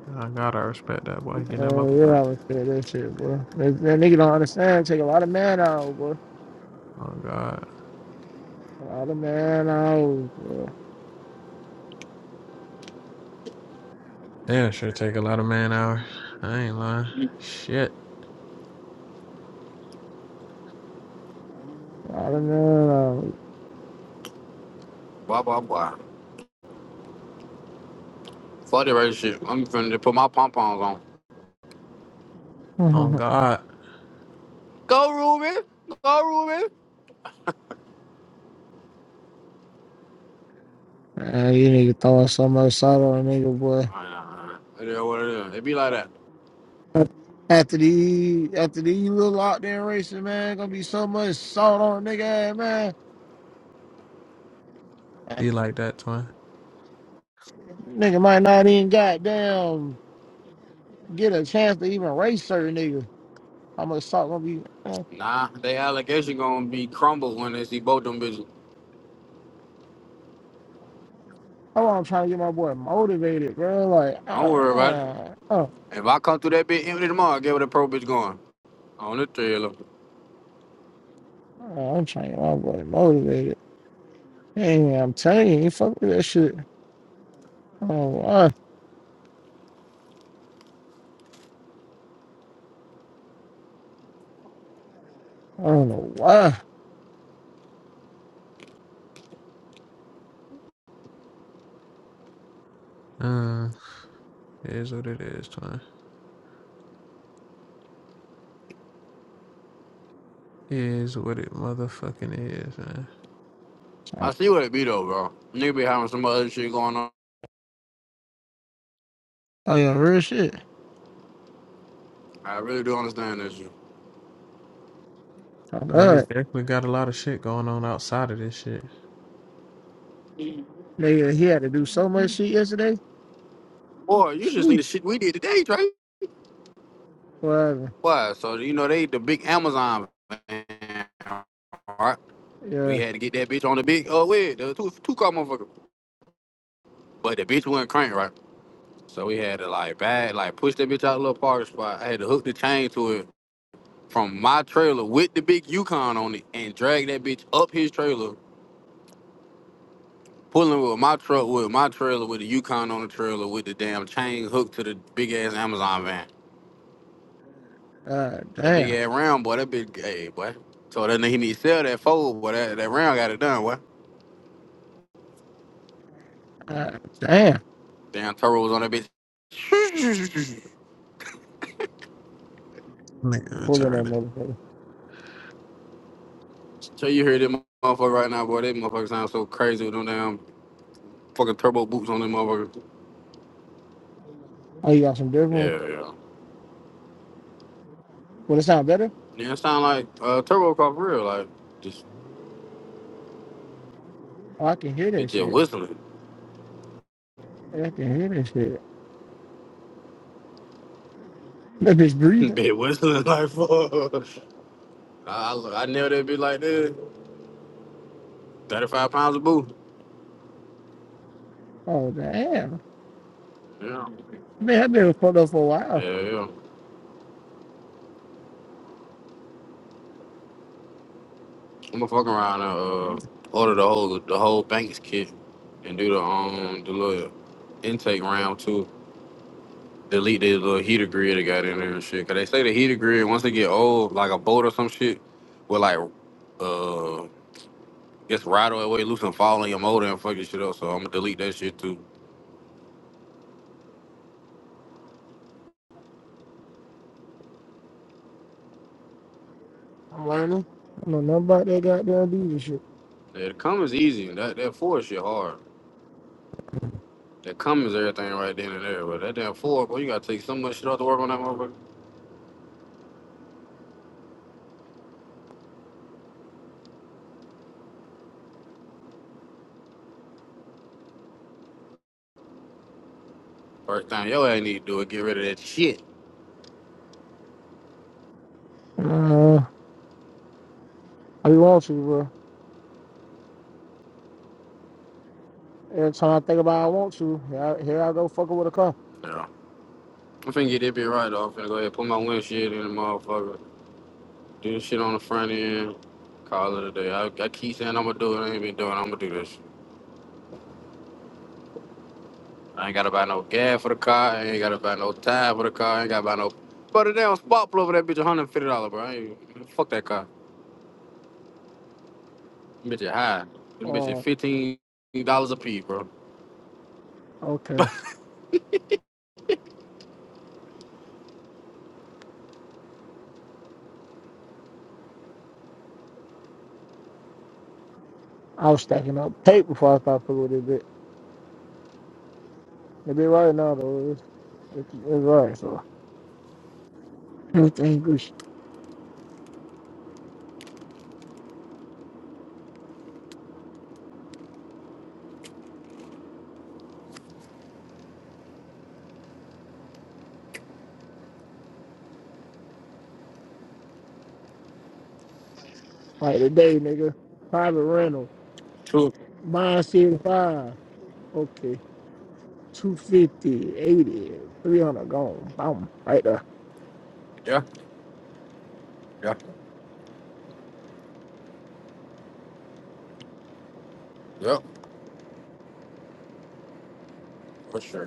Oh God, I respect that boy. Getting Uh, that motherfucker yeah, right. I respect that shit, boy. That, that nigga don't understand. Take a lot of man out, boy. Oh God. A lot of man hours, bro. Damn, should take a lot of man hours. I ain't lying. Shit. A man Blah, blah, blah. Fuck the race shit. I'm finna just put my pom poms on. On hours. God, Go Ruben. Go Ruben. you need to throw some else salt on a nigga, boy. Nah, nah, nah. It is what it is. It be like that. After these, after these little out there racing, man, gonna be so much salt on a nigga, ass, man. be like that, twin. Nigga might not even goddamn get a chance to even race certain niggas. How much salt gonna be? Uh, Nah, they allegation gonna be crumbled when they see both them bitches. That's why I'm trying to get my boy motivated, bro. Like, uh, Don't worry about it. uh, oh, If I come through that bitch empty tomorrow, I get where the pro bitch going. On the trailer. uh, I'm trying to get my boy motivated. Hey, I'm telling you, he fuck with that shit. Oh, all right. I don't know why. Uh, it is what it is, twin. It Is what it motherfucking is, man. I- I see what it be though, bro. Nigga be having some other shit going on. Oh yeah, real shit. I really do understand this shit. Oh Niggas god, definitely got a lot of shit going on outside of this shit. nigga, he had to do so much shit yesterday. Boy, you should see the Whew. shit we did today, Trey. Well, Why? So you know they the big Amazon van, right? We yeah. had to get that bitch on the big oh wait, the two two car motherfucker. But the bitch wasn't crank, right? So we had to like bag, like push that bitch out a little parking spot. I had to hook the chain to it from my trailer with the big Yukon on it and drag that bitch up his trailer, pulling with my truck with my trailer with the Yukon on the trailer with the damn chain hooked to the big ass Amazon van. Uh, That big damn. ass round boy, that big hey boy. So that nigga he need to sell that fold, boy. That, that round got it done, boy. Uh, damn. Damn Toro was on that bitch. Nigga Pulling that retarded. motherfucker. So you hear them motherfucker right now, boy. That motherfucker sound so crazy with them damn fucking turbo boots on them motherfuckers. Oh, you got some different. One? Yeah, yeah. Well, it sound better. Yeah, it sound like uh, Turbo Car for real. Like, just Oh, I can hear it that just shit. whistling. Yeah, I can hear that shit. That bitch breathing. Been whistling like fuck. I, I, I knew they'd be like this. 35 pounds of boo. Oh damn. Yeah. Man, I've been fucked up for a while. Yeah, yeah. I'm gonna fuck around and uh, I'm order the whole the whole Banks kit and do the um the little intake round too. Delete the little heater grid that got in there and shit. Cause they say the heater grid once they get old, like a boat or some shit, will like uh gets right away loose and fall in your motor and fuck your shit up. So I'm gonna delete that shit too. learning. I don't know nothing about that goddamn diesel shit. Yeah, the comma's easy. That that four shit hard. That comma's everything right then and there. But that damn four, boy, you gotta take so much shit off to work on that motherfucker. First thing yo ain't need to do is get rid of that shit. Uh, I be want to, bro. Every time I think about it, I want to. Here I, here I go fucking with a car. Yeah. I'm finna get that bit right off. Finna go ahead and put my windshield in the motherfucker. Do the shit on the front end. Call it a day. I, I keep saying I'ma do it. I ain't been doing. it. I'ma do this. I ain't gotta buy no gas for the car. I ain't gotta buy no tire for the car. I ain't gotta buy no. But the damn spot plug for that bitch, $150, bro. I ain't, fuck that car. Them Bitch, is high. Them bitch, Uh, is $15 a piece, bro. Okay. I was stacking up tape before I started fucking with it. bit. The bit right now though, it's, it's, it's right. So everything good. sh- Like today, nigga, private rental, True. mine seventy five. Okay, two fifty, eighty, three hundred gone. Boom, right there. Yeah, yeah, yeah, for sure.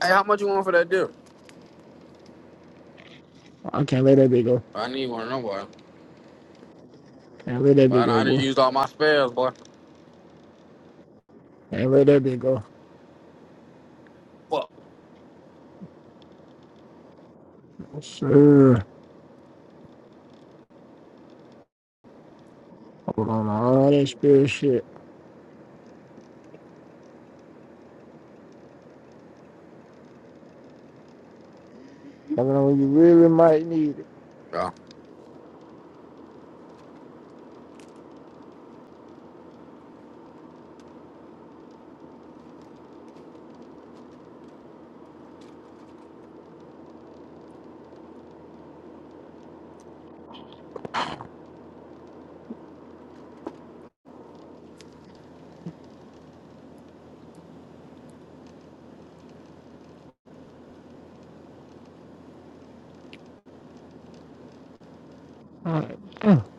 Hey, how much you want for that deal? I can't let that bit go. I need one of them, boy. Can't let that bit But go, I done boy. used all my spares, boy. Can't let that bit go. Fuck. Oh, sure. Hold on, all that spirit shit. I know when you really might need it. All right.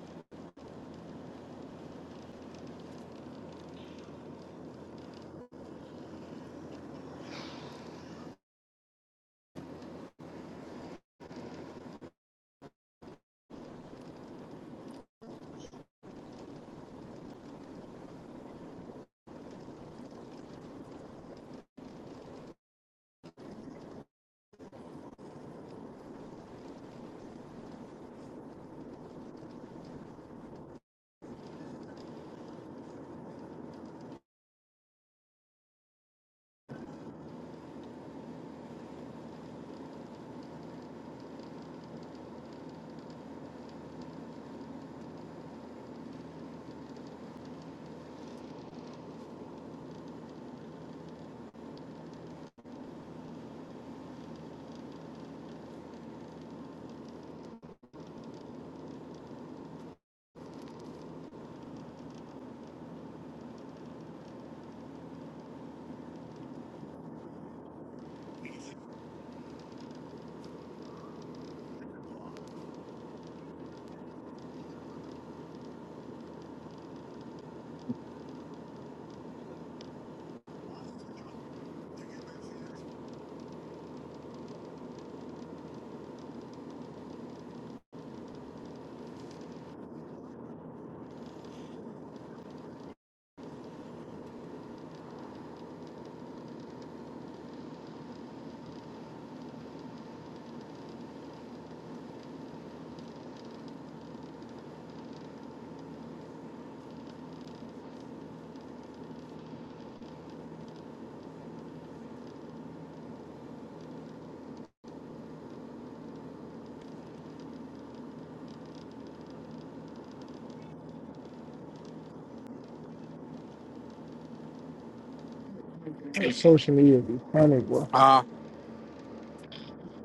Social media be funny, boy. Yeah.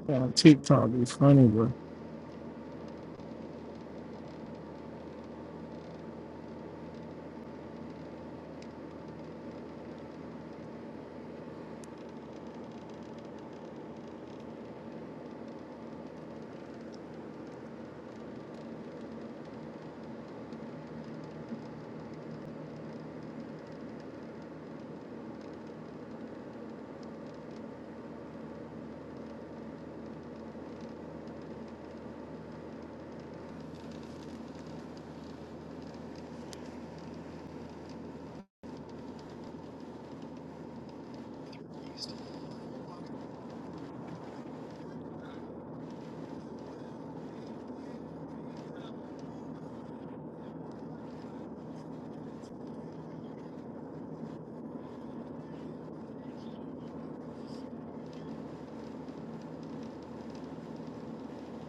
Yeah, TikTok be funny, bro.